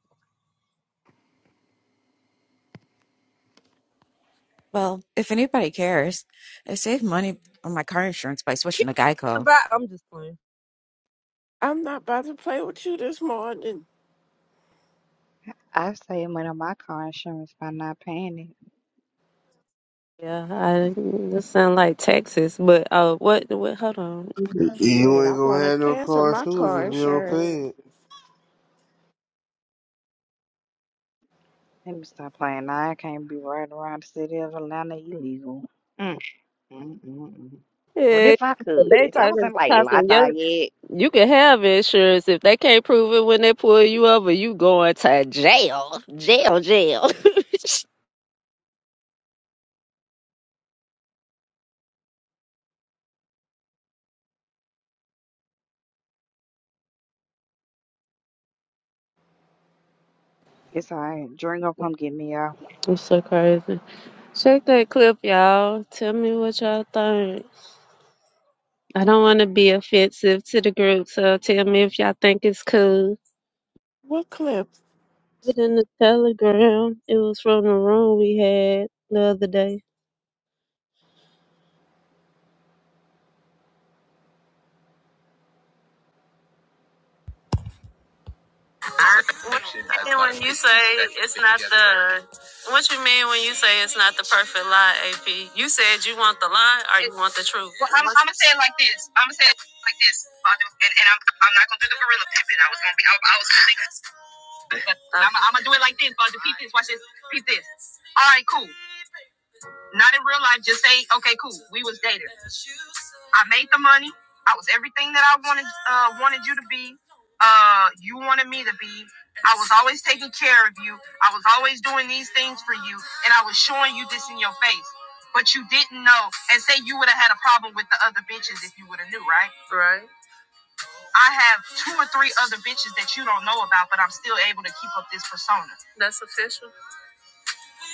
Well, if anybody cares, I saved money on my car insurance by switching
Keep
to
the
Geico.
back. I'm just playing.
I'm not about to play with you this morning.
I saved money on my car insurance by not paying it.
Yeah, I this sound like Texas, but uh, what? What? Hold on.
You
Shit, I
ain't gonna
want to
have no
cancel
car
my
shoes
car
if you don't pay
insurance.
it.
Let me stop playing. I can't be riding around the city of Atlanta illegal. Mm, mm, mm, mm. But
Yeah,
if I could,
they
if I was
talking
in like
tossing your.
Lafayette,
You can have insurance if they can't prove it when they pull you over. You going to jail, jail, jail.
it's all right. Drink up, come get me out.
[LAUGHS] I'm so crazy. Check that clip, y'all. Tell me what y'all think. I don't want to be offensive to the group, so tell me if y'all think it's cool.
What clip?
Put it in the telegram. It was from the room we had the other day.
What you mean when you say it's not the what you mean when you say it's not the perfect lie, AP? You said you want the lie or you want the truth? Well, I'm, I'm gonna say it like this. I'm gonna say it like this, and, and I'm, I'm not gonna do the gorilla pimping. I was gonna be. I, I was thinking. [LAUGHS] But I'm, I'm gonna do it like this, but repeat this. Watch this. Repeat this. All right, cool. Not in real life. Just say, okay, cool. We was dating. I made the money. I was everything that I wanted uh, wanted you to be. Uh, you wanted me to be. I was always taking care of you. I was always doing these things for you, and I was showing you this in your face. But you didn't know, and say you would have had a problem with the other bitches if you would have knew, right? Right. I have two or three other bitches that you don't know about, but I'm still able to keep up this persona. That's official.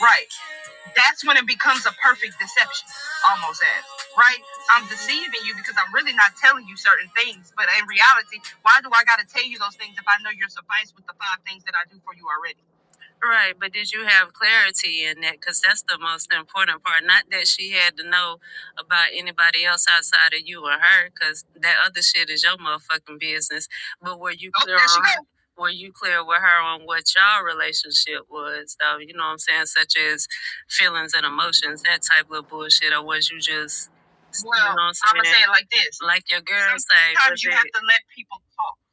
Right. That's when it becomes a perfect deception, almost as. Right? I'm deceiving you because I'm really not telling you certain things. But in reality, why do I got to tell you those things if I know you're sufficed with the five things that I do for you already? Right, but did you have clarity in that? Because that's the most important part. Not that she had to know about anybody else outside of you or her, because that other shit is your motherfucking business. But were you Oh, clear there she on? goes. Were you clear with her on what y'all relationship was, though? You know what I'm saying, such as feelings and emotions, that type of bullshit, or was you just, you know Well, what I'm I'm saying? gonna say it like this: like your girl say, sometimes was you it have it to let people talk.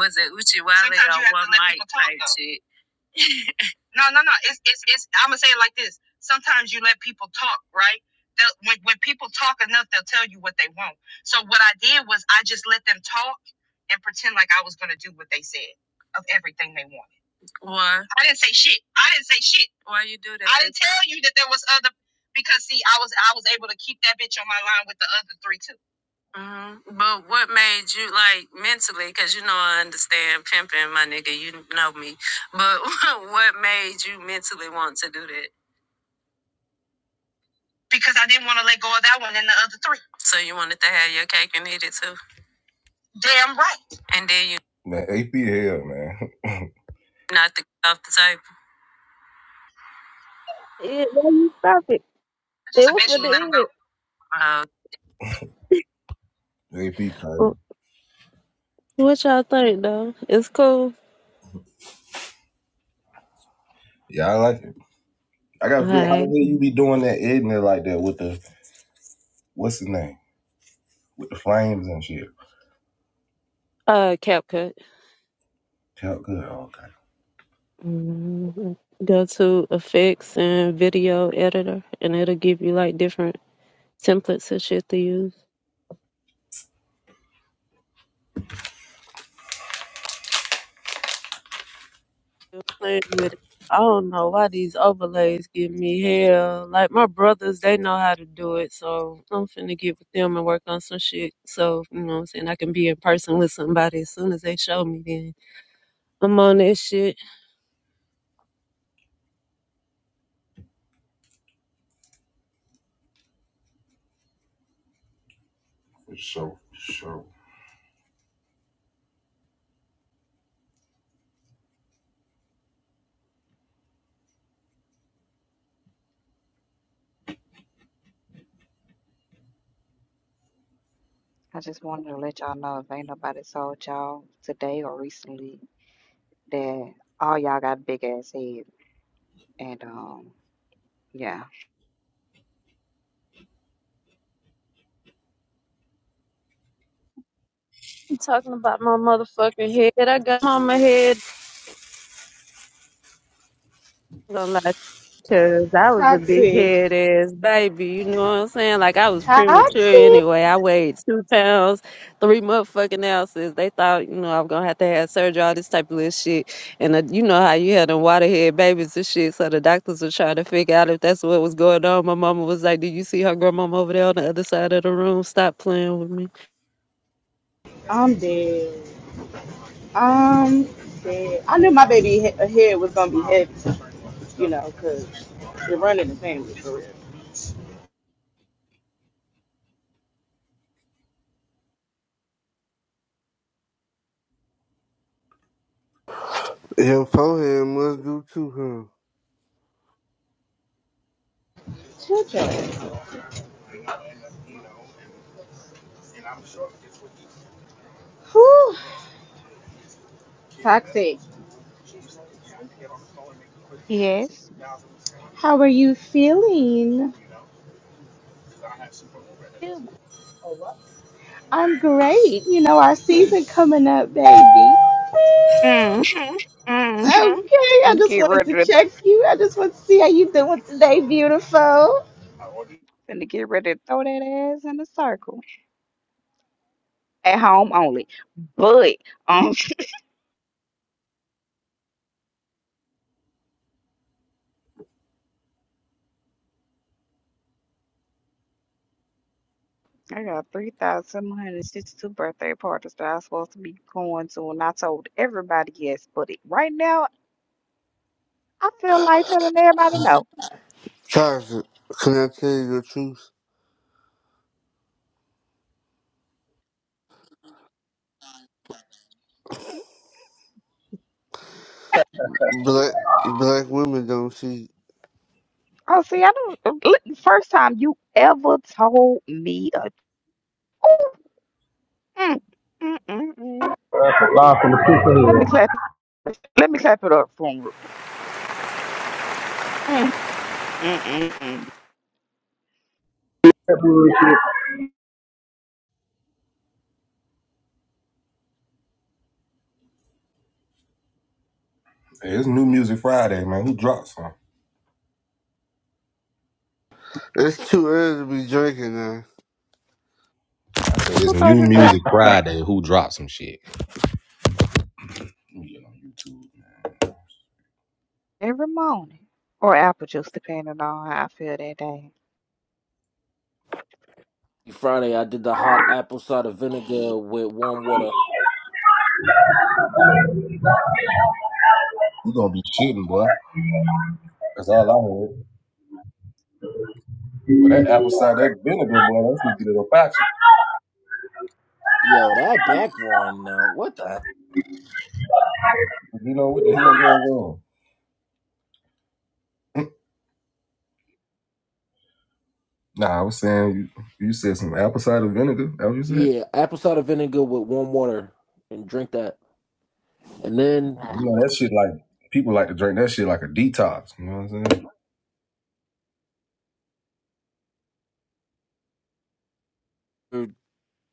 was it Uchiwale Sometimes you or have to one let mic people talk, type though. shit? [LAUGHS] No, no, no. It's it's it's. I'm gonna say it like this. Sometimes you let people talk, right? They'll, when when people talk enough, they'll tell you what they want. So what I did was I just let them talk and pretend like I was gonna do what they said of everything they wanted. Why? I didn't say shit. I didn't say shit. Why you do that? I didn't tell you that there was other because see, I was I was able to keep that bitch on my line with the other three too hmm But what made you like mentally? Because you know I understand pimping, my nigga. You know me. But [LAUGHS] what made you mentally want to do that? Because I didn't want to let go of that one and the other three. So you wanted to have your cake and eat it too. Damn right. And then you Man, AP hell, man. [LAUGHS] knocked the [LAUGHS] off the table.
Yeah, why you stop it?
I
It
just
was for
eventually
the
let
end.
him go. Oh, AP crazy.
Wh- What y'all think though? It's cool.
Yeah, I like it. I gotta figure how the
Alright.
hell you be doing that in there like that with the what's his name? With the flames and shit.
Uh CapCut.
Tell good. Okay.
mm Go to effects and video editor and it'll give you like different templates and shit to use. you playing with it. I don't know why these overlays give me hell. Like my brothers, they know how to do it, so I'm finna get with them and work on some shit. So, you know what I'm saying? I can be in person with somebody as soon as they show me then. I'm on that shit.
Show, show.
I just wanted to let y'all know if ain't nobody told y'all today or recently that all y'all got big ass head. And um, yeah.
You talking about my motherfucking head? I got on my head. I'm gonna lie, because I was a big
Toxic.
head ass baby. You know what I'm saying? Like I was premature
Toxic.
anyway. I weighed two pounds, three motherfucking ounces. They thought, you know, I was gonna have to have surgery, all this type of little shit. And uh, you know how you had them waterhead babies and shit. So the doctors were trying to figure out if that's what was going on. My mama was like, "Do you see her grandmama over there on the other side of the room? Stop playing with me."
I'm dead. I'm dead. I knew my baby he- head was gonna be heavy. you know, because you're running the family for real.
Your forehead must do too, huh?
Children. Whew. Toxic.
Yes.
How are you feeling? I'm great. You know, our season coming up, baby.
Mm-hmm. Mm-hmm.
Okay, I
Finna
just
get
wanted
ready
to
to
check you. I just want to see how you doing today, beautiful.
finna get ready to throw that ass in a circle. At home only. But um [LAUGHS] I got 3,762 birthday parties that I was supposed to be going to, and I told everybody yes, but it, right now I feel like telling everybody no.
Toxic. Can I tell you the truth? Black black women don't cheat.
Oh, see, I don't. uh, look, the First time you ever told me a. Oh, mm, mm, mm, mm.
live from the pits of
Let me
hell.
clap. Let me clap it up for 'em. Mm, mm, mm, mm.
That bullshit.
Hey, it's New Music Friday, man. Who dropped some?
It's too early to be drinking now.
I said, It's
Who told
New
you
Music
that?
Friday. Who dropped some shit? Let me get on YouTube, man.
Every morning, or apple juice, depending on how I feel that day.
Friday, I did the hot apple cider vinegar with warm water.
You gonna be shitting, boy. That's all I heard. Well, that apple cider, that vinegar, boy, that's gonna get it up out you.
Yo, that back roaring now. What the?
But You know what the hell going on? Nah, I was saying you, you said some apple cider vinegar. That what you said?
Yeah, apple cider vinegar with warm water and drink that. And then
You know that shit like people like to drink that shit like a detox. You know what I'm saying?
uh,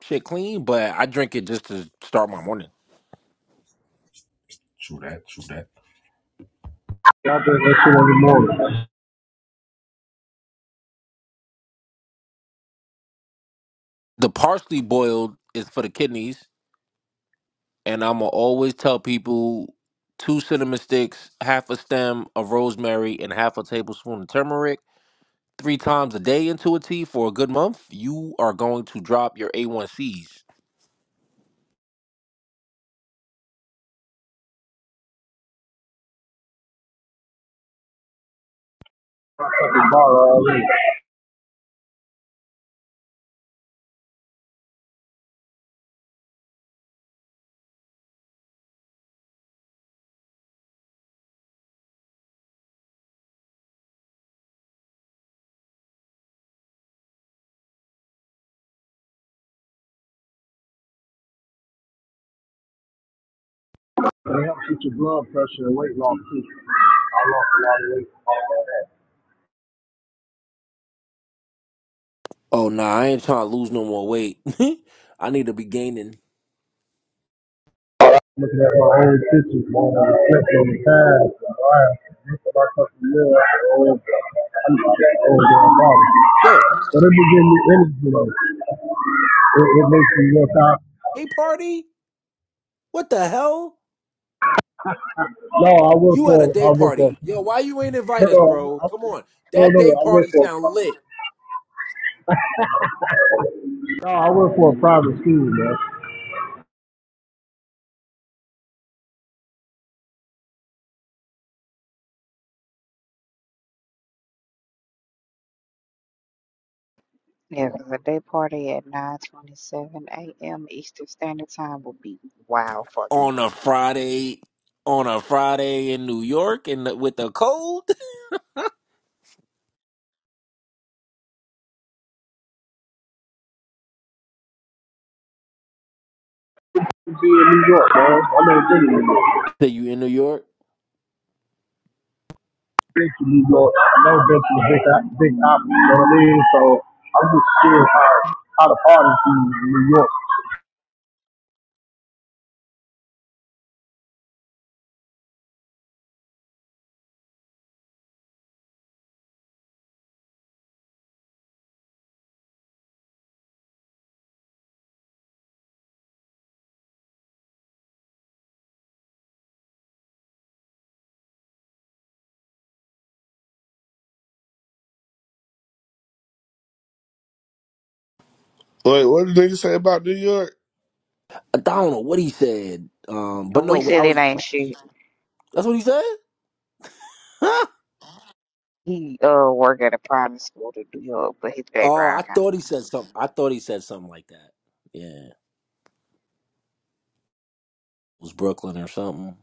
shit clean, but I drink it just to start my morning.
True that. True that.
Y'all drink that shit every morning. Fucking
The parsley boiled is for the kidneys, and I'm going to always tell people two cinnamon sticks, half a stem of rosemary, and half a tablespoon of turmeric three times a day into a tea for a good month. You are going to drop your A1Cs
bottle already. It helps with your blood pressure and weight loss too. I lost a lot of weight.
Oh nah, I ain't trying to lose no more weight. [LAUGHS] I need to be gaining.
looking at my old pictures, man, and reflect on the past. and All right, this is my fucking real after all
Yo,
But it be giving me energy though. It, it makes me look out.
day party? What the hell?
No, I work
You at a
for
day
I work for
party? Yo, why
no,
you ain't invite us,
no,
bro?
I,
Come
I-
on,
no,
that
no,
day
I work
party
for a
sound
private. school.
lit
No, I work for a private school, man.
Yeah, cause a day party at 9:27 a.m. Eastern Standard Time would be wild fucking
on a
work.
Friday. On a Friday in New York and the- with the cold.
I'm in New York, man. I'm in the New York.
[LAUGHS] Say you in New York?
Been to New York. I know been to the big, big op, you know what I mean? So I'm just scared how how the party scene in New York
Wait, what did niggas say about New York?
I don't know what he said. Um, but
We
no, I
said it
was.
ain't shit.
That's what he said. [LAUGHS] Huh?
He uh work at a private school to do up, but his
Oh, I
background kind of
thought he
like
said something. I thought he said something like that. Yeah, it was Brooklyn or something.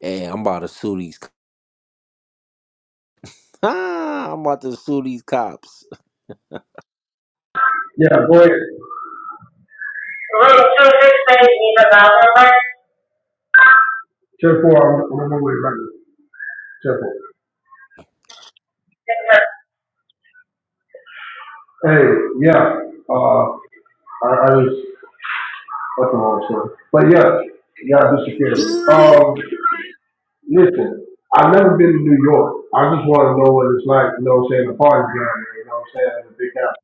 Hey, I'm about to sue these Ah, I'm about to sue these cops,
Yeah, go ahead. Route two six eight is a thousand mark. Ten four, I'm, I'm on my way right now. Ten four. Yes, Hey, yeah, uh, I, I just, that's the wrong story. But yeah, yeah, disappeared.
Security.
Um, listen, I've never been to New York. I just wanna know what it's like, you know what I'm saying, the party down there, you know what I'm saying, in the big house.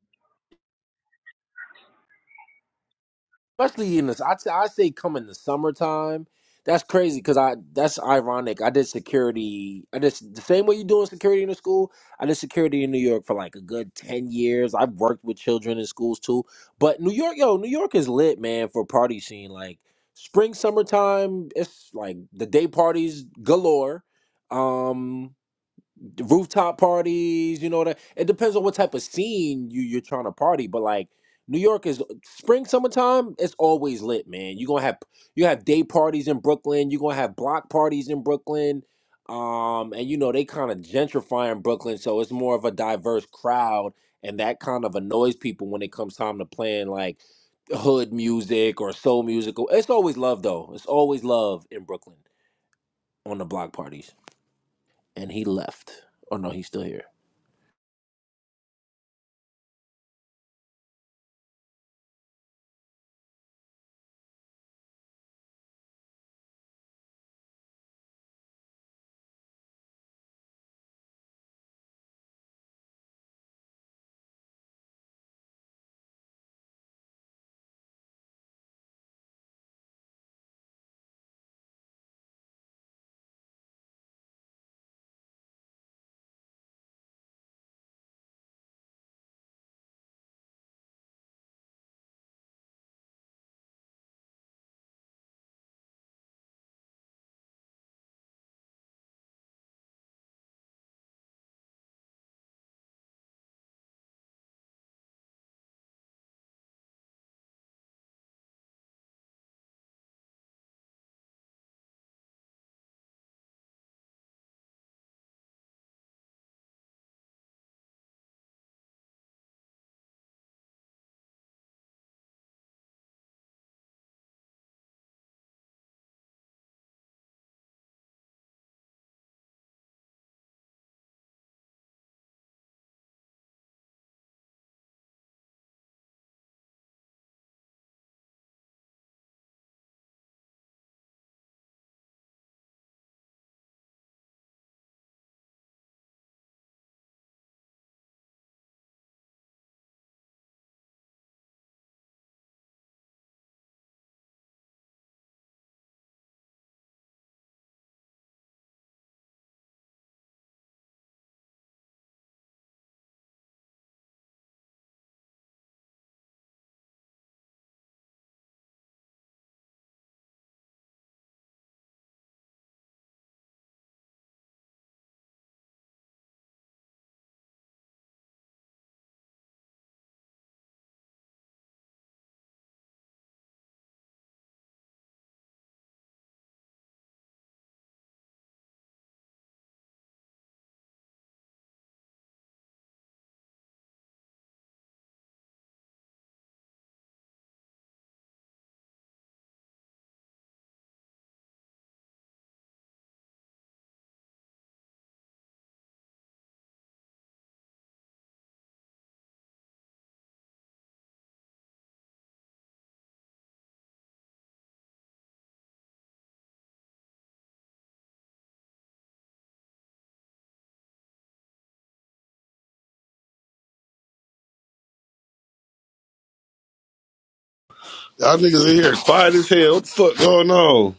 especially in this. I t- I say come in the summertime. That's crazy because I that's ironic. I did security. I just the same way you doing security in the school. I did security in New York for like a good ten years. I've worked with children in schools too. But New York, yo, New York is lit, man, for party scene. Like spring, summertime, it's like the day parties galore. Um, rooftop parties, you know that it depends on what type of scene you you're trying to party, but like New York is spring summertime, it's always lit, man. You're gonna have you have day parties in Brooklyn, you're gonna have block parties in Brooklyn. Um, and you know, they kind of gentrifying Brooklyn, so it's more of a diverse crowd, and that kind of annoys people when it comes time to playing like hood music or soul music. It's always love though. It's always love in Brooklyn on the block parties. And he left. Oh no, he's still here.
Y'all niggas in here quiet as hell. What the fuck going on?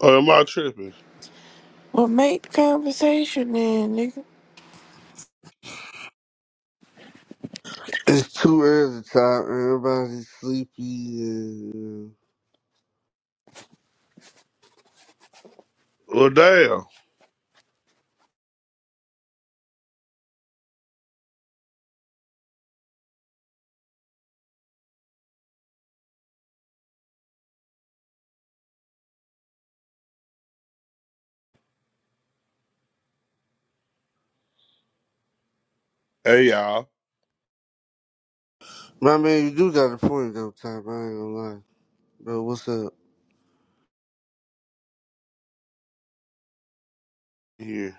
Or am I tripping?
Well, make the conversation then, nigga.
It's too early to time. Everybody's sleepy and you
Well, damn. Hey, y'all.
know. My man, you do got a point though, Top. I ain't gonna lie. Bro, what's up?
Here.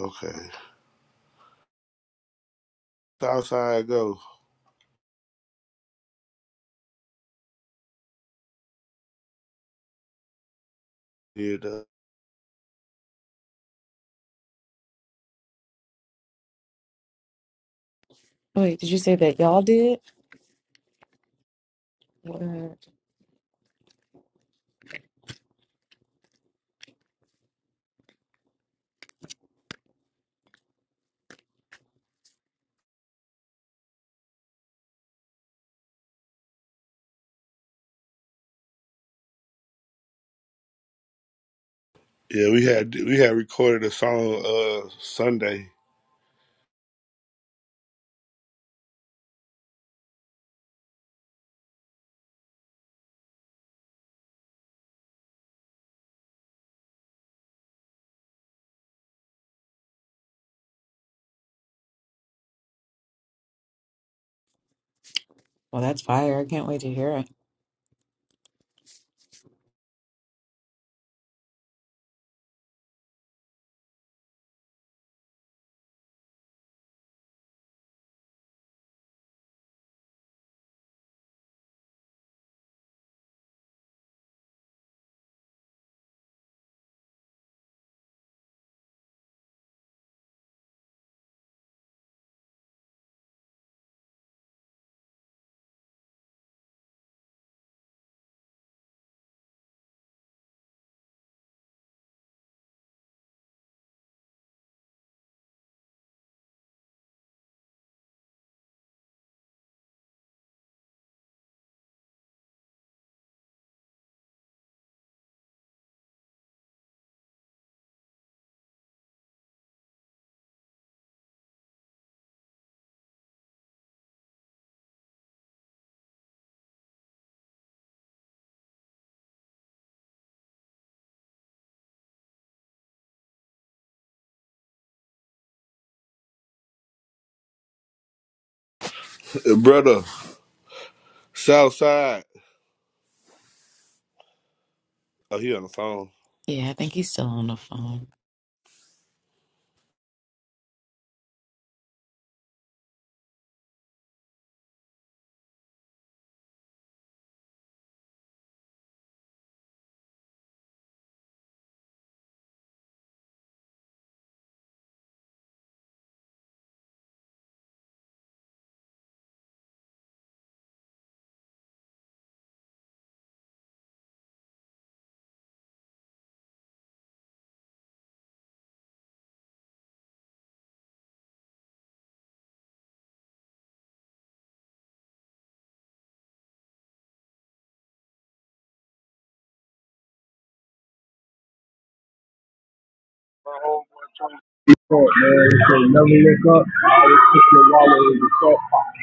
Okay. Southside go. Here, though.
wait, did you say that y'all did? What?
Yeah, we had we had recorded a song uh Sunday.
Well, that's fire. I can't wait to hear it.
Uh, Brother, Southside. Oh, he on the phone.
Yeah, I think he's still on the phone.
Phone, man. So never look up. Always put your wallet in your front pocket.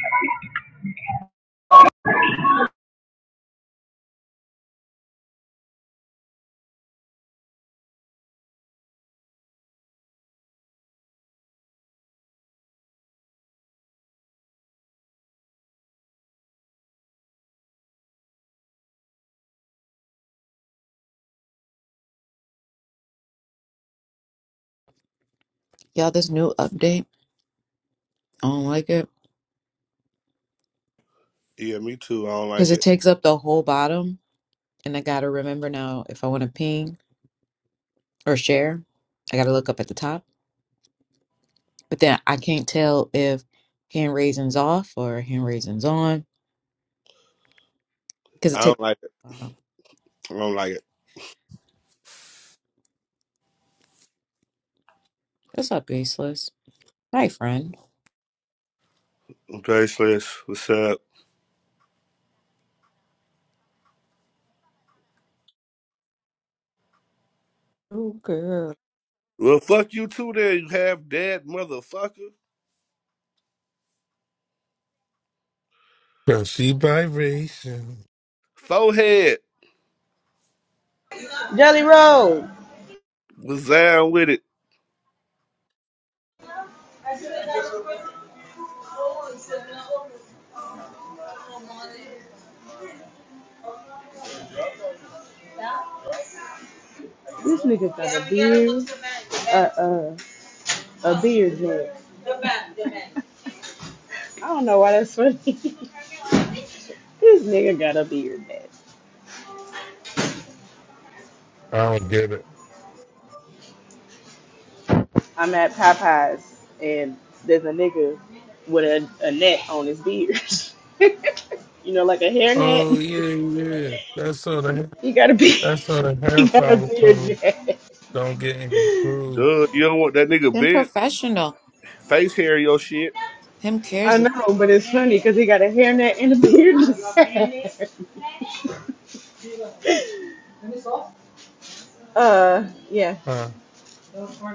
Y'all, this new update, I don't like it.
Yeah, me too. I don't
Because
like
it
it.
takes up the whole bottom, and I gotta remember now if I want to ping or share, I gotta look up at the top. But then I can't tell if hand raisins off or hand raisins on because it
I
takes
don't like it.
bottom.
I don't like it.
What's up, baseless? Hi, friend.
I'm What's up?
Oh, girl.
Well, fuck you too there, you half dead motherfucker.
Cause she vibration.
Forehead.
Jelly Roll.
Was down with it.
This nigga got a beard. Uh, uh, a beard man. [LAUGHS] I don't know why that's funny. [LAUGHS] this nigga got a beard man.
I don't get it.
I'm at Popeyes and there's a nigga with a, a net on his beard. [LAUGHS] you know, like a
Oh
hairnet. [LAUGHS]
yeah, yeah. That's how the
He got a beard.
that's how the
[LAUGHS] He
hair
got a beard
follicles
net.
don't get improved.
Duh, you don't want that nigga
Him
bent.
professional.
Face hair, your shit.
Him
I
cares if it
know,
cares.
but it's funny because he got a hairnet and a beard net. [LAUGHS] uh, yeah.
Huh.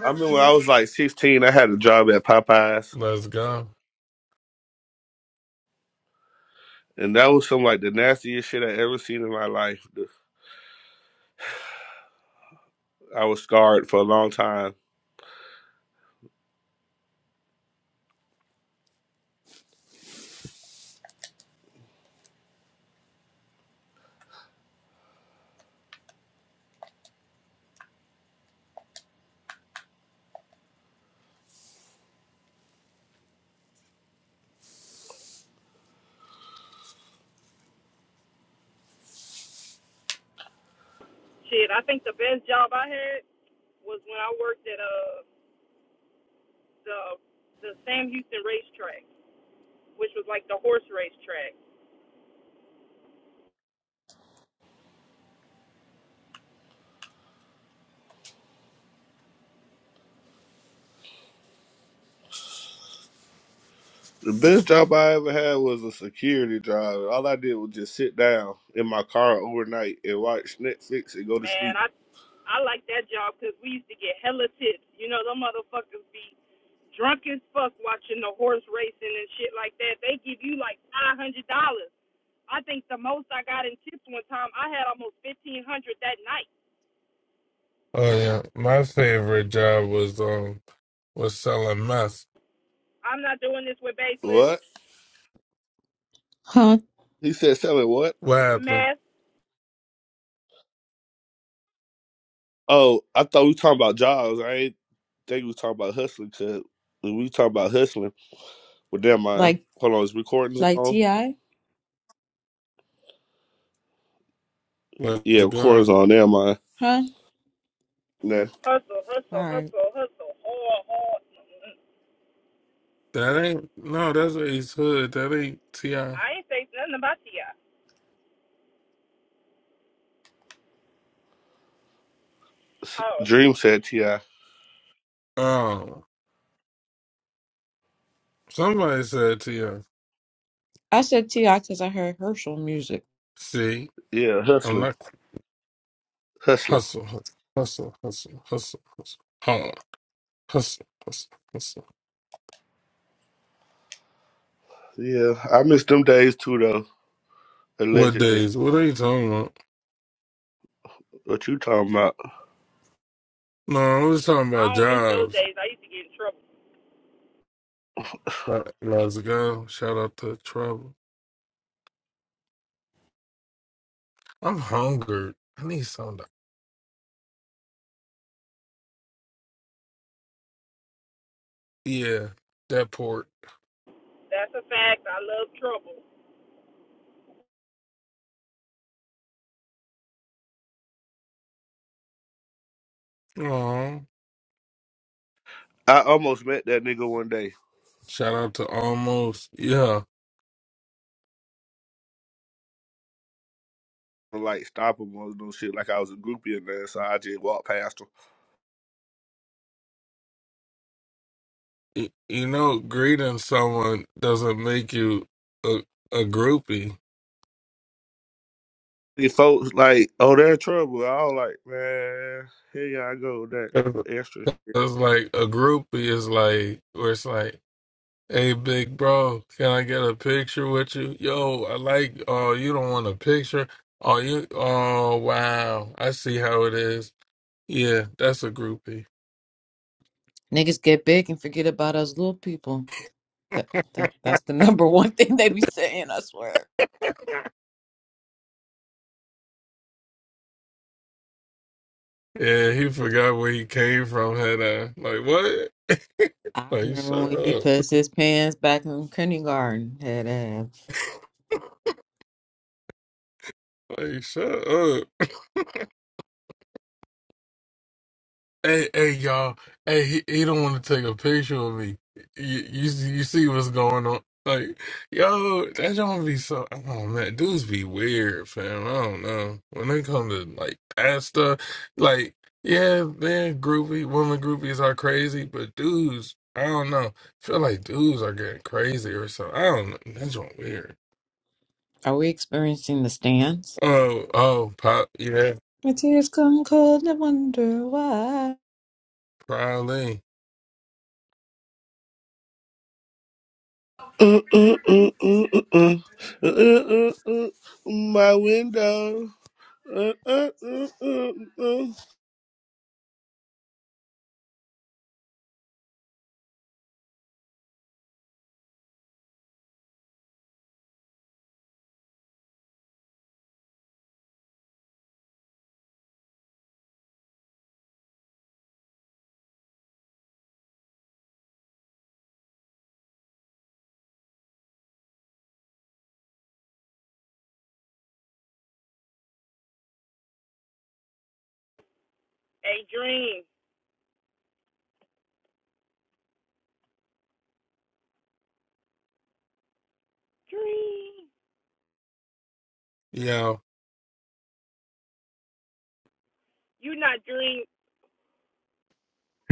I mean, when I was like 16, I had a job at Popeyes.
Let's go.
And that was some like the nastiest shit I ever seen in my life. I was scarred for a long time
Shit, I think the best job I had was when I worked at uh the the Sam Houston racetrack, which was like the horse racetrack.
The best job I ever had was a security job. All I did was just sit down in my car overnight and watch Netflix and go to
Man,
sleep.
I I like that job 'cause we used to get hella tips. You know, them motherfuckers be drunk as fuck watching the horse racing and shit like that. They give you like five hundred dollars. I think the most I got in tips one time, I had almost fifteen hundred dollars that night.
Oh yeah. My favorite job was um was selling meth.
I'm not doing this with baseless
What?
Huh?
He said selling what?
What happened?
mess.
Oh, I thought we talking about jobs. I ain't think we talking about hustling because when we talking about hustling, well, never mind.
Like
Hold on, is recordings
like
on?
T.I.?
Yeah,
Let's
recordings
go.
on. Never mind.
Huh?
Nah.
Hustle, hustle,
Alright.
hustle, hustle, hard, hard.
That ain't no, that's Ace Hood. That ain't T I.
I ain't say nothing about Ti. Oh,
Dream said T.I.
Oh, somebody said ti.
I said T.I. because I heard Herschel music.
see,
Yeah,
I'm
hustling.
not
Hustling.
Hustle, hustle, hustle, hustle, hustle, hustle. Hold Hustle, hustle, hustle.
Yeah, I miss them days too, though,
What
allegedly.
days? What are you talking about?
What you talking about?
No, I was talking
I
about
don't miss those
jobs.
days. I used to get in trouble.
Like, Let's go. Shout out to Trouble. I'm hungered. I need something. To... Yeah, that port.
That's a fact. I love trouble.
Aw.
I almost met that nigga one day.
Shout out to Almost. Yeah.
to, like stop him or no shit. Like I was a groupie in there, so I just walked past them.
Y- You know, greeting someone doesn't make you a, a groupie.
These folks like, oh, they're in trouble. I was like, man, here y'all go with that
That's
extra.
like a groupie is like, where it's like, Hey, big bro, can I get a picture with you? Yo, I like, oh, you don't want a picture? Oh, you, oh, wow. I see how it is. Yeah, that's a groupie.
Niggas get big and forget about us little people. That, that that's the [LAUGHS] number one thing they be saying, I swear.
Yeah, he forgot where he came from, had I? Like, what?
I
Like,
remember
shut
when he
up.
pissed his pants back in kindergarten. Head ass.
Like, shut up. Hey, hey, y'all. Hey, he, he don't want to take a picture of me. You, you, you see what's going on? Like, yo, that don't be so. Oh man, dudes be weird, fam. I don't know. When they come to like that stuff, like, yeah, man, groupie, women groupies are crazy, but dudes, I don't know. Feel like dudes are getting crazy or something. I don't know. That's what weird.
Are we experiencing the stands?
Oh, oh, pop, yeah,
My tears come cold and I wonder why.
probably,
Uh, uh, uh, uh, uh, mm. Uh, uh, uh, uh, My window. Uh, uh, uh, uh, uh.
A dream, dream.
yeah,
you not dream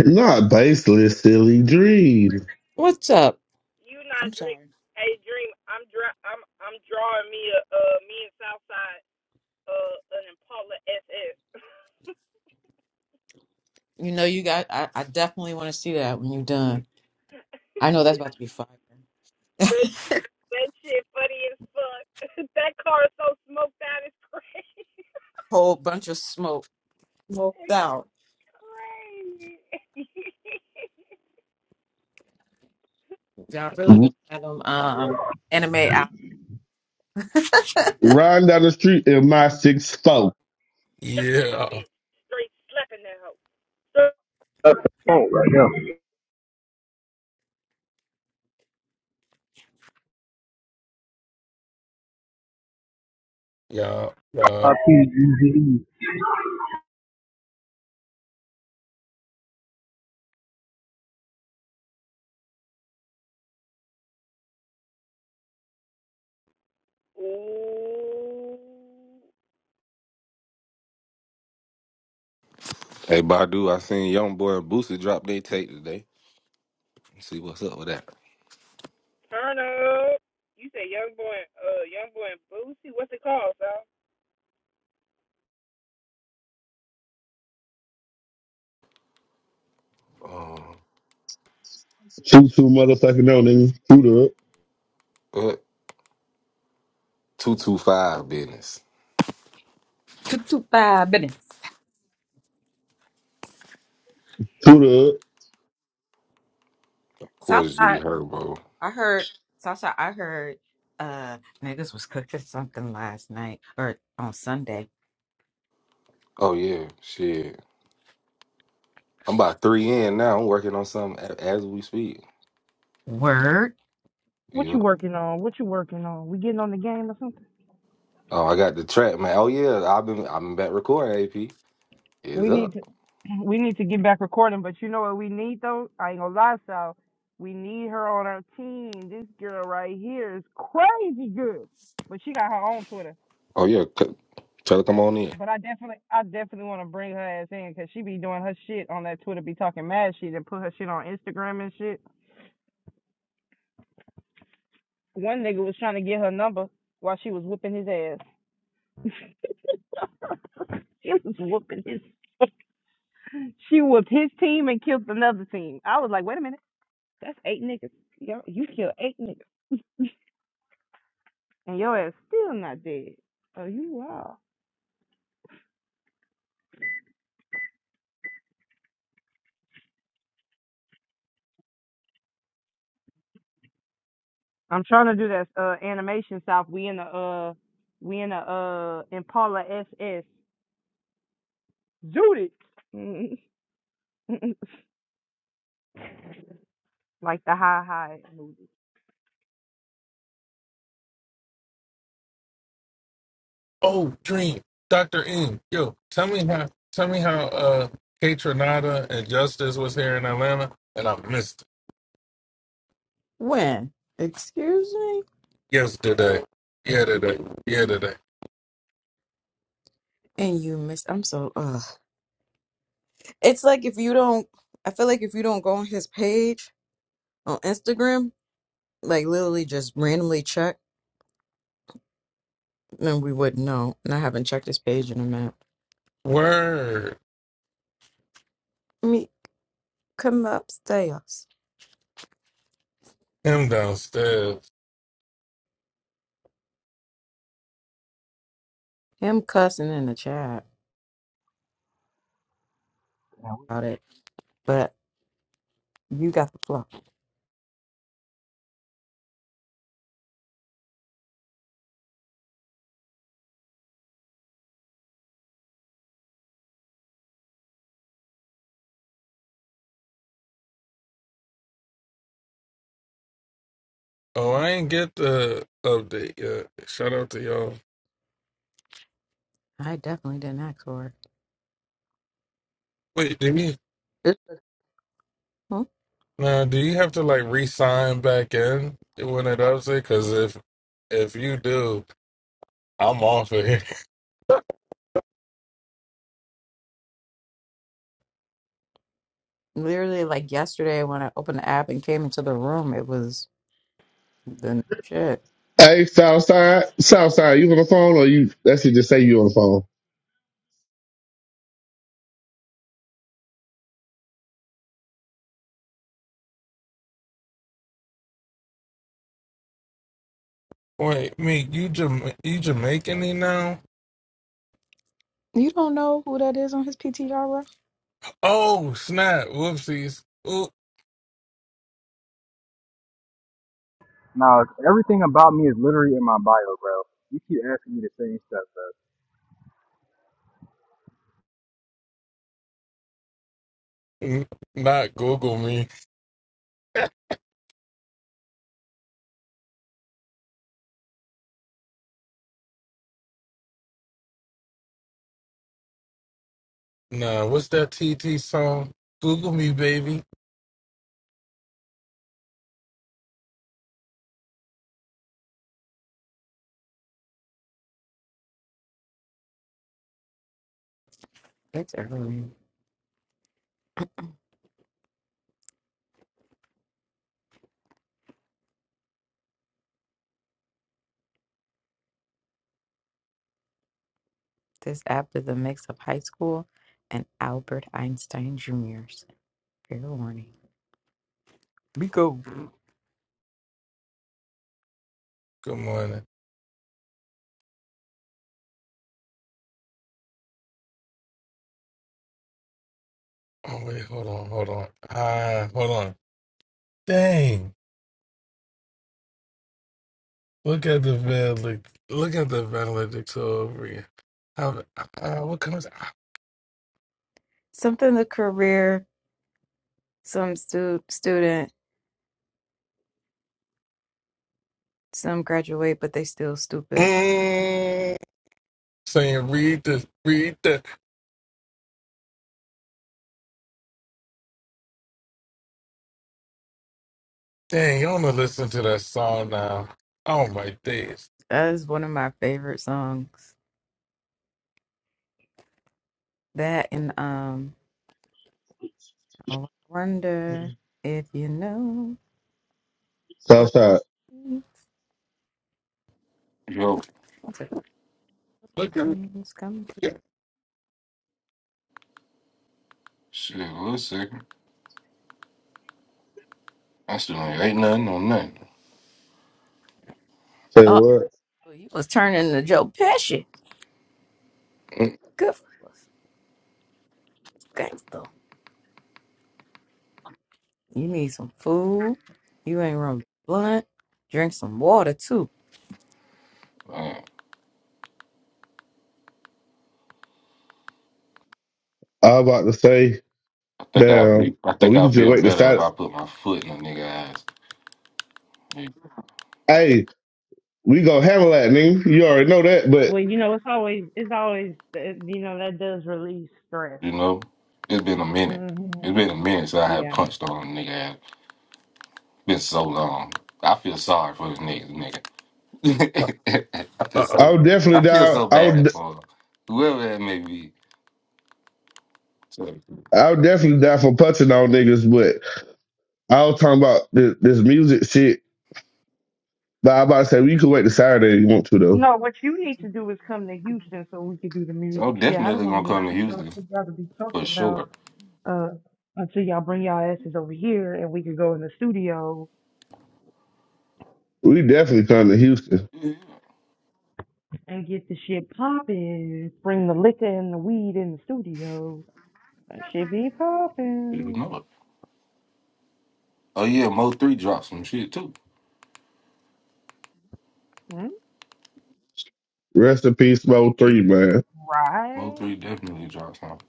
Not baseless, silly dream.
What's up?
you not
I'm
drink
sorry.
hey dream i'm dra- i'm i'm drawing me a uh me and southside uh an impala ss
You know, you got, I, I definitely want to see that when you're done. I know that's about to be fire.
[LAUGHS] that, that shit funny as fuck [LAUGHS] that car is so smoked out it's crazy
Whole bunch of smoke, smoked out.
[LAUGHS] crazy
Y'all really
R-
gonna have them um, anime out.
Riding down the street in my six four.
jocking a
yeah,
bitch straight slapping that hoe so,
That's the phone right now.
yeah, yeah.
I P G Z E.
ooh
Hey Badu, I seen Young Boy and Boosie drop their tape today. Let's see what's up with that.
turn up you say young boy uh young boy and boosie what's it called Sal?
Um,
Shoot two motherfucking on niggas. Shoot up.
uh, two two five business.
Toot toot five minutes.
Shoot up.
Of course, G
Southside,
Herbo.
I heard, Southside, I heard uh niggas was cooking something last night or on Sunday.
Oh yeah, shit. I'm about three in now. I'm working on something a- as we speak.
Word?
What you
Yeah.
working on? What you working on? We getting on the game or something?
Oh, I got the track, man. Oh yeah, I've been I've been back recording. AP It's
We need
up.
to [CLEARS THROAT] we need to get back recording, but you know what we need though? I ain't gonna lie, Sal. We need her on our team. This girl right here is crazy good. But she got her own Twitter.
Oh yeah, c- tell her come on in.
But I definitely I definitely wanna bring her ass in because she be doing her shit on that Twitter, be talking mad shit and put her shit on Instagram and shit. One nigga was trying to get her number while she was whooping his ass. [LAUGHS] she was whooping his [LAUGHS] she whooped his team and killed another team. I was like, wait a minute, that's eight niggas. Yo, you killed eight niggas. and your ass still not dead. Oh, you are. I'm trying to do that uh animation south. We in the uh we in the uh Impala SS. Judy, [LAUGHS] like the high high movie.
Oh, Dream, Doctor M, yo, tell me how, tell me how, uh, Kate Renata and Justice was here in Atlanta, and I missed
When? Excuse me?
it yesterday. Yeah, today. Yeah, today.
And you miss. I'm so. Ugh. It's like if you don't. I feel like if you don't go on his page on Instagram, like literally just randomly check, then we would know. And I haven't checked his page in a minute.
Word.
Me come upstairs.
Him downstairs.
Him cussing in the chat about it, but you got the flow.
Oh, I ain't get the update yet. Shout out to y'all.
I definitely didn't ask for
Wait, do you
it. It's-
now? Do you have to like re-sign back in when it updates? Because if if you do, I'm off of here.
literally like yesterday when I opened the app and came into the room, it was the n- shit.
Hey, Southside, Southside, you on the phone or you? That should just say you on the phone.
[LAUGHS] Wait, me, you Jama- you Jamaican now?
You don't know who that is on his PTR, bro?
Oh snap! Whoopsies. Oop.
Now, everything about me is literally in my bio, bro. You keep asking me the same stuff.
N- Not Google me. Nah, what's that TT song? Google me, baby.
It's early. This app is a mix of high school and Albert Einstein Jr.'s. Fair warning. Miko.
Good morning. Oh wait, hold on, hold on. Ah, hold on. Dang! Look at the valedict. Look at the valedicts over here. How? Uh, what comes?
Something the career, some stu- student, some graduate, but they still stupid.
Mm, saying read the read the. Dang! I want to listen to that song now. Oh my days!
That is one of my favorite songs. That and um, I wonder if you know what.
Southside,
Yo,
Look at.
It's coming.
shit. One second. I still ain't ain't nothing on nothing.
say
Oh,
what?
you was turning to Joe Pesci.
Man,
Good for us. Gangster. You need some food. You ain't run blunt. Drink some water, too.
I
I'm about to say
think I'll
damn.
be. I
Or
think
we could
I'll
just
feel
wait to
better if
start.
I put my foot in a nigga ass.
Hey, we gonna handle that, nigga. You already know that,
Well,
but
you know, it's always it's always uh, you know that does release stress.
You know, it's been a minute.
mm hmm
It's been a minute since I had
Yeah.
punched on a nigga ass. Been so long. I feel sorry for this nigga.
Uh
Nigga, [LAUGHS] I feel
oh.
so.
I'll definitely
I feel
down.
so
I'll
bad for whoever that may be. So
I'll definitely down for punching on niggas, but I was talking about this, this music shit. But I about to say, well, you could wait to Saturday if you want to, though.
No, what you need to do is come to Houston so we can do the music
I'm
shit. I don't
definitely
want to
gonna
hear
come to
shit y'all
Houston
two gotta be
for
talking about
sure.
uh until y'all bring y'all asses over here and we can go in the studio
We definitely come to Houston.
Yeah, you know it. Oh yeah, Mo three dropped some shit too.
Rest in peace, Mo
It-
Three, man.
Mo three definitely dropped some.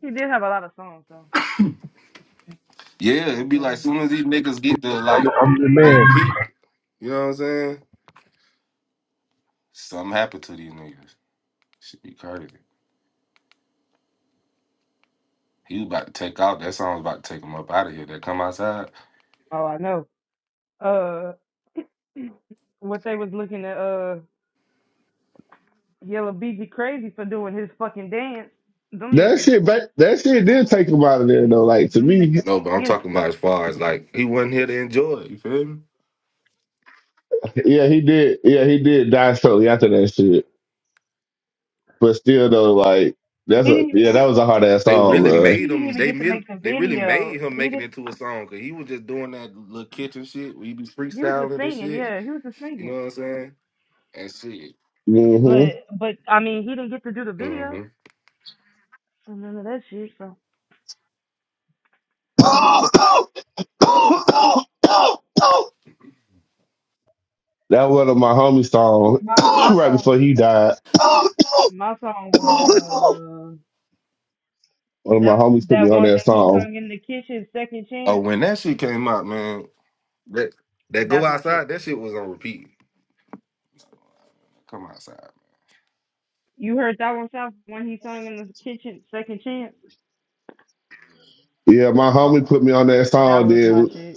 He did have a lot of songs, though.
Yeah,
You know what I'm
it'd be like
saying?
soon as these niggas get to like
I'm, I'm the
they
man.
peak. You know what I'm saying? Something happened to these niggas. Shit be crazy. He was about to take out. That song was about to take him up out of here. They come outside.
Oh, I know. Uh, what they was looking at, uh, Yellow BG Crazy for doing his fucking dance. Them
That
niggas,
shit, ba- that shit did take him out of there though. Like to
them
me,
niggas
No, but
don't
I'm
get.
talking about as far as like he wasn't here to enjoy it. You feel me?
yeah, he did. Yeah, he did die shortly after that shit. But still, though, like that's
He
a
didn't even.
yeah, that
He,
was a hard ass
They really
song,
he
made
didn't
him.
even
They
get to
mil-
make the
they really
video.
made him
He
make it
did.
into a song because he was just doing that little kitchen shit where he be
He was just
freestyling and
singing.
shit.
Yeah, he was just
You know
singing.
what I'm saying? And shit.
man.
But but I mean, he didn't get to do the video.
hmm
So none of that shit. So
hmm [COUGHS] that one of my homies song
my my
[COUGHS] right
song,
before he died. [COUGHS]
my song
one
was
of
uh
my
that
homies put me
that
on
one
that
that he
song.
sung in the kitchen, Second
Oh,
Chance.
when that shit came out, man, that that go
That's my shit.
outside, that shit was on repeat. Come outside.
You heard that one, South, when he sung in the kitchen, Second Chance?
Yeah, my
Uh.
homie
Uh.
put me on that
That
song.
was my
Then
shit.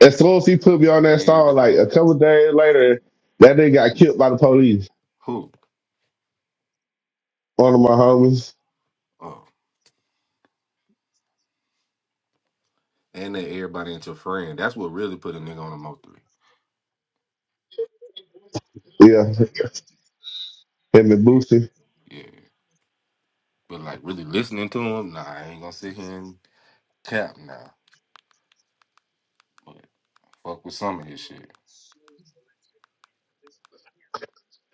as soon as he put me on that
and
song, like
uh,
a couple days later, that nigga got killed by the police.
who?
One of my homies.
Oh, and that everybody and your friend. That's what really put a nigga on a Mo three.
Yeah, him and Boosie.
Yeah, but like really listening to him, nah, I ain't gonna sit here and cap now. But fuck with some of his shit.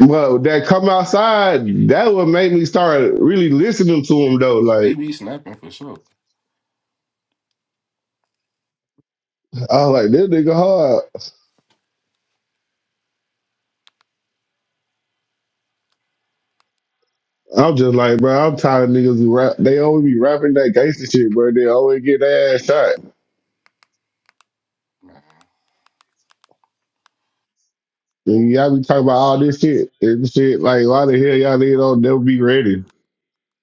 Well, that come outside, that would make me start really listening to him though.
He
Like
be snapping for sure.
I was like, this nigga hard. I'm just like, bro, I'm tired of niggas who rap. They always be rapping that gangster shit, bro. They always get their ass shot.
man.
And y'all be talking about all this shit and shit. Like, why the hell y'all niggas don't never be ready?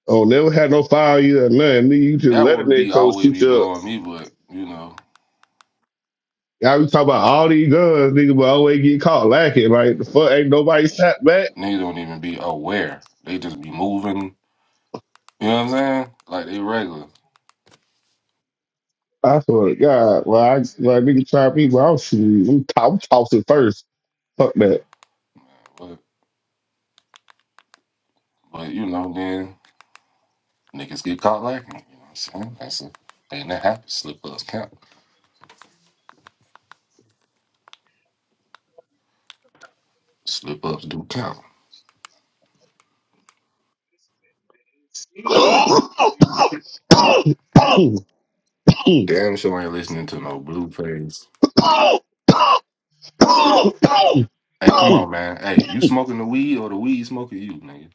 Oh, never had no fire you or nothing. Nigga, you just
That
let a
would
nigga
be
come
always
shoot
be
you up.
blowing me, but you know,
Y'all be talking about all these guns, nigga, but always get caught lacking. Like, the fuck, ain't nobody shot back.
niggas don't even be aware. They just be moving. You know what I'm saying? Like they regular.
I swear to God, well, I like nigga try people. I'm shooting. I'm, t- I'm tossing first. Fuck that.
But but you know, then niggas get caught lacking. You know what I'm saying? That's a thing that happens. Slip ups count. Slip ups do count.
[COUGHS]
Damn sure ain't listening to no Blueface.
Boom, boom, boom, boom,
Hey, come on,
boom.
man. Hey, you smoking the weed or the weed smoking you, nigga?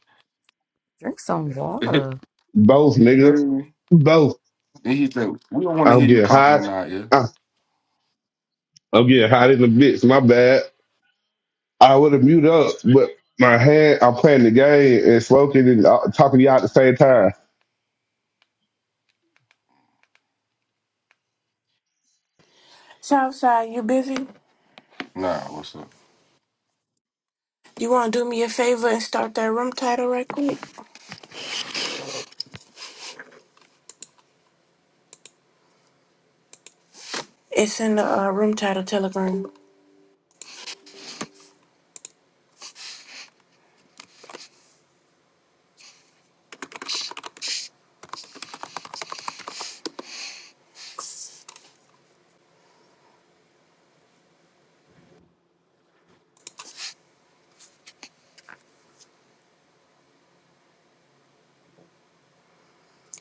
Drink some
[LAUGHS]
water.
Both,
you
nigga.
feel me?
Both.
Then he said, we don't want to
I'll
hear you
get
coughing
hot.
in our ear.
I- I'll get hot in the bitch. My bad. I would have mute up, but my hand, I'm playing the game and smoking and uh, talking to y'all at the same time.
Southside, you busy?
Nah, what's up?
You want to do me a favor and start that room title right quick? It's in the uh, room title telegram.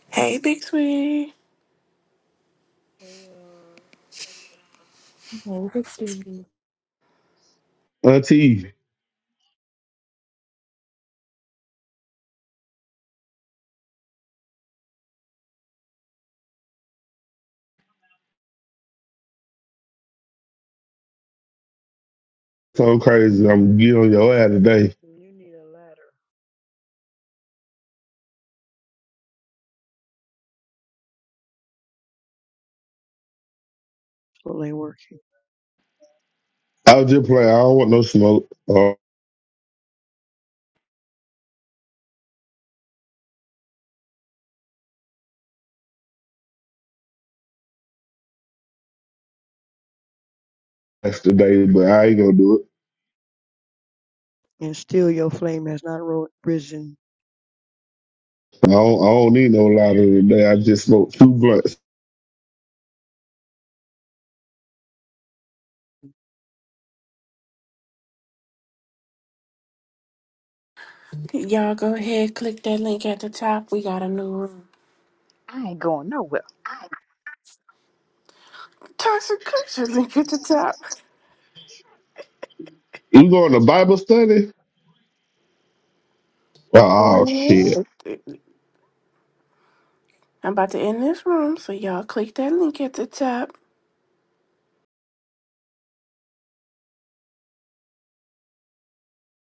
Hey, Big Sweet.
Hey, uh,
Over, sweetie.
Auntie, so crazy. I'm getting on your ass today.
you need a ladder. Still ain't working.
I'll just play. I don't want no smoke uh, today, but I ain't gonna do it.
And still your flame has not ro- risen.
I don't, I don't need no louder today. I just smoked two blunts.
Y'all go ahead, click that link at the top. We got a new room.
I ain't going nowhere.
Toxic culture link at the top.
You going to Bible study? Oh,
I'm
shit.
about to end this room, so y'all click that link at the top.